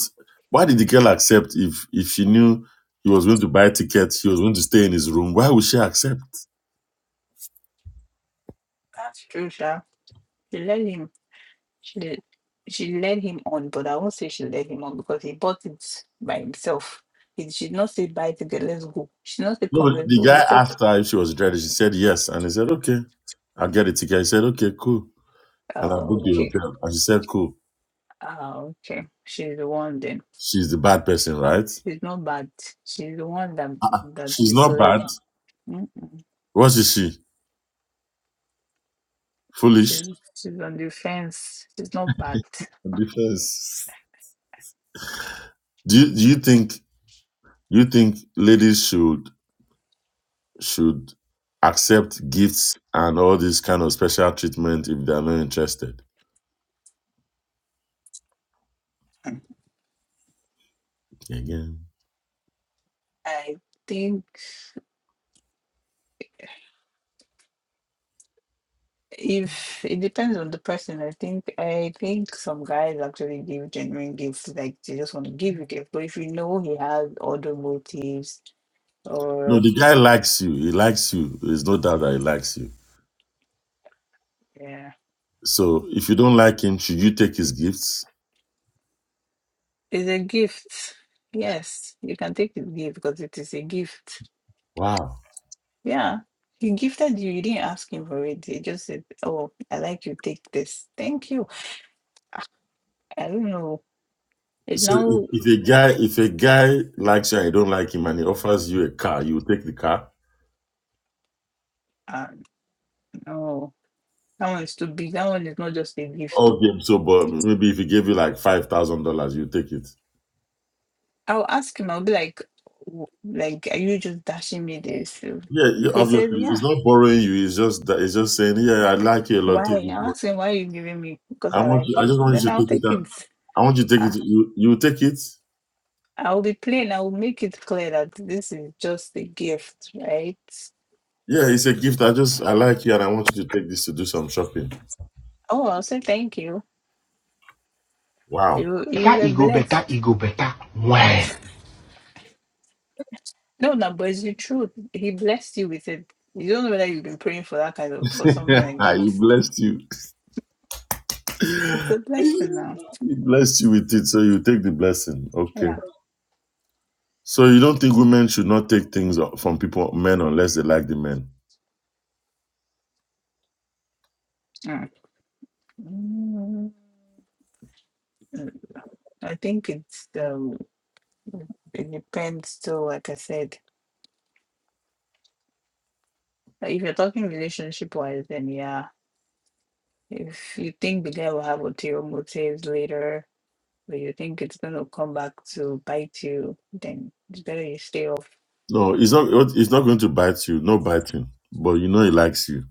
S2: why did the girl accept if if she knew he was going to buy tickets, he was going to stay in his room? Why would she accept?
S6: that's true, Sha. You let him She l- she led him on, but I won't say she led him on because he bought it by himself. He she did not say buy together, let's go. She did not say
S2: No,
S6: come, let's
S2: the
S6: go.
S2: guy
S6: He said,
S2: asked her if she was ready. She said yes, and he said okay, I'll get a ticket. He said okay, cool, and I
S6: uh,
S2: booked the
S6: okay,
S2: hotel. And she said cool.
S6: uh, okay. She's the one then.
S2: She's the bad person, right?
S6: She's not bad. She's the one that that
S2: She's not
S6: misled
S2: bad.
S6: him. Mm-mm.
S2: What is she? Foolish.
S6: She's she's on the fence. She's not bad.
S2: Because do you, do you think you think ladies should should accept gifts and all this kind of special treatment if they are not interested.
S6: Mm.
S2: Again.
S6: I think. If it depends on the person, I think I think some guys actually give genuine gifts, like they just want to give you gift. But if you know he has other motives,
S2: No,
S6: or
S2: the guy likes you. He likes you. There's no doubt that he likes you.
S6: yeah,
S2: So if you don't like him, should you take his gifts?
S6: it's a gift. Yes, you can take the gift because it is a gift.
S2: Wow.
S6: Yeah, he gifted you. You didn't ask him for it. He just said, "Oh, I like you. Take this. Thank you." I don't know. It
S2: So if,
S6: now,
S2: if a guy if a guy likes you and you don't like him and he offers you a car, you will take the car.
S6: uh, no, that one is too big. That one is not just a gift, too.
S2: All game so but maybe if he gave you like five thousand dollars, you take it.
S6: I'll ask him, I'll be like, "W- like, are you just dashing me this? So
S2: Yeah, yeah,
S6: If he says,
S2: obviously
S6: yeah,
S2: it's not borrowing you, it's just that it's just saying, Yeah, I like you a lot,
S6: why?
S2: take it.
S6: I'll ask him, why are you giving me? Because
S2: I
S6: I
S2: want you
S6: like
S2: I just
S6: you.
S2: want you
S6: Then
S2: to
S6: I'll
S2: take it
S6: take
S2: down.
S6: it.
S2: I want you to take it.
S6: I-
S2: You you take it.
S6: I'll be plain. I'll make it clear that this is just a gift, right?
S2: Yeah, it's a gift. I just I like you, and I want you to take this to do some shopping.
S6: Oh, I'll say thank you.
S2: Wow,
S6: You you were blessed. No, no, but it's the truth. He blessed you with it. You don't know whether you've been praying for that kind of for something like that.
S2: he blessed you.
S6: It's a blessing now.
S2: He blessed you with it, so you take the blessing. Okay.
S6: Yeah.
S2: So you don't think women should not take things from people, men, unless they like the men?
S6: Mm. Mm. I think it's the. It depends too, like I said. Like, If you're talking relationship wise, then yeah. If you think the guy will have ulterior motives later, or you think it's gonna come back to bite you, then it's better you stay off.
S2: No, it's not. It's not going to bite you. No biting. But you know he likes you.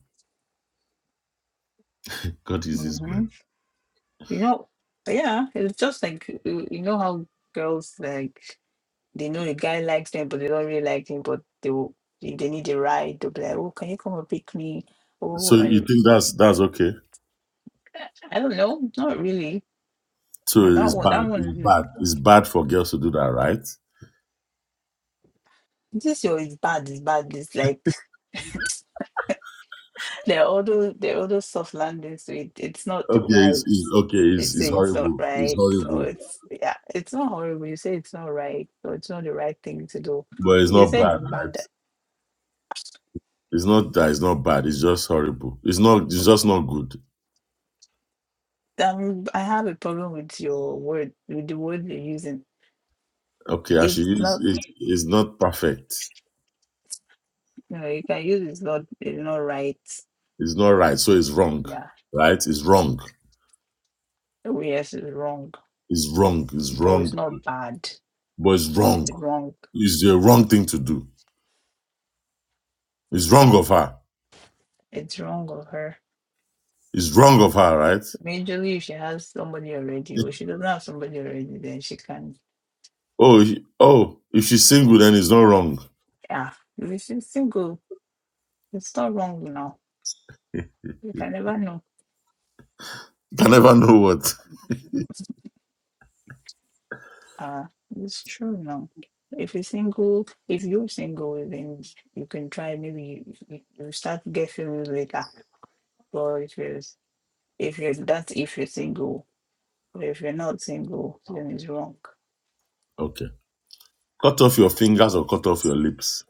S2: God is this man.
S6: hmm You know, but yeah, it's just like you, you know how girls like they know the guy likes them, but they don't really like him, but they will, if they need a ride, they'll be like, "Oh, can you come and pick me?"
S2: So
S6: Oh, I,
S2: you think that's that's okay?
S6: I don't know, not really. You
S2: So
S6: know that
S2: it's
S6: one,
S2: bad.
S6: that
S2: It's
S6: one.
S2: bad. It's bad for girls to do that, right?
S6: This show is bad, it's bad. It's like they are all those they are all those soft landings, so it, it's not
S2: Okay, it's,
S6: right.
S2: it's okay.
S6: They
S2: It's, it's
S6: say it's not
S2: horrible. It's
S6: right, or
S2: horrible.
S6: it's yeah, it's not horrible. You say it's not right, or it's not the right thing to do.
S2: but it's
S6: You're
S2: not
S6: saying
S2: bad,
S6: it's
S2: right?
S6: bad.
S2: It's not that it's not bad. It's just horrible. It's not. It's just not good.
S6: Um, I have a problem with your word, with the word you're using.
S2: Okay, I
S6: It's
S2: should use
S6: not,
S2: it. It's not perfect.
S6: you know, you can use it's not, it's not right.
S2: It's not right. So it's wrong,
S6: Yeah,
S2: right? It's wrong.
S6: oh, yes, it's wrong,
S2: It's wrong. It's
S6: bro.
S2: wrong.
S6: it's not bad.
S2: But it's wrong.
S6: It's wrong.
S2: It's the wrong thing to do. It's wrong of her.
S6: It's wrong of her.
S2: It's wrong of her, right?
S6: Majorly, if she has somebody already, or she doesn't have somebody already, then she can.
S2: Oh, he- oh. If she's single, then it's not wrong.
S6: Yeah, if she's single, it's not wrong now. You can never know.
S2: You can never know what.
S6: Uh, it's true now. If you're single, if you're single, then you can try. Maybe you, you you start to get feelings later. But if you're if you're that's if you're single, but if you're not single, then it's wrong.
S2: Okay. Cut off your fingers or cut off your lips.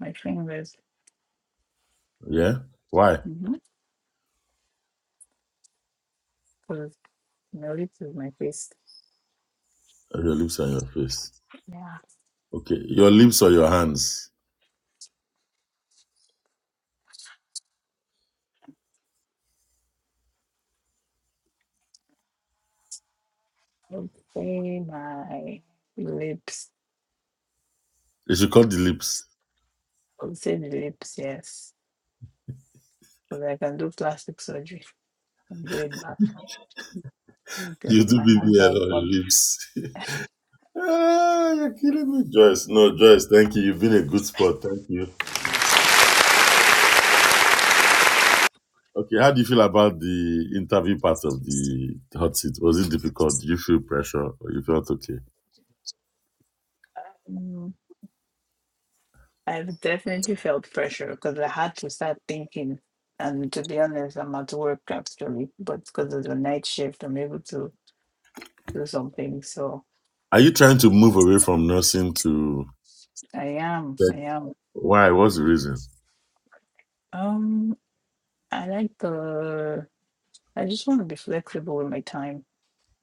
S6: My fingers,
S2: Yeah. Why?
S6: mm-hmm, because my lips is my face.
S2: Your lips and your face.
S6: Yeah,
S2: Okay. Your lips or your hands.
S6: okay, my lips.
S2: You should cut the lips.
S6: I'm say the lips, yes. But I can do plastic surgery. I'm doing that. Okay.
S2: You do
S6: My hands have
S2: BBL on the
S6: gone.
S2: lips. ah, you're killing me, Joyce. No, Joyce, thank you. You've been a good sport. Thank you. Okay, how do you feel about the interview part of the hot seat? Was it difficult? Did you feel pressure or you felt okay?
S6: Um, I've definitely felt pressure because I had to start thinking. And to be honest, I'm at work actually, but because of the night shift, I'm able to do something. So
S2: Are you trying to move away from nursing to
S6: I am,
S2: tech?
S6: I am.
S2: Why? What's the reason?
S6: Um, I like the. I just want to be flexible with my time.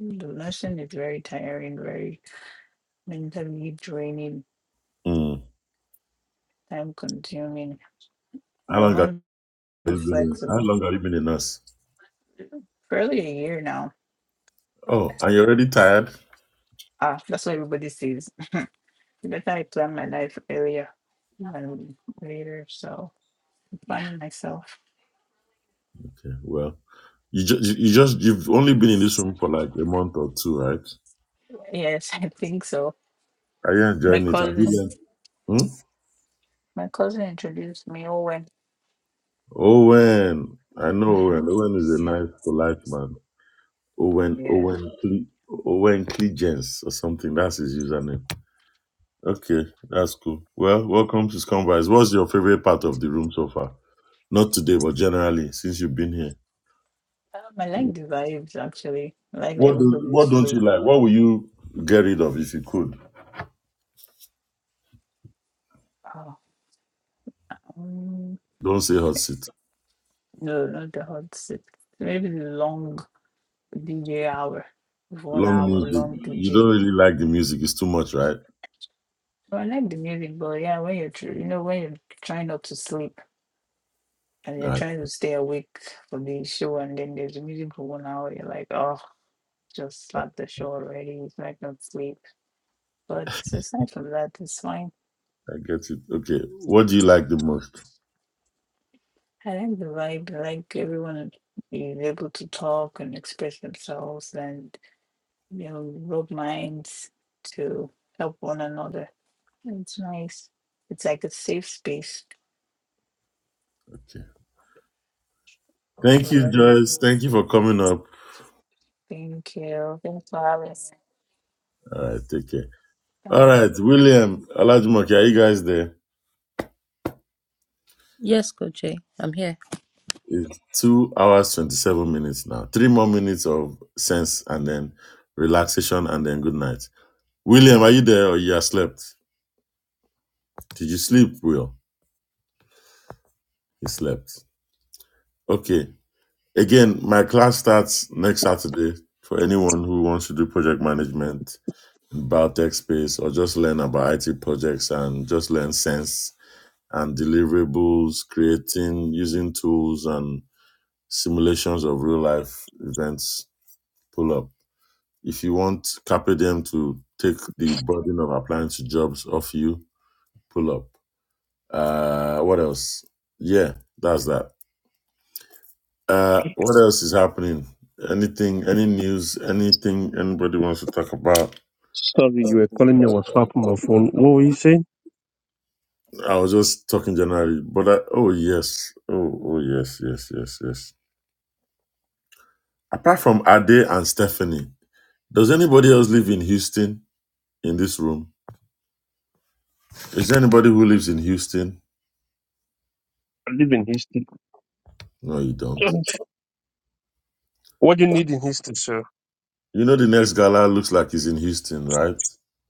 S6: The nursing is very tiring, very mentally draining,
S2: Mm.
S6: time consuming.
S2: How
S6: I
S2: long have
S6: want
S2: you been? A, how
S6: Reflexible.
S2: long have you been a nurse?
S6: fairly a year now.
S2: Oh, are you already tired?
S6: Ah, that's what everybody says. The Better I plan my life earlier and later. So I'm Yeah. planning myself.
S2: Okay, well, you, ju- you you just you've only been in this room for like a month or two, right?
S6: Yes, I think so.
S2: Are you
S6: My
S2: enjoying it? Have you
S6: cousin,
S2: learned? Hmm?
S6: my cousin introduced me. Owen.
S2: Owen, I know
S6: Mhm.
S2: Owen. Owen is a nice, polite man. Owen,
S6: yeah,
S2: Owen, Cle- Owen Clegens or something. That's his username. Okay, that's cool. Well, welcome to Scumbags. What's your favorite part of the room so far? Not today, but generally, since you've been here.
S6: um, I like the vibes actually. I like that
S2: What do,
S6: everybody's
S2: What don't
S6: free.
S2: you like? What will you get rid of if you could?
S6: Oh, um,
S2: Don't say hot seat.
S6: no, not the hot seat. Maybe the long DJ hour, one
S2: Long
S6: hour
S2: music.
S6: long
S2: You
S6: DJ.
S2: don't really like the music. It's too much, right?
S6: So I like the music, but yeah, when you're tr- you know when you're trying not to sleep. and you're
S2: I,
S6: trying to stay awake for the show, and then there's a music for one hour. You're like, oh, just slap the show already. It's like not sleep. But aside from that, it's fine.
S2: I get it. Okay. What do you like the most?
S6: I like the vibe. I like everyone is able to talk and express themselves, and you know, rub minds to help one another. It's nice. It's like a safe space
S2: Okay.
S6: to
S2: Thank you,
S6: learn.
S2: Joyce. Thank you for coming up.
S6: Thank you. Thanks for having me.
S2: All right, take care. All
S6: Bye.
S2: right, William, Olajumoke, are you guys there?
S5: yes, Coach Jay, I'm here.
S2: It's two hours, 27 minutes now. Three more minutes of sense and then relaxation and then good night. William, are you there or you have slept? Did you sleep, Will? He slept. Okay. Again, my class starts next Saturday for anyone who wants to do project management in biotech space or just learn about IT projects and just learn sense and deliverables, creating using tools and simulations of real life events. Pull up. If you want Carpe Diem to take the burden of applying to jobs off you, pull up. Uh, what else? Yeah, that's that. Uh, what else is happening? Anything, any news, anything anybody wants to talk about?
S3: Sorry, you were calling me. I was far from my phone. What were you saying?
S2: I was just talking generally, but I, oh yes, oh oh yes, yes, yes, yes. Apart from Ade and Stephanie, Does anybody else live in Houston in this room? Is there anybody who lives in Houston?
S3: I live in history.
S2: No, you don't.
S3: What do you need in history, sir?
S2: You know the next gala looks like it's in Houston, right?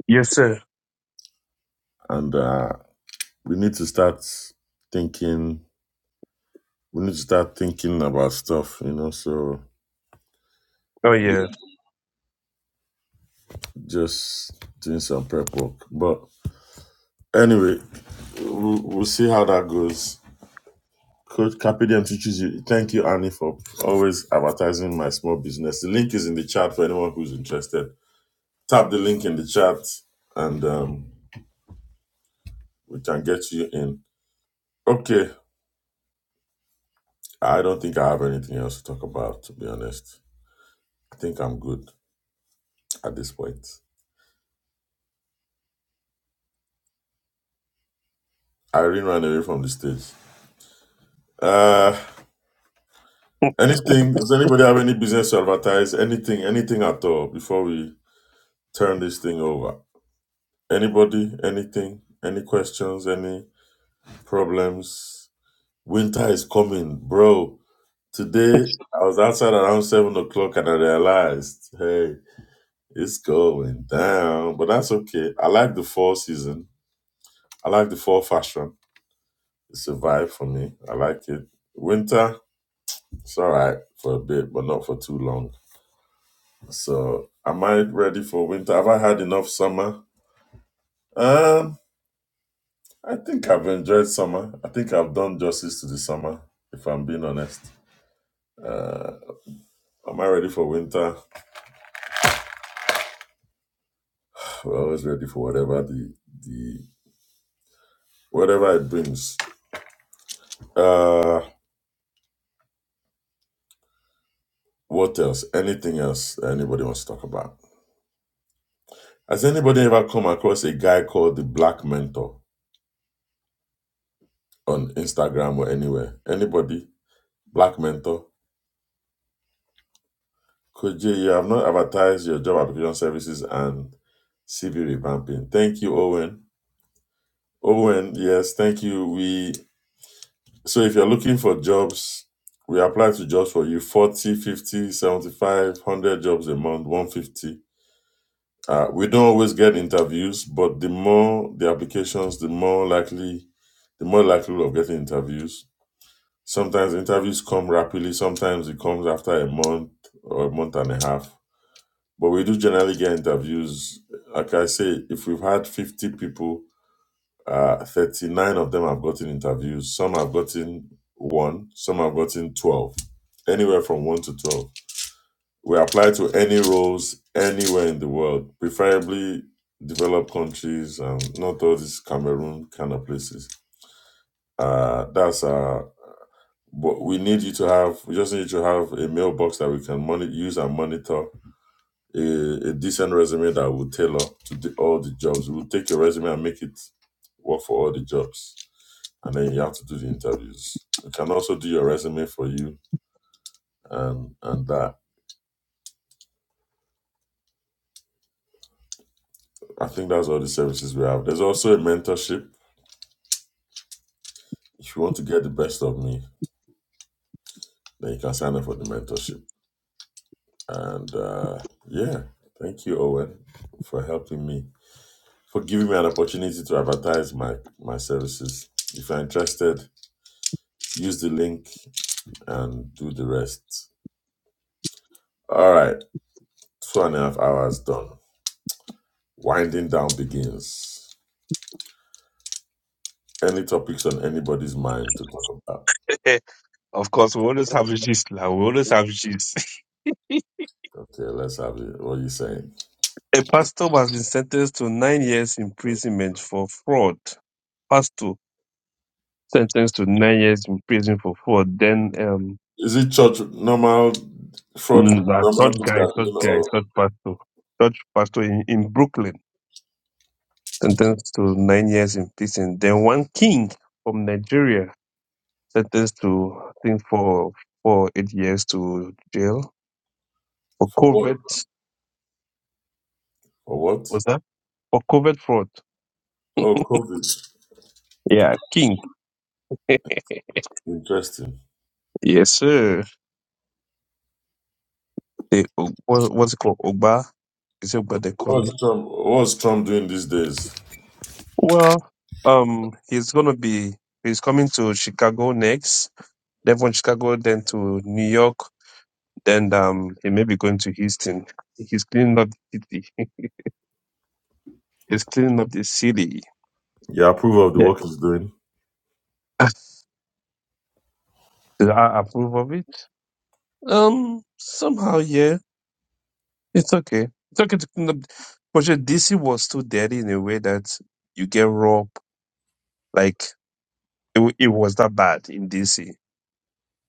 S3: Yes, sir.
S2: And uh, we need to start thinking. We need to start thinking about stuff, you know. So
S3: Oh
S2: you
S3: yeah,
S2: just doing some prep work. But anyway, we'll, we'll see how that goes. Coach Capidem teaches you. Thank you, Annie, for always advertising my small business. The link is in the chat for anyone who's interested. Tap the link in the chat and um, we can get you in. Okay. I don't think I have anything else to talk about, to be honest. I think I'm good at this point. Irene ran away from the stage. Uh, anything? Does anybody have any business to advertise? Anything? Anything at all before we turn this thing over? Anybody? Anything? Any questions? Any problems? Winter is coming, bro. Today I was outside around seven o'clock and I realized, hey. It's going down, but that's okay. I like the fall season. I like the fall fashion. It's a vibe for me. I like it. Winter, it's all right for a bit, but not for too long. So, am I ready for winter? Have I had enough summer? Um, I think I've enjoyed summer. I think I've done justice to the summer, if I'm being honest. Am I ready for winter? We're always ready for whatever the the whatever it brings. Uh, what else? Anything else anybody wants to talk about? Has anybody ever come across a guy called the Black Mentor on Instagram or anywhere? Anybody? Black Mentor? Could you, have not advertised your job application services and CV revamping. Thank you, Owen. Owen, yes, thank you. We So if you're looking for jobs, we apply to jobs for you 40, 100 jobs a month, 150. Uh, we don't always get interviews, but the more the applications, the more likely, the more likelihood of getting interviews Sometimes interviews come rapidly, sometimes it comes after a month or a month and a half. But we do generally get interviews. Like I say, if we've had 50 people, uh, 39 of them have gotten interviews. Some have gotten one, some have gotten 12, anywhere from 1 to 12. We apply to any roles anywhere in the world, preferably developed countries and not all these Cameroon kind of places. Uh, that's our But we need you to have, we just need you to have a mailbox that we can money, use and monitor, a, a decent resume that will tailor to the, all the jobs. We'll take your resume and make it work for all the jobs. And then you have to do the interviews. We can also do your resume for you and, and that. I think that's all the services we have. There's also a mentorship. If you want to get the best of me, then you can sign up for the mentorship. And uh, yeah, thank you, Owen, for helping me for giving me an opportunity to advertise my, my services. If you're interested, use the link and do the rest. All right, two and a half hours done. Winding down begins. Any topics on anybody's mind to talk about?
S3: Eh, of course. We always have issues now. We always have issues.
S2: Okay, let's have it. What are you saying?
S3: A pastor has been sentenced to nine years imprisonment for fraud. Pastor sentenced to nine years in prison for fraud. Then um,
S2: Is it church normal fraud? Is
S3: mm, that
S2: normal
S3: third
S2: thing
S3: guy,
S2: that you
S3: third guy,
S2: know,
S3: third pastor, third pastor in, in Brooklyn sentenced to nine years in prison. Then one king from Nigeria sentenced to I think for for eight years to jail for
S2: or what?
S3: covert.
S2: Or what?
S3: Was that for covert fraud?
S2: Oh, COVID.
S3: Yeah, king.
S2: Interesting.
S3: Yes, sir. The, what, what's it called? Ogba? Is it Ogba they call
S2: What's
S3: him?
S2: Trump? What's Trump doing these days?
S3: Well, um, he's gonna be he's coming to Chicago next. Then from Chicago, then to New York. Then um, he may be going to Houston. He's cleaning up the city. He's cleaning up the city.
S2: You approve of the
S3: Yeah.
S2: work he's doing?
S3: Do I approve of it? Um, somehow, yeah. It's okay. It's okay to clean up. But yeah, DC was too dirty in a way that you get robbed. Like It, wa- it was that bad in DC.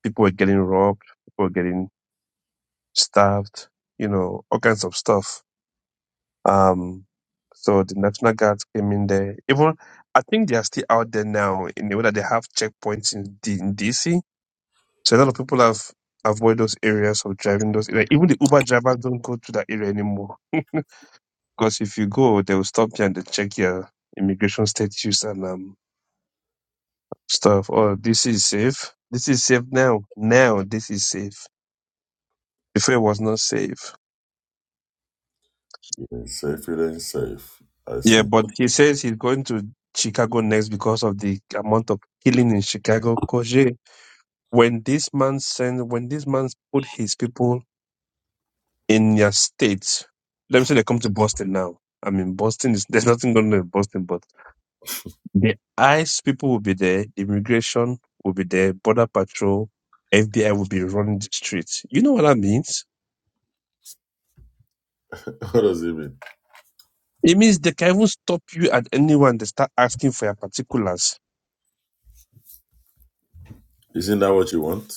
S3: People were getting robbed. People were getting stabbed. You know, all kinds of stuff. Um, so the National Guards came in there. Even I think they are still out there now in the way that they have checkpoints in, D, in DC. So a lot of people have avoid those areas of driving those. Like, even the Uber drivers don't go to that area anymore. Because if you go, they will stop you and they check your immigration status and um, stuff. Oh, this is safe. This is safe now. Now this is safe. before it was not safe.
S2: It ain't safe. It ain't safe. I
S3: Yeah,
S2: see.
S3: but he says he's going to Chicago next because of the amount of killing in Chicago. Koje, when this man sent, when this man put his people in their states, let me say they come to Boston now. I mean, Boston is there's nothing going on in Boston, but the ICE people will be there, immigration will be there, border patrol, FBI will be running the streets. You know what that means?
S2: What does it mean?
S3: It means they can even stop you at anyone. They start asking for your particulars
S2: Isn't that what you want?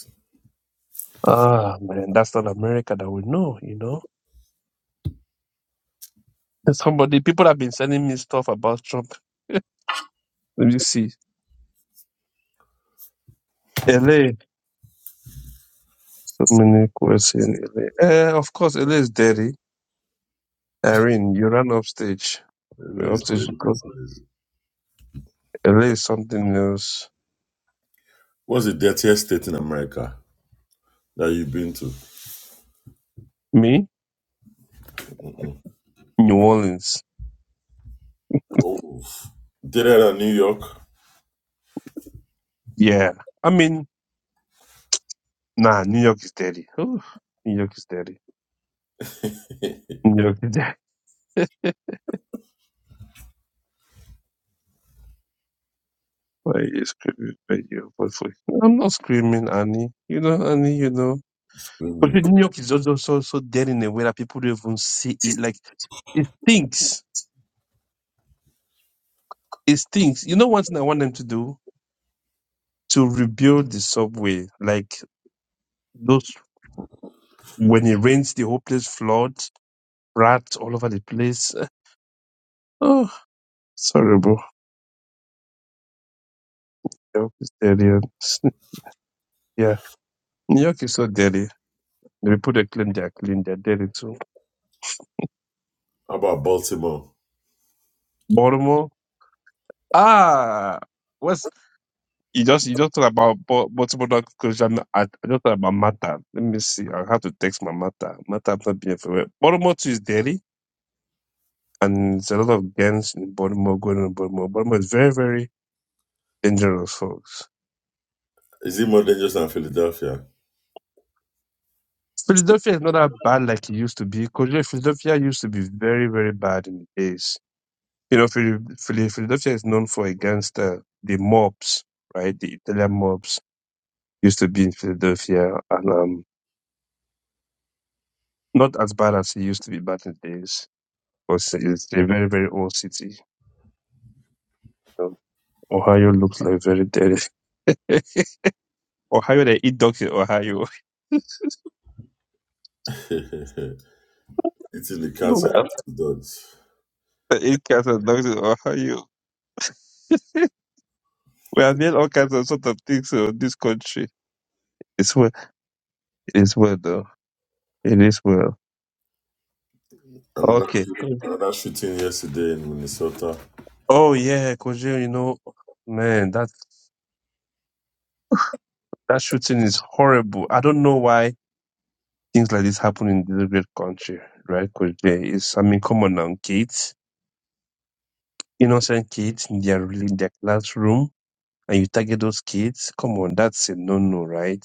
S3: Ah, man, that's not America that we know, you know? Somebody, people have been sending me stuff about Trump. Let me see. LA. So many questions in LA. Eh, of course, LA is dirty. Irene, you ran upstage.
S2: Maybe
S3: You're
S2: it's
S3: upstage
S2: very
S3: because
S2: precise.
S3: LA is something else.
S2: What's the dirtiest state in America that you've been to?
S3: Me? New Orleans.
S2: Oh, dirtier than New York.
S3: Yeah. I mean, nah, New York is dirty. Oof, New York is dirty. New York is dirty. Why are you screaming? Why are you- But for- I'm not screaming, Annie. You know, Annie, you know. But
S2: Mm.
S3: with New York is also so so dead in a way that people don't even see it. Like it stinks. It stinks. You know one thing I want them to do? To rebuild the subway. Like those when it rains the whole place floods, rats all over the place. Oh it's horrible. New York is dirty. and- yeah. New York is so dirty. The people that claim they are clean, they're dirty too.
S2: How about Baltimore?
S3: Baltimore. Ah what's You just you just talk about bu- multiple dog culture. and I, I just thought about Mata. Let me see. I have to text my Mata. Mata have not been everywhere. Baltimore too is Delhi, and there's a lot of gangs in Baltimore going on. in Baltimore, Baltimore is very very dangerous, folks.
S2: Is it more dangerous than Philadelphia?
S3: Philadelphia is not that bad like it used to be. Because Philadelphia used to be very very bad in the days. You know, Phil- Phil- Philadelphia is known for a gangster, the mobs, right? The Italian mobs used to be in Philadelphia, and um, not as bad as it used to be back in the days because it's a very very old city. Um, Ohio looks like very dirty. Ohio, they eat dogs in Ohio.
S2: Eating the cats and
S3: Well,
S2: the dogs.
S3: they eat cats and dogs in Ohio. we have made all kinds of sort of things in this country. It's well, it's well though. It is well.
S2: Another,
S3: Okay. Good.
S2: another shooting yesterday in Minnesota.
S3: Oh yeah, Koje, you know, man, that that shooting is horrible. I don't know why things like this happen in this great country, right? Koje, it's I mean, come on now, kids, innocent kids in their in their classroom and you target those kids, come on, that's a no-no, right?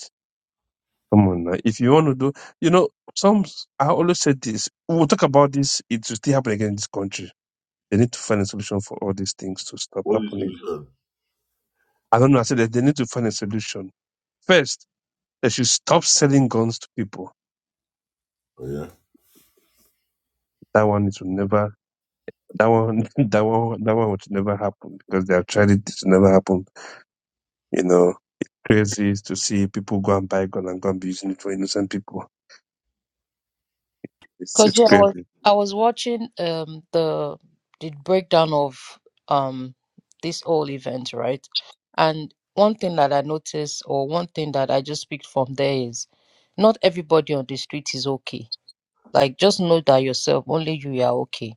S3: Come on now. If you want to do, you know, some, I always said this, we'll talk about this, it will still happen again in this country. They need to find a solution for all these things to stop
S2: What is the
S3: happening.
S2: solution?
S3: I don't know, I said that they need to find a solution. First, they should stop selling guns to people.
S2: Oh, yeah.
S3: That one, it will never, that one, that one, that one would never happen because they have tried it, it will never happen. You know, crazy is to see people go and buy gun and go and be using it for innocent people. It's,
S5: Because
S3: it's
S5: yeah, I was
S3: crazy
S5: I was watching um the the breakdown of um this whole event, right? And one thing that I noticed, or one thing that I just picked from there is, not everybody on the street is okay. Like just know that yourself, only you are okay.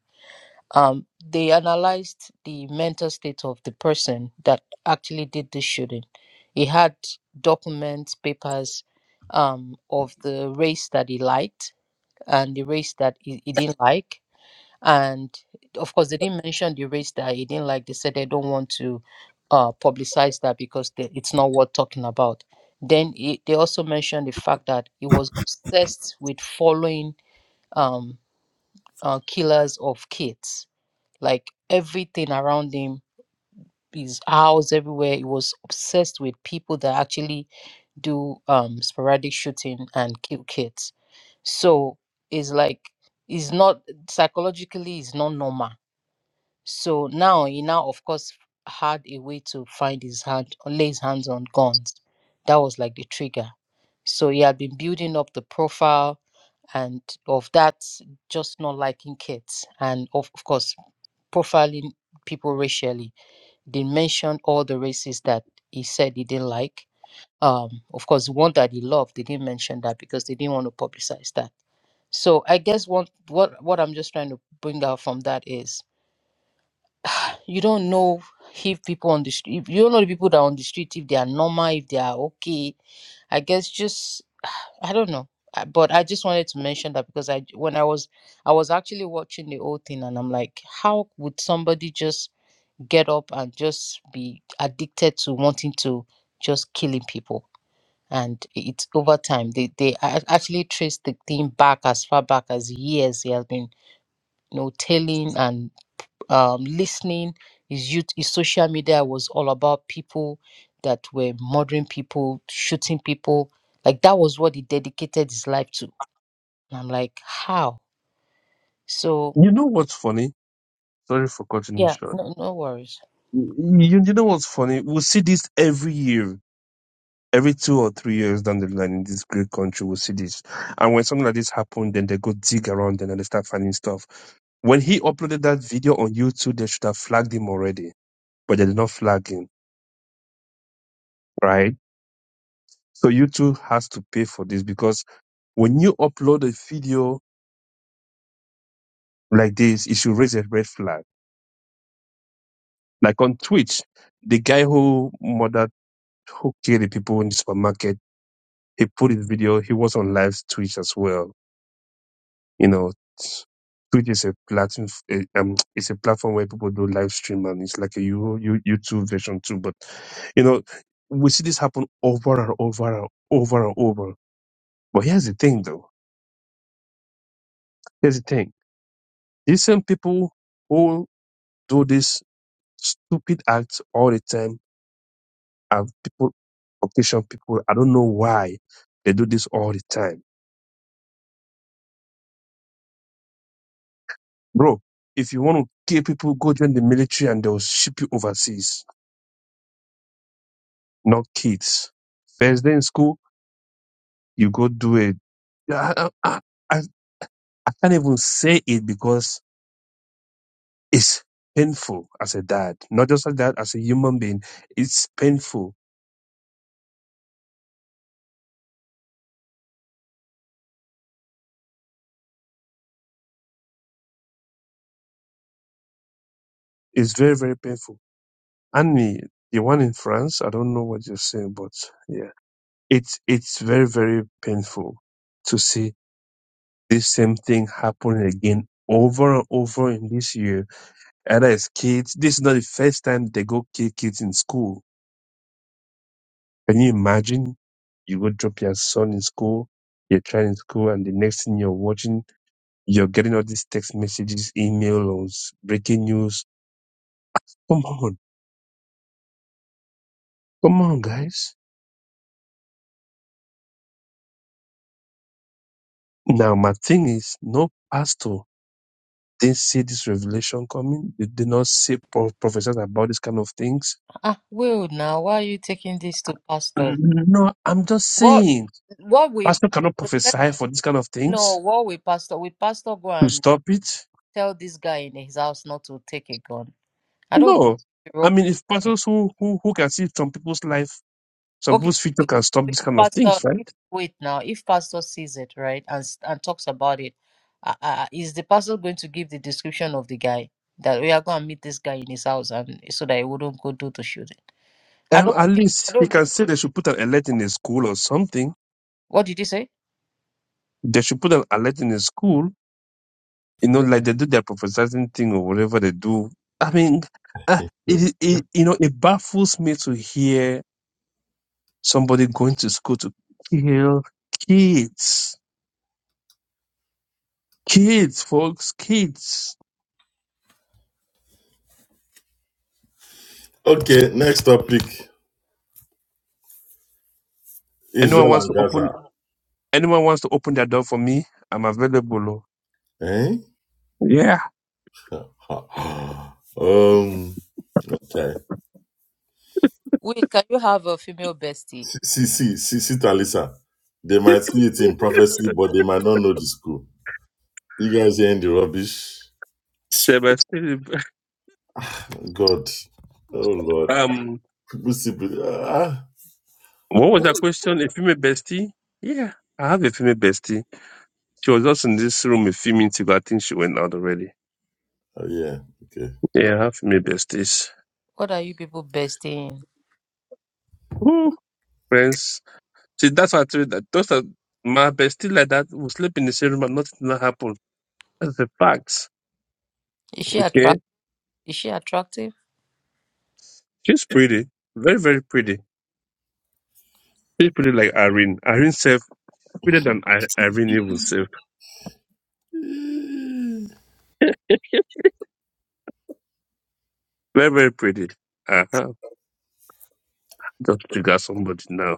S5: Um, they analyzed the mental state of the person that actually did the shooting. He had documents, papers um, of the race that he liked and the race that he, he didn't like. And of course, they didn't mention the race that he didn't like. They said they don't want to uh, publicize that because they, it's not worth talking about. Then he, they also mentioned the fact that he was obsessed with following um, uh, killers of kids like everything around him his house everywhere he was obsessed with people that actually do um sporadic shooting and kill kids so it's like it's not psychologically it's not normal so now he now of course had a way to find his hand lay his hands on guns that was like the trigger so he had been building up the profile and of that just not liking kids and of, of course profiling people racially they mentioned all the races that he said he didn't like. Um, of course, the one that he loved, they didn't mention that because they didn't want to publicize that. So I guess what what what I'm just trying to bring out from that is you don't know if people on the street, you don't know the people that are on the street if they are normal, if they are okay. I guess just I don't know, Uh, but I just wanted to mention that because I when I was I was actually watching the whole thing and I'm like, how would somebody just get up and just be addicted to wanting to just killing people and it's over time they they a- actually trace the thing back as far back as years he has been you know telling and um, listening his youth his social media was all about people that were murdering people shooting people like that was what he dedicated his life to and i'm like how so
S3: You know what's funny? Sorry for cutting you
S5: yeah
S3: short.
S5: no, no worries
S3: You, you know what's funny? we see this every year, every two or three years down the line in this great country. we see this. And when something like this happened, then they go dig around and then they start finding stuff. When he uploaded that video on YouTube, they should have flagged him already, but they did not flag him, right? So YouTube has to pay for this because when you upload a video like this, it should raise a red flag. Like on Twitch, the guy who murdered, who killed the people in the supermarket he put his video. He was on live Twitch as well. You know, Twitch is a platform. eh, Um, it's a platform where people do live stream, and it's like a you you YouTube version too. But you know, we see this happen over and over and over and over. But here's the thing, though. Here's the thing. These same people who do this stupid acts all the time are people, occasion people. I don't know why they do this all the time, bro. If you want to kill people, go join the military and they'll ship you overseas not kids. First day in school, you go do it. I, I, I, I can't even say it because it's painful as a dad. Not just as a dad, as a human being. It's painful. It's very, very painful. And me, the one in France, I don't know what you're saying, but yeah, it's, it's very, very painful to see this same thing happening again over and over in this year. And as kids, this is not the first time they go kill kids in school Can you imagine? You go drop your son in school, your child in school, and the next thing you're watching, you're getting all these text messages, emails, breaking news. Come on, come on, guys. Now, my thing is, no pastor didn't see this revelation coming. They did not see pro- prophesied about this kind of things.
S5: ah will now why are you taking this to pastors
S3: No, I'm just
S5: What
S3: saying,
S5: what we,
S3: pastor cannot
S5: we let
S3: prophesy for these kind of
S5: no
S3: things
S5: what we pastor we pastor go
S3: to
S5: and
S3: stop it.
S5: tell this guy in his house not to take a gun. I don't
S3: No,
S5: think the
S3: I
S5: real
S3: mean, if
S5: pastor.
S3: pastors who who, who can see some people's life Some
S5: Okay,
S3: boost feature
S5: so
S3: can
S5: so
S3: stop
S5: if
S3: this kind of
S5: pastor
S3: things,
S5: if,
S3: right?
S5: wait now if pastor sees it right and s- and talks about it, uh, uh, uh, is the pastor going to give the description of the guy that we are going to meet this guy in his house and so that he wouldn't go do the shooting? I
S3: Um,
S5: don't
S3: at
S5: think I
S3: least he
S5: don't think.
S3: can say they should put an alert in his school or something.
S5: What did you say?
S3: They should put an alert in his school, you know, like they do their prophesizing thing or whatever they do. I mean, uh,
S2: Hmm.
S3: it, it you know it baffles me to hear somebody going to school to kill kids, kids, folks, kids.
S2: Okay, next topic:
S3: Anyone
S2: Israel
S3: wants
S2: and
S3: to
S2: Gaza.
S3: open? Anyone wants to open their door for me? I'm available.
S2: Eh?
S3: oh. Yeah,
S2: um, okay.
S5: Will, can you have a female bestie?
S2: See, see, see, see, Talisa. They might see it in prophecy, but they might not know the school. You guys hearing the rubbish?
S3: they were still
S2: God. Oh, Lord.
S3: um
S2: People see. Ah.
S3: What was that question? A female bestie? Yeah, I have a female bestie. She was just in this room a few minutes ago. I think she went out already.
S2: Oh, yeah. Okay.
S3: Yeah, I have female besties.
S5: What are you people bestie? in?
S3: Ooh, friends. See, that's why I told you that those are my bestie like that will sleep in the same room and nothing will happen. That's the facts.
S5: Is she attractive?
S3: Okay.
S5: Is she attractive?
S3: She's pretty. Very, very pretty. She's pretty like Irene. Irene safe. Prettier than I- Irene even safe. Very, very pretty. Uh-huh. Just trigger somebody now.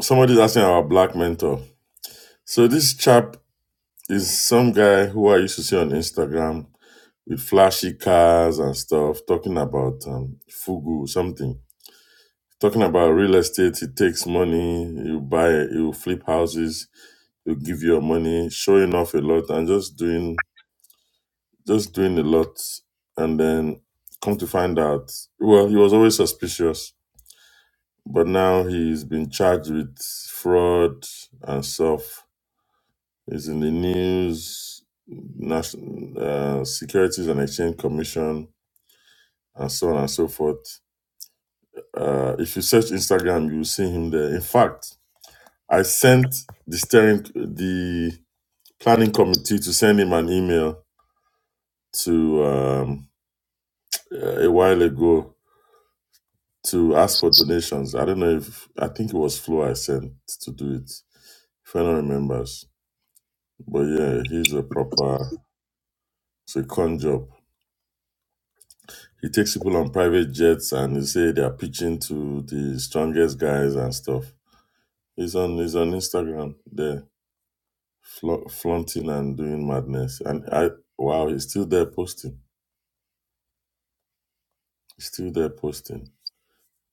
S2: Somebody's asking our black mentor. So this chap is some guy who I used to see on Instagram with flashy cars and stuff, talking about um, fugu, something. Talking about real estate, it takes money. You buy, you flip houses, you give your money, showing off a lot, and just doing, just doing a lot, and then come to find out, well, he was always suspicious, but now he's been charged with fraud and stuff. He's in the news, national uh, Securities and Exchange Commission, and so on and so forth. Uh, if you search Instagram, you will see him there. In fact, I sent the steering the planning committee to send him an email to um, uh, a while ago to ask for donations. I don't know if I think it was Flo I sent to do it. If anyone remembers, but yeah, he's a proper it's a con job. He takes people on private jets and he say they are pitching to the strongest guys and stuff. He's on he's on Instagram there, fla- flaunting and doing madness. And I wow, he's still there posting. He's still there posting.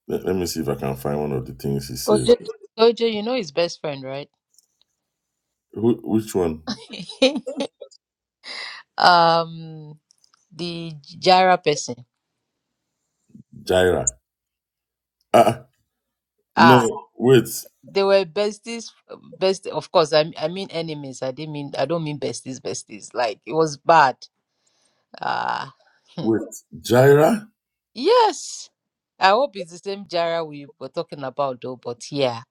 S2: Let, let me see if I can find one of the things he says.
S5: Ojo, Ojo, you know his best friend, right?
S2: Who, which one?
S5: um, the Jara person.
S2: Jaira. Ah,
S5: Ah,
S2: no, wait,
S5: they were besties. Best, of course. I I mean enemies. I didn't mean. I don't mean besties. Besties. Like it was bad. Ah, hmm.
S2: wait. Jaira,
S5: yes. I hope it's the same Jara we were talking about though. But yeah,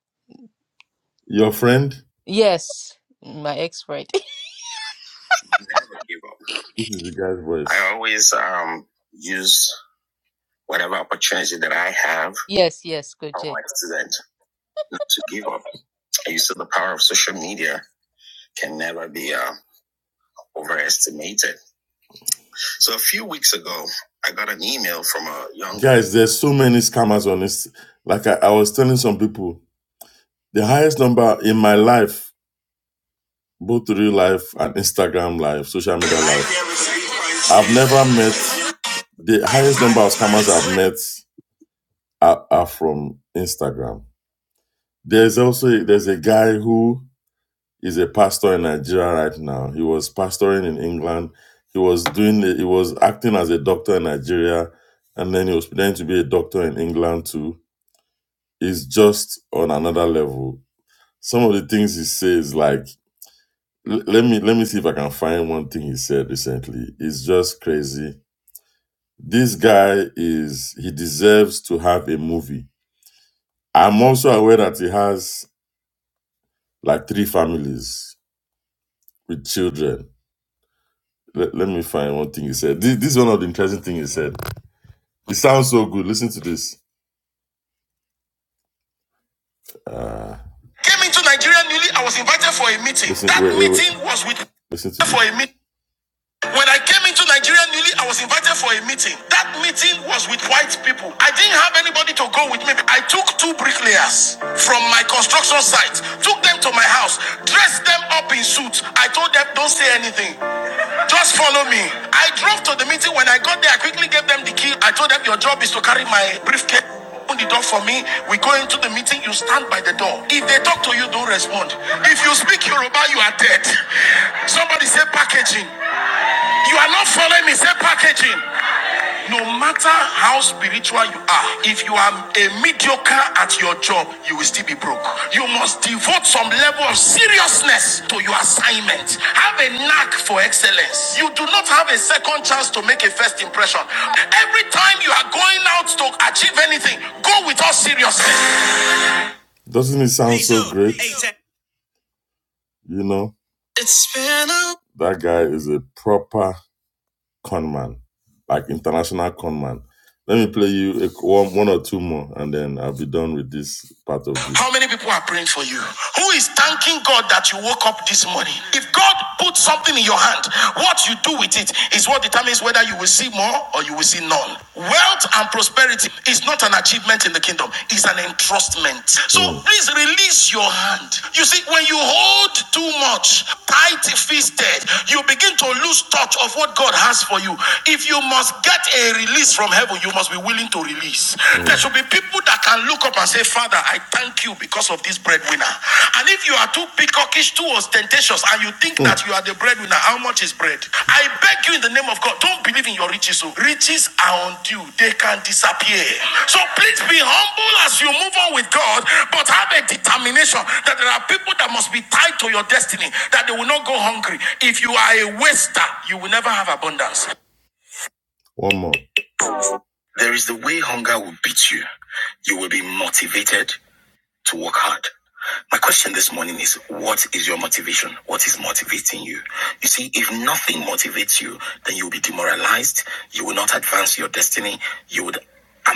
S2: your friend?
S5: yes, my ex friend.
S2: Never give up. This is the guy's voice. I always um use whatever opportunity that I have
S5: yes, yes,
S2: for
S5: Koje.
S2: my student not to give up. I used to the power of social media can never be uh, overestimated. So a few weeks ago, I got an email from a young guys. There's so many scammers on this. Like I, I was telling some people, the highest number in my life, both real life and Instagram live, social media live. I've never met the highest number of scammers I've met are, are from Instagram. There's also there's a guy who He's a pastor in Nigeria right now. He was pastoring in England. He was doing the, he was acting as a doctor in Nigeria, and then he was pretending to be a doctor in England too. He's just on another level. Some of the things he says, like l- let me let me see if I can find one thing he said recently. It's just crazy. This guy is he deserves to have a movie. I'm also aware that he has like three families with children let, let me find one thing he said. This, this is one of the interesting things he said. It sounds so good. Listen to this. Came into Nigeria newly. I was invited for a meeting. Listen, that wait, meeting wait, wait. meeting was with. Listen to for this. a meeting. When I came into Nigeria newly, I was invited for a meeting. That meeting was with white people. I didn't have anybody to go with me. I took two bricklayers from my construction site, took them to my house, dressed them up in suits. I told them, don't say anything. Just follow me. I drove to the meeting. When I got there, I quickly gave them the key. I told them, your job is to carry my briefcase. Open the door for me. We go into the meeting. You stand by the door. If they talk to you, don't respond. If you speak Yoruba, you are dead. Somebody say packaging. You are not following me. Say packaging. No matter how spiritual you are, if you are a midwife joker at your job, you will still be broke. You must devote some level of seriousness to your assignment. Have a knack for excellence. You do not have a second chance to make a first impression. Every time you are going out to achieve anything, go with all seriousness. Doesn't it sound so great? You know, that guy is a proper con man. like international conman. Let me play you a, one, one or two more, and then I'll be done with this part of this. How many people are praying for you? Who is thanking God that you woke up this morning? If God puts something in your hand, what you do with it is what determines whether you will see more or you will see none. Wealth and prosperity is not an achievement in the kingdom; it's an entrustment. So Mm. please release your hand. You see, when you hold too much, tight fisted, you begin to lose touch of what God has for you. It if you must get a release from heaven, you must be willing to release. Mm. There should be people that can look up and say, Father, I thank you because of this breadwinner. And if you are too peacockish, too ostentatious, and you think Mm. that you are the breadwinner, how much is bread? I beg you in the name of God, don't believe in your riches. So riches are undue, they can disappear. So please be humble as you move on with God, but have a determination that there are people that must be tied to your destiny, that they will not go hungry. If you are a waster, you will never have abundance. One more. There is the way hunger will beat you. You will be motivated to work hard. My question this morning is what is your motivation? What is motivating you? You see, if nothing motivates you, then you'll be demoralized. You will not advance your destiny. You would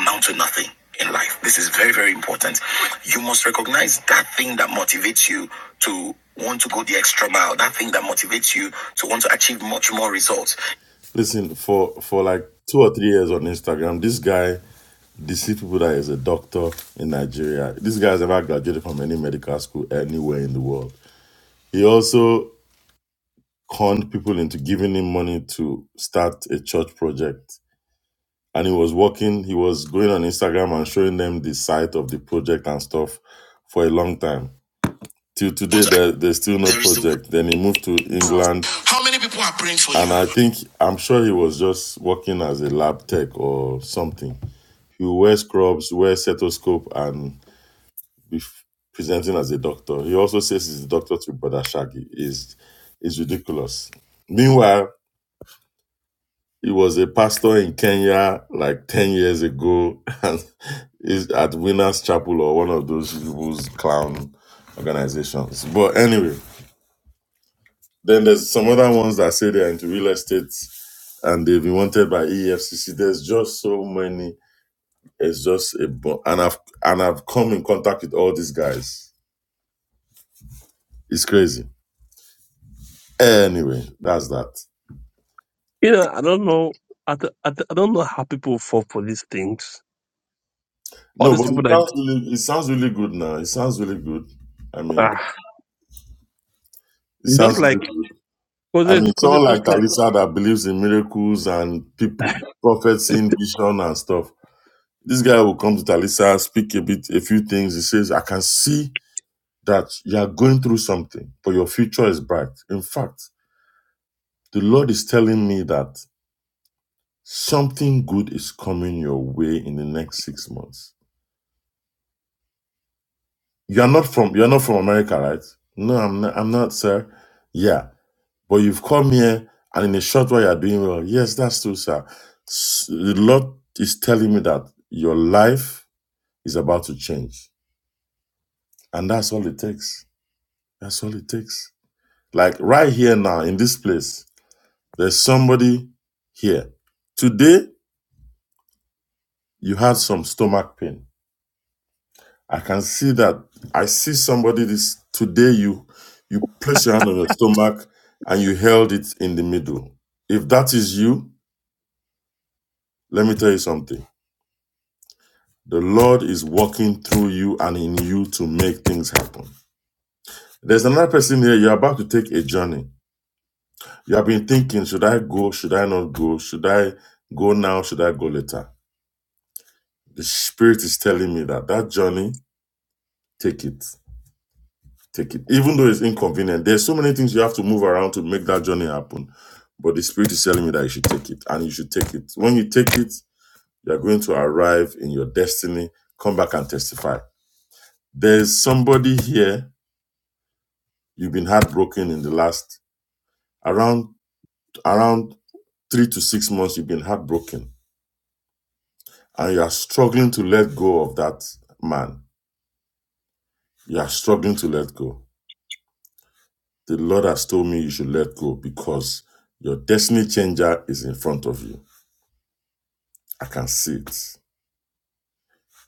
S2: amount to nothing in life. This is very, very important. You must recognize that thing that motivates you to want to go the extra mile, that thing that motivates you to want to achieve much more results. Listen, for for like two or three years on Instagram, this guy deceived people that he's a doctor in Nigeria. This guy has never graduated from any medical school anywhere in the world. He also conned people into giving him money to start a church project. And he was working, he was going on Instagram and showing them the site of the project and stuff for a long time. till today there, there's still no project then he moved to england How many people are praying for you? and i think i'm sure he was just working as a lab tech or something he wears scrubs wears stethoscope and be presenting as a doctor he also says he's a doctor to brother shaggy is is ridiculous meanwhile he was a pastor in kenya like 10 years ago and is at winners chapel or one of those people's clown organizations but anyway Then there's some other ones that say they're into real estate and they've been wanted by EFCC. There's just so many. It's just a bu- and I've and I've come in contact with all these guys. It's crazy. Anyway, that's that.
S3: You know, I don't know. I, d- I, d- I don't know how people fall for these things All
S2: No,
S3: these
S2: but it
S3: people that
S2: sounds really, it sounds really good now. It sounds really good. I mean,
S3: ah,
S2: it
S3: just
S2: sounds really
S3: like
S2: good.
S3: cause
S2: I mean,
S3: it cause it
S2: someone
S3: just
S2: like
S3: like
S2: Talisa that believes in miracles and people prophets in vision and stuff. This guy will come to Talisa, speak a bit, a few things. He says, "I can see." that you are going through something, but your future is bright. In fact, the Lord is telling me that something good is coming your way in the next six months. You are not from you are not from America, right? No, I'm not, I'm not, sir. Yeah, but you've come here, and in a short while you are doing well. Yes, that's true, sir. S- The Lord is telling me that your life is about to change, and that's all it takes. That's all it takes. Like right here now in this place, There's somebody here. Today, you had some stomach pain. I can see that. I see somebody this today. You you place your hand on your stomach and you held it in the middle. If that is you, let me tell you something. The Lord is working through you and in you to make things happen. There's another person here. You're about to take a journey. You have been thinking, should I go? Should I not go? Should I go now? Should I go later? The Spirit is telling me that that journey, take it Take it. Even though it's inconvenient, there's so many things you have to move around to make that journey happen. But the spirit is telling me that you should take it. And you should take it. When you take it, you're going to arrive in your destiny, come back and testify. There's somebody here, you've been heartbroken in the last around around three to six months, you've been heartbroken. And you are struggling to let go of that man. You are struggling to let go. The Lord has told me you should let go because your destiny changer is in front of you I can see it.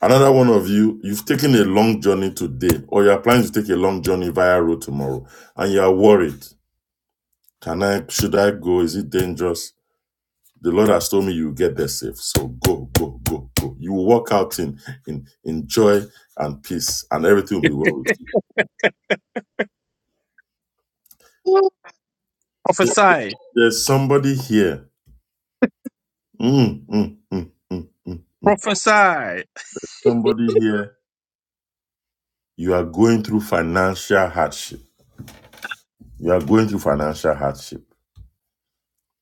S2: Another one of you, you've taken a long journey today, or you're planning to take a long journey via road tomorrow, and you are worried. Can I, should I go? Is it dangerous? The Lord has told me you will get there safe. So go, go, go, go. You will walk out in, in, in joy and peace, and everything will be well with you.
S3: prophesy,
S2: There's somebody here. Mm, mm, mm, mm, mm, mm.
S3: prophesy,
S2: Somebody here. You are going through financial hardship. You are going through financial hardship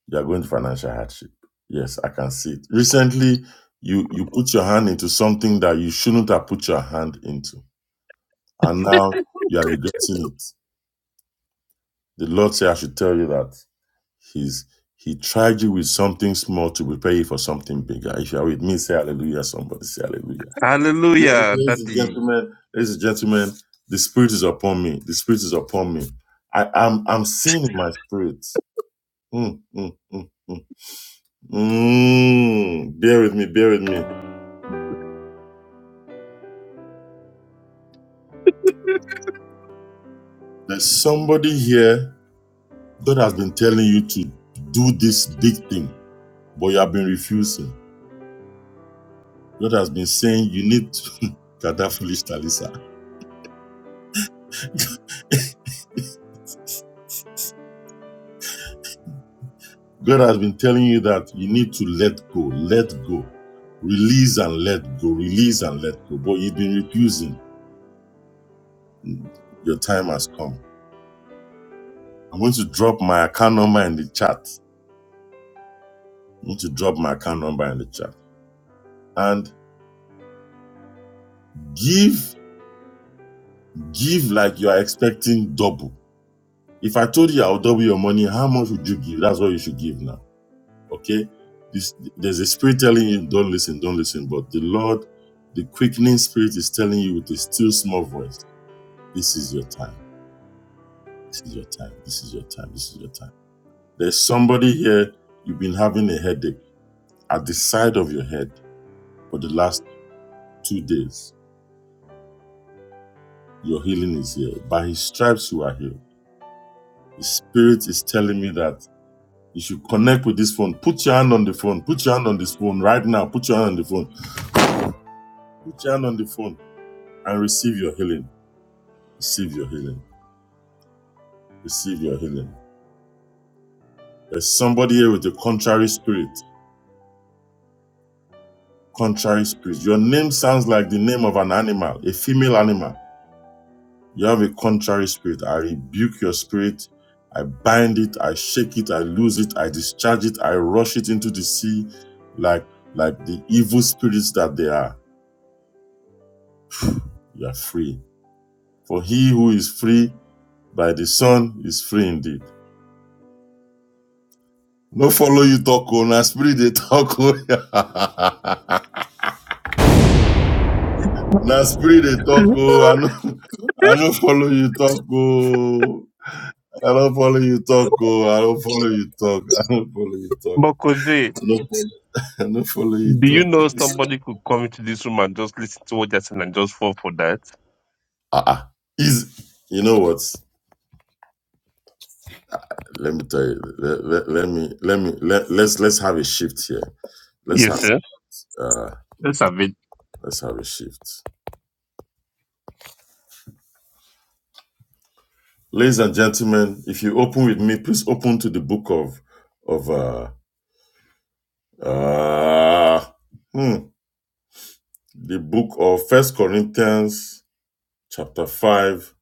S2: You are going to financial hardship. Yes, I can see it. Recently, you you put your hand into something that you shouldn't have put your hand into, and now you are regretting it. The Lord said, "I should tell you that He's He tried you with something small to prepare you for something bigger." If you are with me, say Hallelujah. Somebody say Hallelujah. La-
S3: hallelujah,
S2: Ladies and
S3: daddy.
S2: gentlemen, ladies and gentlemen, the Spirit is upon me. The Spirit is upon me. I, I'm I'm seeing in my spirit. Mm, mm, mm, mm. Mm, bear with me, bear with me. There's somebody here God has been telling you to do this big thing, but you have been refusing. God has been saying you need to God, that foolish Talisa. God has been telling you that you need to let go, let go, release and let go, release and let go. But you've been refusing. Your time has come. I'm going to drop my account number in the chat. I'm going to drop my account number in the chat. And give Give like you are expecting double. If I told you I'll double your money, how much would you give? That's what you should give now. Okay? This, there's a spirit telling you, don't listen, don't listen. But the Lord, the quickening spirit is telling you with a still small voice, this is your time. This is your time. This is your time. This is your time. There's somebody here, you've been having a headache at the side of your head for the last two days. Your healing is here. By his stripes, you are healed. The spirit is telling me that You should connect with this phone. Put your hand on the phone. Put your hand on this phone right now. Put your hand on the phone. Put your hand on the phone and receive your healing. Receive your healing. Receive your healing. There's somebody here with a contrary spirit. Contrary spirit. Your name sounds like the name of an animal, a female animal. You have a contrary spirit. I rebuke your spirit. I bind it. I shake it. I lose it. I discharge it. I rush it into the sea like, like the evil spirits that they are. You are free. For he who is free By the Son is free indeed. No follow you talk oh, na spirit they talk oh. na spirit they talk oh. I no, I no follow you talk oh. I don't follow you talk oh. I don't follow you talk. I don't follow you talk.
S3: But Koje,
S2: I no follow, I no follow you
S3: do you
S2: talk.
S3: know somebody could come into this room and just listen to what they're saying and just fall for that?
S2: Ah. ah. is you know what let me tell you let, let, let me let me let, let's let's have a shift here let's have
S3: Yes, sir.
S2: uh
S3: Let's have it.
S2: let's have a shift Ladies and gentlemen, if you open with me, please open to the book of of uh, uh hmm, the book of First Corinthians chapter five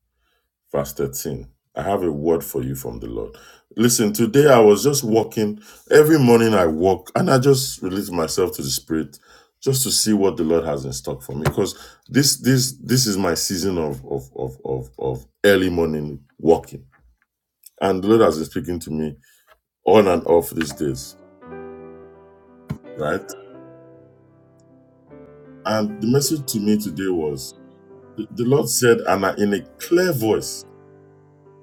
S2: verse thirteen. I have a word for you from the Lord. Listen, today I was just walking. Every morning I walk and I just release myself to the Spirit just to see what the Lord has in stock for me. Because this this this is my season of of of of, of early morning walking. And the Lord has been speaking to me on and off these days, right? And the message to me today was the, the Lord said, and I- in a clear voice,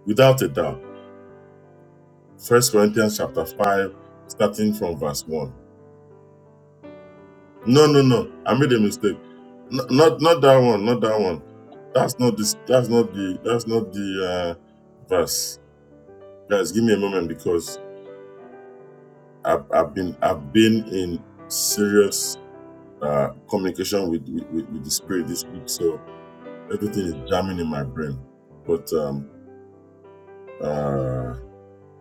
S2: without a doubt, First Corinthians chapter 5, starting from verse 1. No, no, no, I made a mistake. N- not not that one, not that one. That's not this that's not the that's not the uh verse. Guys, give me a moment because I've, I've been I've been in serious uh communication with, with, with the spirit this week. So Everything is jamming in my brain. But um, uh,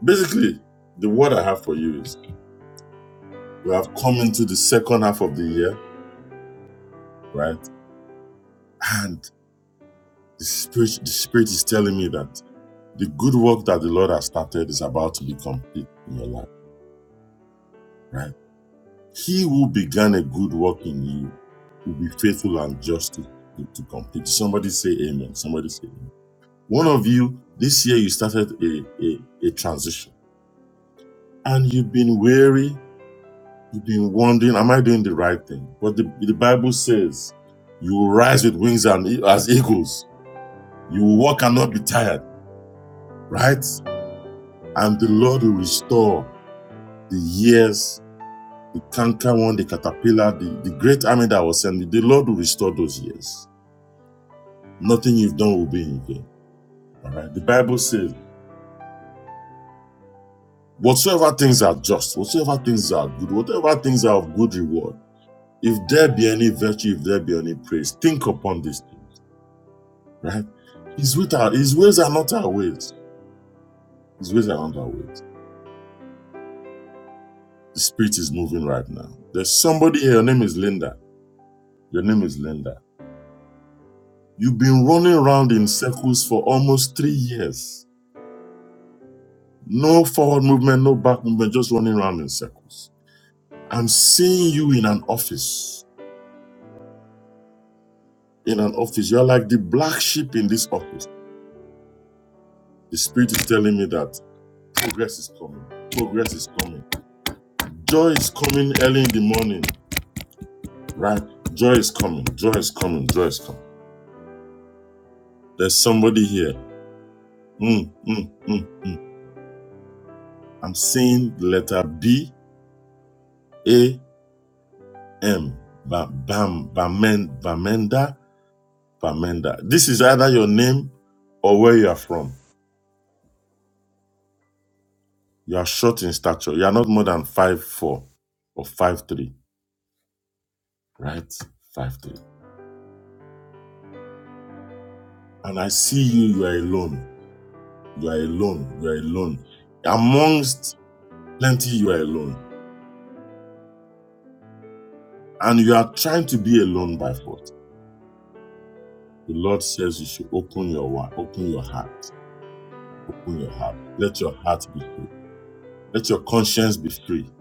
S2: basically, the word I have for you is we have come into the second half of the year, right? And the spirit, the spirit is telling me that the good work that the Lord has started is about to be complete in your life, right? He who began a good work in you will be faithful and just to, to, complete. Somebody say amen. Somebody say amen. One of you, this year you started a, a, a transition and you've been weary You've been wondering, am I doing the right thing? But the, the Bible says, you will rise with wings and e- as eagles. You will walk and not be tired, right? And the Lord will restore the years, the canker one, the caterpillar, the, the great army that was sent. The Lord will restore those years. Nothing you've done will be in vain. All right. The Bible says, whatsoever things are just, whatsoever things are good, whatever things are of good reward, if there be any virtue, if there be any praise, think upon this. thing." right? His, with our, his ways are not our ways. His ways are not our ways. The spirit is moving right now. There's somebody here. Your name is Linda. Your name is Linda. You've been running around in circles for almost three years. No forward movement, no back movement, just running around in circles. I'm seeing you in an office. In an office. You're like the black sheep in this office. The spirit is telling me that progress is coming. Progress is coming. Joy is coming early in the morning. right? Joy is coming. Joy is coming. Joy is coming. There's somebody here. Mm, mm, mm. I'm seeing the letter B A M. Ba- Bam Bamen Bamenda Bamenda. This is either your name or where you are from. You are short in stature. You are not more than five four or five three, right? Five three. And I see you. You are alone. You are alone. You are alone. Amongst plenty, you are alone, and you are trying to be alone by force The Lord says you should open your wa- open your heart, open your heart. Let your heart be free. Let your conscience be free.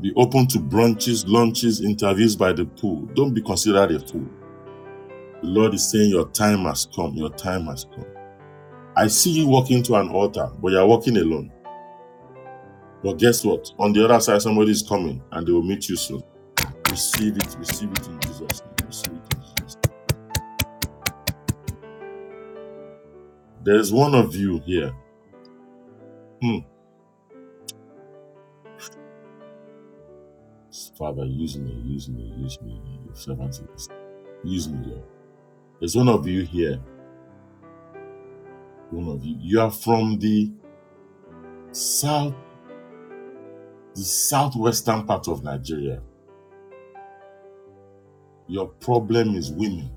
S2: Be open to brunches, lunches, interviews by the pool. Don't be considered a fool. The Lord is saying your time has come. Your time has come. I see you walking to an altar, but you're walking alone. But guess what? On the other side, somebody is coming and they will meet you soon. Receive it, receive it in Jesus' name. Receive it in Jesus' name. There is one of you here. Hmm. Father, use me, use me, use me. Your Servant is Use me, Lord. There's one of you here. One of you. You are from the south, the southwestern part of Nigeria. Your problem is women.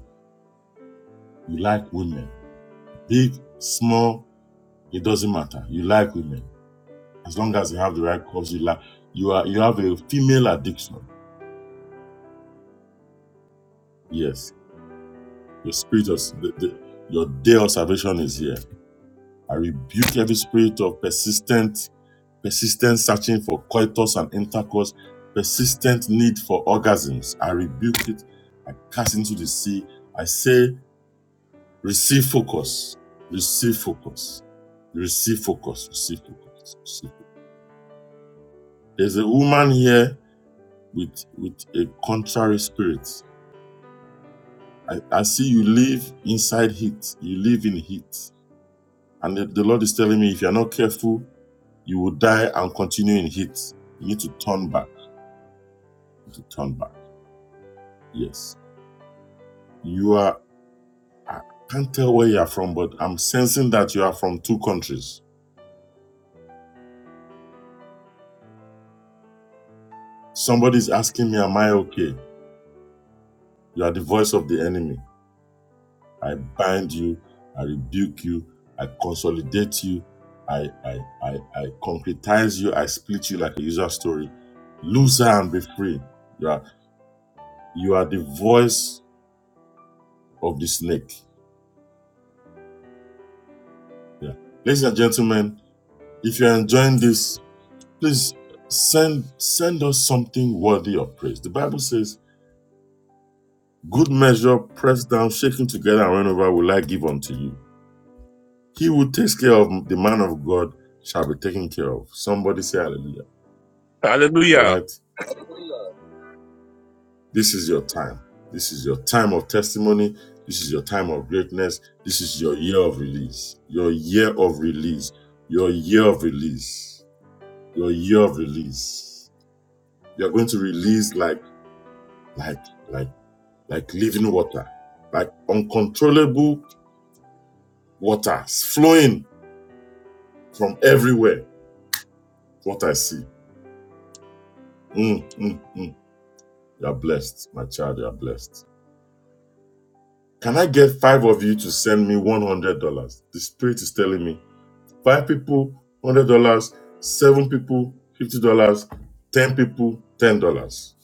S2: You like women. Big, small, it doesn't matter. You like women. As long as you have the right cause, you like you are you have a female addiction. Yes. Your spirit of the, the, your day of salvation is here. I rebuke every spirit of persistent persistent searching for coitus and intercourse, persistent need for orgasms. I rebuke it. I cast into the sea. I say, receive focus, receive focus, receive focus, receive focus, receive focus. There's a woman here with with a contrary spirit. I, I see you live inside heat. You live in heat. And the, the Lord is telling me if you're not careful, you will die and continue in heat. You need to turn back. You need to turn back. Yes you are. I can't tell where you are from, but I'm sensing that you are from two countries. Somebody's asking me, Am I okay? You are the voice of the enemy. I bind you, I rebuke you, I consolidate you, I I I, I concretize you, I split you like a user story. Lose her and be free. You are you are the voice of the snake. Yeah. Ladies and gentlemen, if you're enjoying this, please send send us something worthy of praise. The Bible says Good measure, pressed down, shaken together, and run over, will I give unto you. He who takes care of the man of God shall be taken care of. Somebody say hallelujah. All
S3: Hallelujah.
S2: right? This is your time. This is your time of testimony. This is your time of greatness. This is your year of release. Your year of release. Your year of release. Your year of release. You're going to release like, like, like, like living water, like uncontrollable waters flowing from everywhere What I see. Mm, mm, mm. You are blessed, my child. You are blessed. Can I get five of you to send me one hundred dollars? The spirit is telling me five people, hundred dollars. Seven people, fifty dollars. Ten people, ten dollars.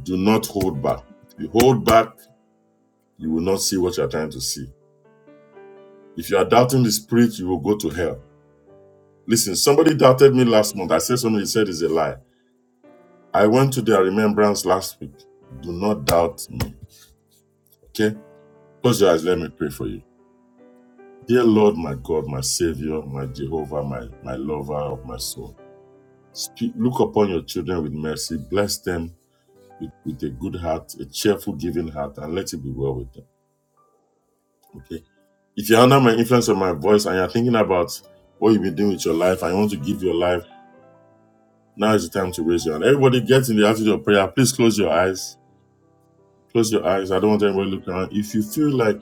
S2: Do not hold back. If You hold back, you will not see what you are trying to see. If you are doubting the spirit, you will go to hell. Listen, somebody doubted me last month. I said something he said is a lie. I went to their remembrance last week. Do not doubt me. Okay? Close your eyes. Let me pray for you. Dear Lord, my God, my Savior, my Jehovah, my, my lover of my soul, speak, look upon your children with mercy. Bless them with, with a good heart, a cheerful, giving heart, and let it be well with them. Okay? If you're under my influence of my voice and you're thinking about what you've been doing with your life and you want to give your life, now is the time to raise your hand. Everybody get in the attitude of prayer. Please close your eyes. Close your eyes. I don't want anybody looking around. If you feel like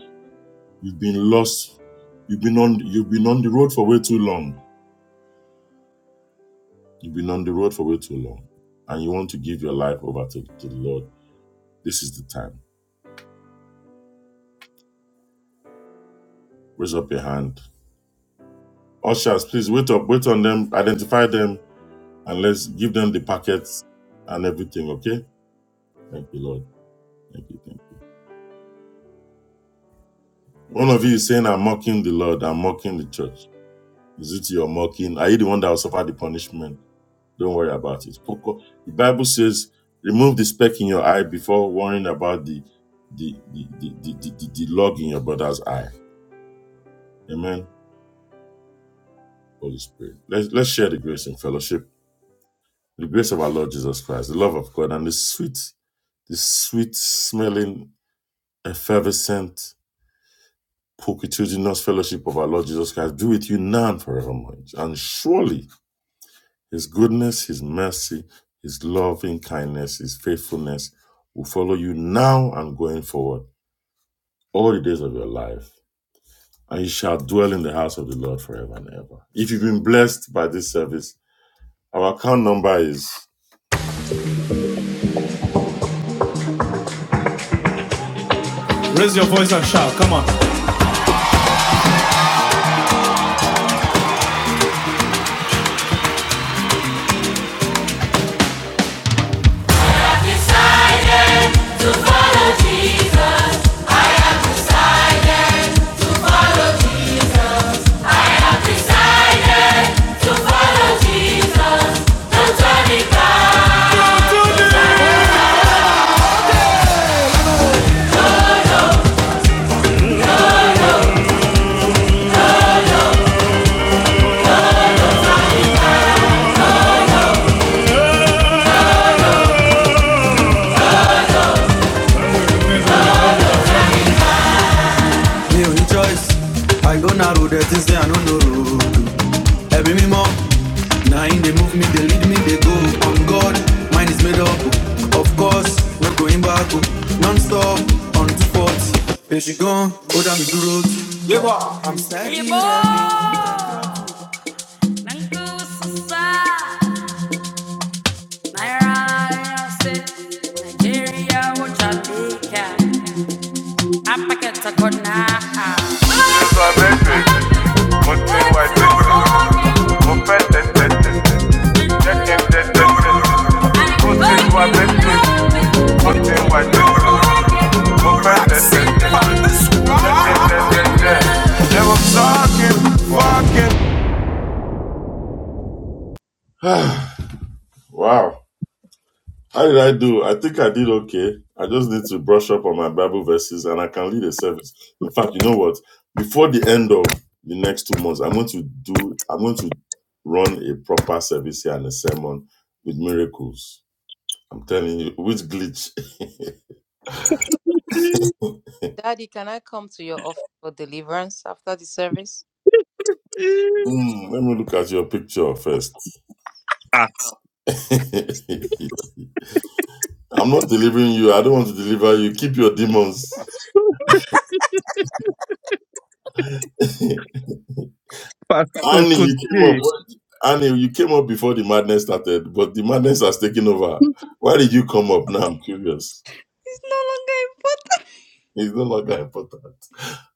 S2: you've been lost, you've been on you've been on the road for way too long You've been on the road for way too long and you want to give your life over to, to the Lord. This is the time. Raise up your hand. Ushers, please wait up, wait on them, identify them, and let's give them the packets and everything, okay? Thank you, Lord. Thank you, thank you. One of you is saying, I'm mocking the Lord, I'm mocking the church. Is it your mocking? Are you the one that will suffer the punishment? Don't worry about it. Focus- The Bible says, remove the speck in your eye before worrying about the the the the, the, the, the log in your brother's eye. Amen. Holy Spirit. Let's, let's share the grace and fellowship, the grace of our Lord Jesus Christ, the love of God, and the sweet, the sweet smelling, effervescent, pulchritudinous fellowship of our Lord Jesus Christ be with you now and forevermore. And surely his goodness, his mercy, his loving kindness, his faithfulness will follow you now and going forward all the days of your life. And you shall dwell in the house of the Lord forever and ever. If you've been blessed by this service, our account number is
S1: Raise your voice and shout. Come on. Decided to follow Jesus, Decided to follow Jesus. don't turn it back. mi ò choice i go narrow the things say i no know road ẹ̀mí mímọ́ na him dey move me they lead me they go on god mine is made up o. of course no going back o. non stop on two forts. Here she gone? ó dá mi dúró. labour i'm standing. Ibo, Nankusa, Naira, State, Nigeria, or Jamaica. I pack it to Kona. But they white people. Caution.
S2: Wow. How did I do? I think I did okay. I just need to brush up on my Bible verses and I can lead a service. In fact, you know what? Before the end of the next two months, I'm going to do, I'm going to run a proper service here and a sermon with miracles. I'm telling you, which glitch?
S5: Daddy, can I come to your office for deliverance after the service?
S2: Hmm, let me look at your picture first.
S3: ah,
S2: I'm not delivering you. I don't want to deliver you. Keep your demons.
S3: Pastor
S2: Annie, you came up.
S3: Koje,
S2: Annie, you came up before the madness started, but the madness has taken over. Why did you come up now? I'm curious.
S7: It's no longer important.
S2: It's no longer important.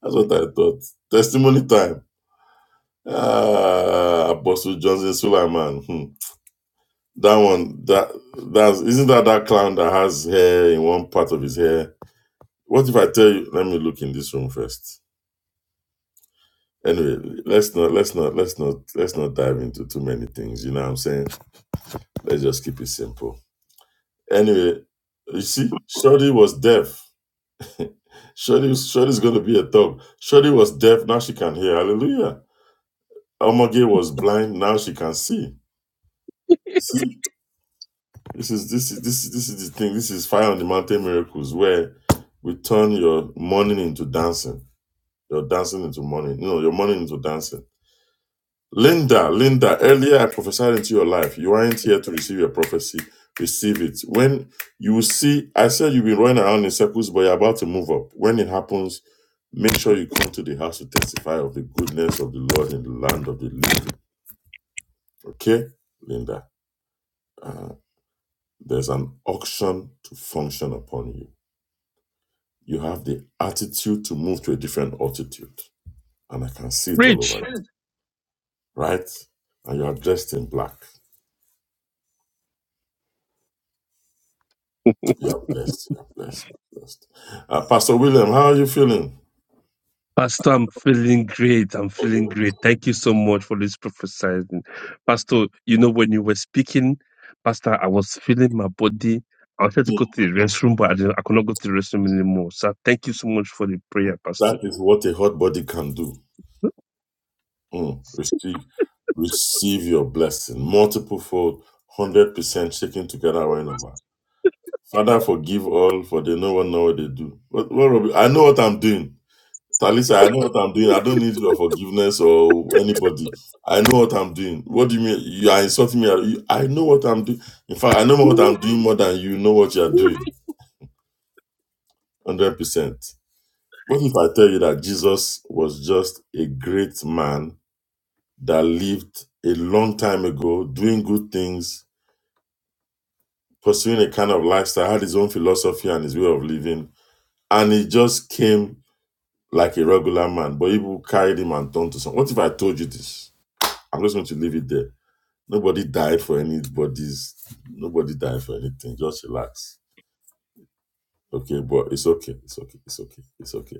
S2: That's what I thought. Testimony time. Ah, Apostle Johnson Suleiman. Hmm. That one. That that's isn't that that clown that has hair in one part of his hair. What if I tell you? Let me look in this room first. Anyway, let's not let's not let's not let's not dive into too many things. You know what I'm saying? Let's just keep it simple. Anyway, you see, Shorty was deaf. Shorty, Shorty's going to be a thug. Shorty was deaf. Now she can hear. Hallelujah. Omoge was blind. Now she can see. See, this is this is this is this is the thing. This is fire on the mountain miracles where we turn your morning into dancing, your dancing into morning. You know, your morning into dancing. Linda, Linda, earlier I prophesied into your life. You aren't here to receive your prophecy. Receive it. When you see, I said you've been running around in circles, but you're about to move up. When it happens, make sure you come to the house to testify of the goodness of the Lord in the land of the living. Okay, Linda, uh, there's an auction to function upon you. You have the attitude to move to a different altitude, and I can see it all over
S3: preach.
S2: you, right? And you are dressed in black. Yeah, blessed. Yeah, blessed. You're Blessed. Uh, Pastor William, how are you feeling?
S3: Pastor, I'm feeling great. I'm feeling great. Thank you so much for this prophesying. Pastor, you know, when you were speaking, Pastor, I was feeling my body. I wanted to go to the restroom, but I, didn't, I could not go to the restroom anymore. So thank you so much for the prayer,
S2: That
S3: Pastor.
S2: is what a hot body can do. Mm, Receive, receive your blessing, multiple fold, hundred percent shaking together right over. Father, forgive all, for they no one know what they do. What, what will be- I know what I'm doing. Talisa, I know what I'm doing. I don't need your forgiveness or anybody. I know what I'm doing. What do you mean? You are insulting me. You- I know what I'm doing. In fact, I know what I'm doing more than you know what you are doing. Hundred percent. What if I tell you that Jesus was just a great man that lived a long time ago, doing good things, pursuing a kind of lifestyle, had his own philosophy and his way of living, and he just came like a regular man, but people carried him and turned to some. What if I told you this? I'm just going to leave it there. Nobody died for anybody's, nobody died for anything. Just relax. Okay, but it's okay. It's okay. It's okay. It's okay.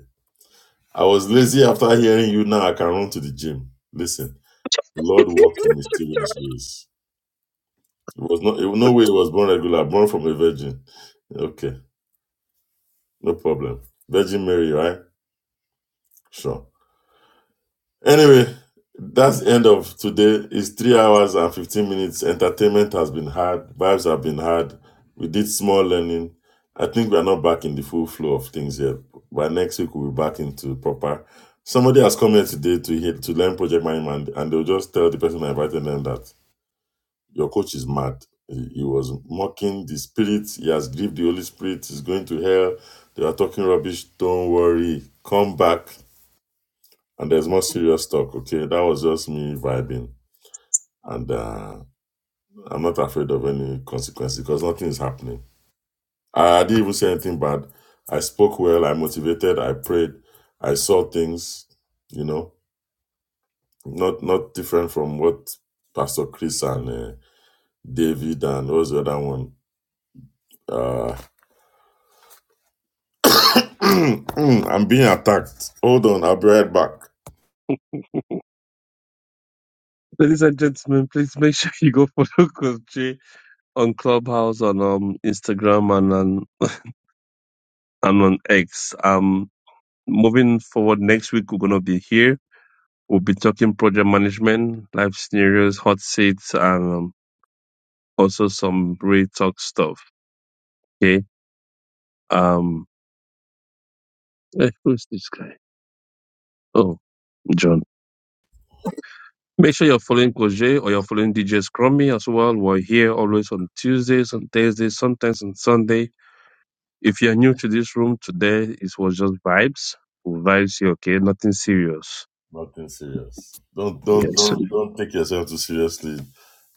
S2: I was lazy after hearing you. Now I can run to the gym. Listen. The Lord worked in mysterious ways. It was not it, no way he was born regular, born from a virgin. Okay, no problem. Virgin Mary, right? Sure. Anyway, that's the end of today. It's three hours and fifteen minutes. Entertainment has been hard. Vibes have been hard. We did small learning. I think we are not back in the full flow of things yet. By next week, we'll be back into proper. Somebody has come here today to hear, to learn project management, and they'll just tell the person I invited them that Your coach is mad. He he was mocking the spirit. He has grieved the Holy Spirit. He's going to hell. They are talking rubbish. Don't worry. Come back. And there's more serious talk. Okay. That was just me vibing. And uh, I'm not afraid of any consequences because nothing is happening. I, I didn't even say anything bad. I spoke well. I motivated. I prayed. I saw things, you know, not not different from what Pastor Chris and uh, David and what was the other one? Uh, Mm, I'm being attacked. Hold on, I'll be right back.
S3: Ladies and gentlemen, please make sure you go follow Coach J on Clubhouse, on um, Instagram, and on, and on X. Um, moving forward, next week we're gonna be here We'll be talking project management, life scenarios, hot seats, and um, also some real talk stuff. Okay. Um, eh, who's this guy? Oh, John. Make sure you're following Koje or you're following DJ Scrummy as well. We're here always on Tuesdays, on Thursdays, sometimes on Sunday. If you're new to this room today, it was just vibes. Vibes here, okay? Nothing serious.
S2: Nothing serious. Don't don't
S3: Yes.
S2: don't don't take yourself too seriously.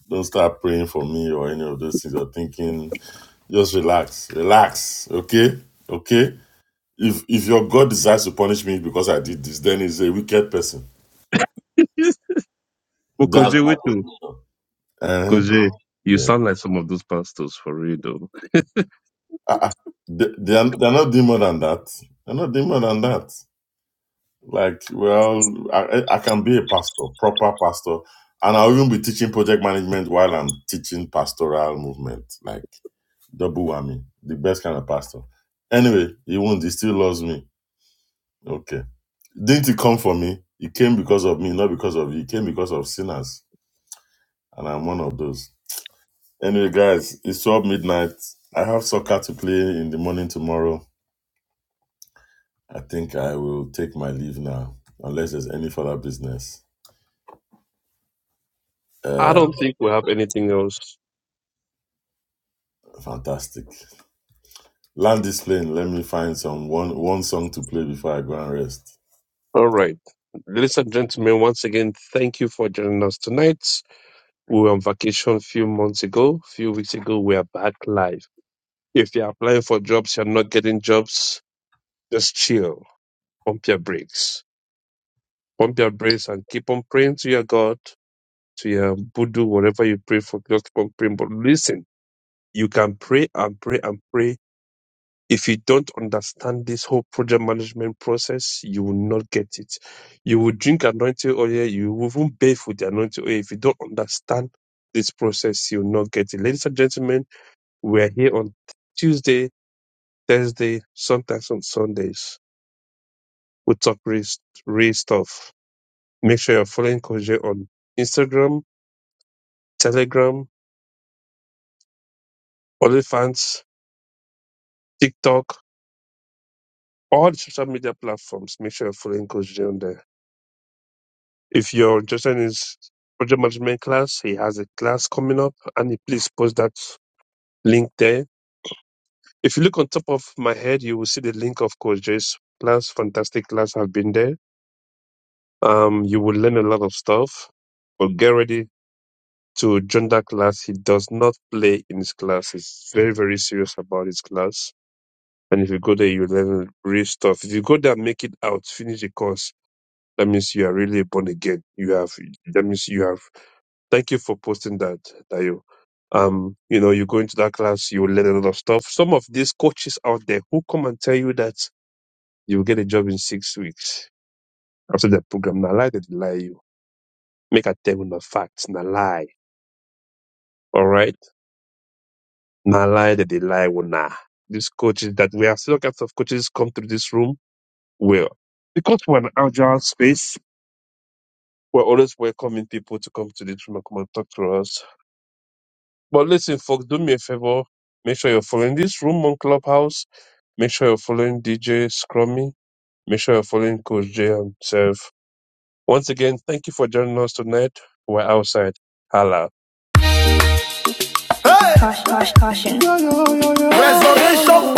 S2: Don't start praying for me or any of those things. You're thinking. Just relax, relax. Okay, okay. If if your God decides to punish me because I did this, then he's a wicked person.
S3: but
S2: That's
S3: Koje,
S2: my
S3: wait to.
S2: conclusion. Uh-huh.
S3: Koje, you
S2: Yeah.
S3: sound like some of those pastors for real though.
S2: Uh-uh. They, they are, they are not doing more than that. They're not doing more than that. Like, well, I, I can be a pastor, proper pastor, and I'll even be teaching project management while I'm teaching pastoral movement. Like, double whammy, the best kind of pastor. Anyway, he won't, he still loves me. Okay. Didn't he come for me? He came because of me, not because of you. He came because of sinners, and I'm one of those. Anyway, guys, it's 12 midnight. I have soccer to play in the morning tomorrow. I think I will take my leave now, unless there's any further business.
S3: I
S2: Uh,
S3: don't think we have anything else.
S2: fantastic. Land this plane. Let me find some one one song to play before I go and rest.
S3: All right. Ladies and gentlemen, once again, thank you for joining us tonight. We were on vacation a few months ago, a few weeks ago. We are back live. If you're applying for jobs, you're not getting jobs, just chill, pump your brakes. Pump your brains and keep on praying to your God, to your Buddha, whatever you pray for, just keep on praying. But listen, you can pray and pray and pray. If you don't understand this whole project management process, you will not get it. You will drink anointing oil, you will even bathe with the anointing oil. If you don't understand this process, you will not get it. Ladies and gentlemen, we are here on Tuesday, Thursday, sometimes on Sundays. We talk real, real stuff. Make sure you're following Koje on Instagram Telegram, OnlyFans, TikTok, all the social media platforms. Make sure you're following Coach Jay on there. If you're interested in his project management class, he has a class coming up, and he please post that link there. If you look on top of my head, you will see the link of Coach Jay's class. Fantastic class. I've been there. Um, you will learn a lot of stuff. But get ready to join that class. He does not play in his class. He's very, very serious about his class And if you go there, you learn real stuff. If you go there, and make it out, finish the course. That means you are really born again. You have. That means you have. Thank you for posting that, Dayo. Um, you know, you go into that class, you will learn a lot of stuff. Some of these coaches out there who come and tell you that you will get a job in six weeks after the program. na lie that they lie you. Make a tell on facts. na lie. All right. na lie that they lie. Well, na, These coaches that we have seen all kinds of coaches come through this room. Well, because we're an agile space, We're always welcoming people to come to this room and come and talk to us. But listen, folks, do me a favor. Make sure you're following this room on Clubhouse. Make sure you're following DJ Scrummy. Make sure you're following Coach J himself. Once again, thank you for joining us tonight. We're outside. Hala.
S1: Resurrection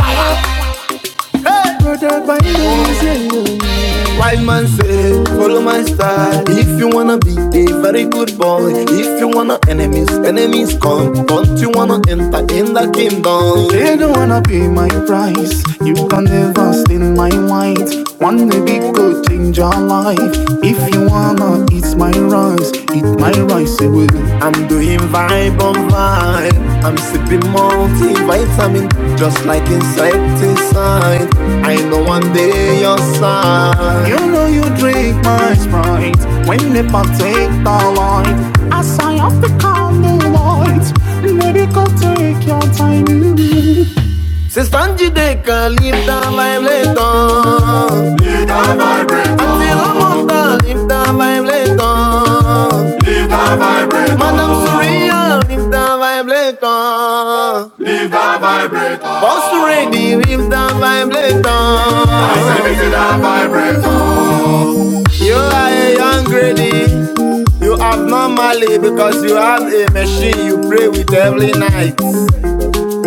S1: hey. Wise man say, hey, follow my style If you wanna be a very good boy If you wanna enemies, enemies come Don't you wanna enter in the kingdom You can never stain my white. One day big could change your life. If you wanna eat my rice, eat my rice, it I'm doing vibe on vibe. I'm sipping multivitamin, just like insecticide. I know one day you'll your side. Se stan jideka, live the vibe later. Until I'm on the live the vibe later. Madam Surya, live the vibe later. Post ready, if down by vibrator. You are a young lady. You have no money because you have a machine you pray with every night.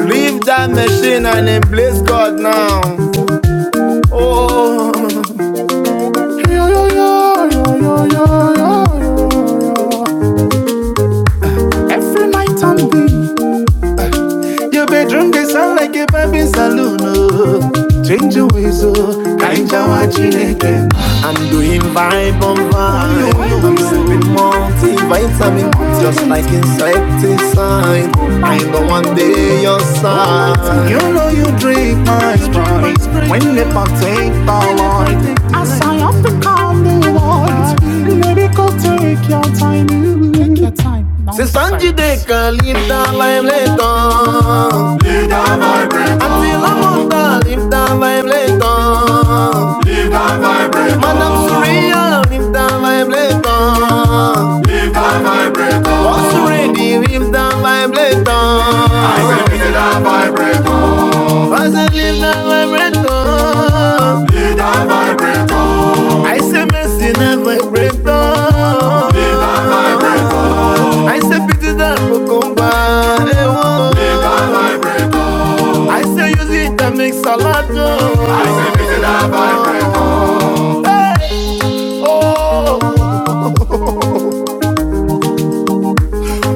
S1: Leave that machine and embrace God now. Your bedroom they sound like a baby saloon. Oh. Change your ways, oh. Kainja wa again. I'm doing vibe on vibe. I'm sipping multivitamin, just like insecticide. I know one day your side. You know you drink my sprite when they partake the light. C'est Sanji de Calita, lime leton. Until I'm older, lift and vibrator. Lift and vibrator. Man, I'm surreal, lift and vibrator. What's ready, lift and vibrator. I say, lift and vibrator. I say, lift and vibrator. I say, messing and vibrator. People come by, eh, oh.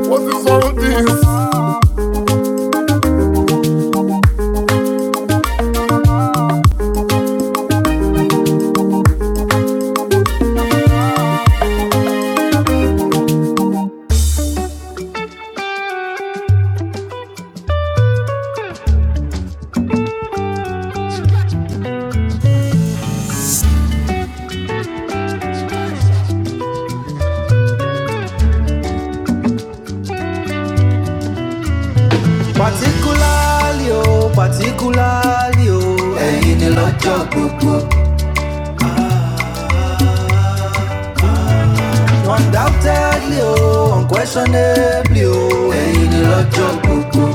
S1: What is all this? Particularly, oh, particularly, oh, ẹ̀yin in the gbogbo. Undoubtedly, oh, unquestionably, oh, ẹ̀yin ni lọ́jọ́ gbogbo.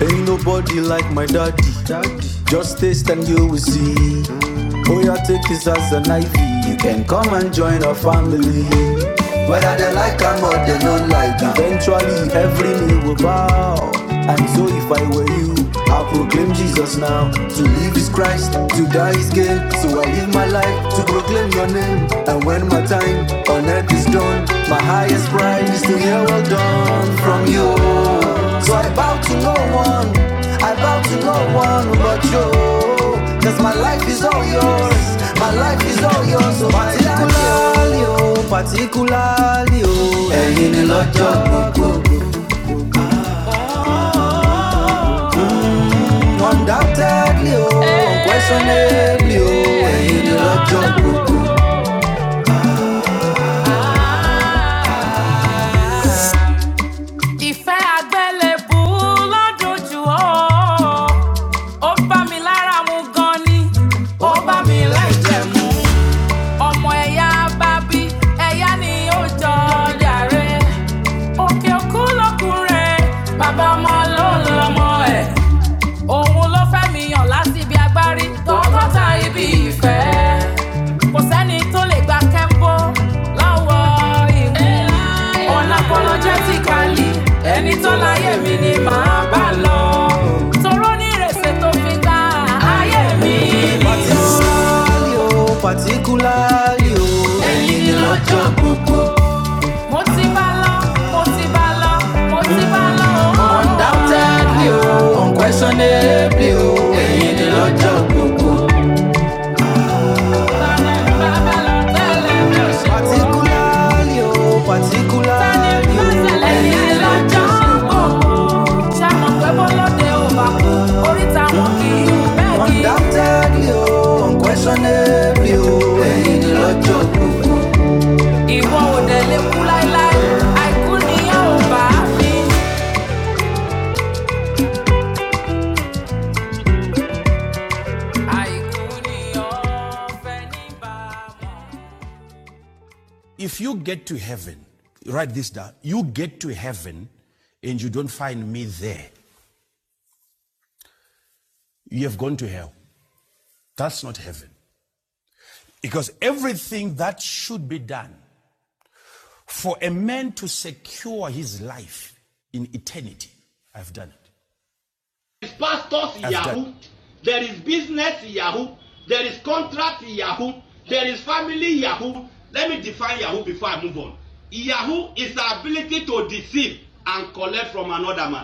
S1: Ain't nobody like my daddy. Just taste and you will see. Oh, yeah, take this as an IV. You can come and join our family. Whether they like am or they don't like am, Eventually, every knee will bow. And so, if I were you, i proclaim Jesus now. to live is Christ, to die is gain. So I live my life to proclaim your name. And when my time on earth is done, my highest pride is to hear well done from you. So I bow to no one, I bow to no one but you. Cause my life is all yours, my life is all yours. So particularly, oh, particularly, oh, ẹ̀yin ni lọ́jọ́ gbogbo. Undoubtedly, oh, unquestionably, oh, ẹ̀yin ni lọ́jọ́ gbogbo. Ìfẹ́ àgbélébù ló dùn jù ọ́. Ó bá mi lára mu gan ni, ó bá mi lẹ́jẹ̀ mu. ọmọ ẹ̀yà bábí ẹ̀yà ni ó jọ yàrá òkè òkú bàbá ọmọ ló lọmọ òun ló fẹ́ mi yàn lásìbí agbárí tọkọta ibi ìfẹ́ kò sẹ́ni tó lè gba Kembo. lọ́wọ́ ìwé unapologetically ẹni tó láyé mi ni màá bá lọ toró ní ìrèsè tó fi gba ayé mi nìyó Particularly o, particularly o, ẹ̀yin ni lọ́jọ́ bù. Undoubtedly, oh, unquestionably, oh, mo ti bá lọ mo ti bá lọ o. undoubtedly o unquestionably o èyí ni lọ́jọ́ gbogbo. bàbá lọ tẹ́lẹ̀ mi ò ṣe kú. particularly o particularly o èyí ni lọ́jọ́ gbogbo. Ṣàmọ̀ pé bọ́lọ́dẹ ò bá kú, oríta wọn kì í bẹ́ẹ̀ kí. undoubtedly oh, unquestionably oh, èyí ni lọ́jọ́ gbogbo. Ìwọ ò dẹ̀ lè kú láíláí, àìkú ni yóò bá mi. If you get to heaven, write this down. You get to heaven and you don't find me there, you have gone to hell. That's not heaven. Because everything that should be done for a man to secure his life in eternity, I've done it. There is pastors Yahoo. There is business Yahoo. There is contract Yahoo. There is family Yahoo. Let me define Yahoo before I move on. Yahoo and collect from man.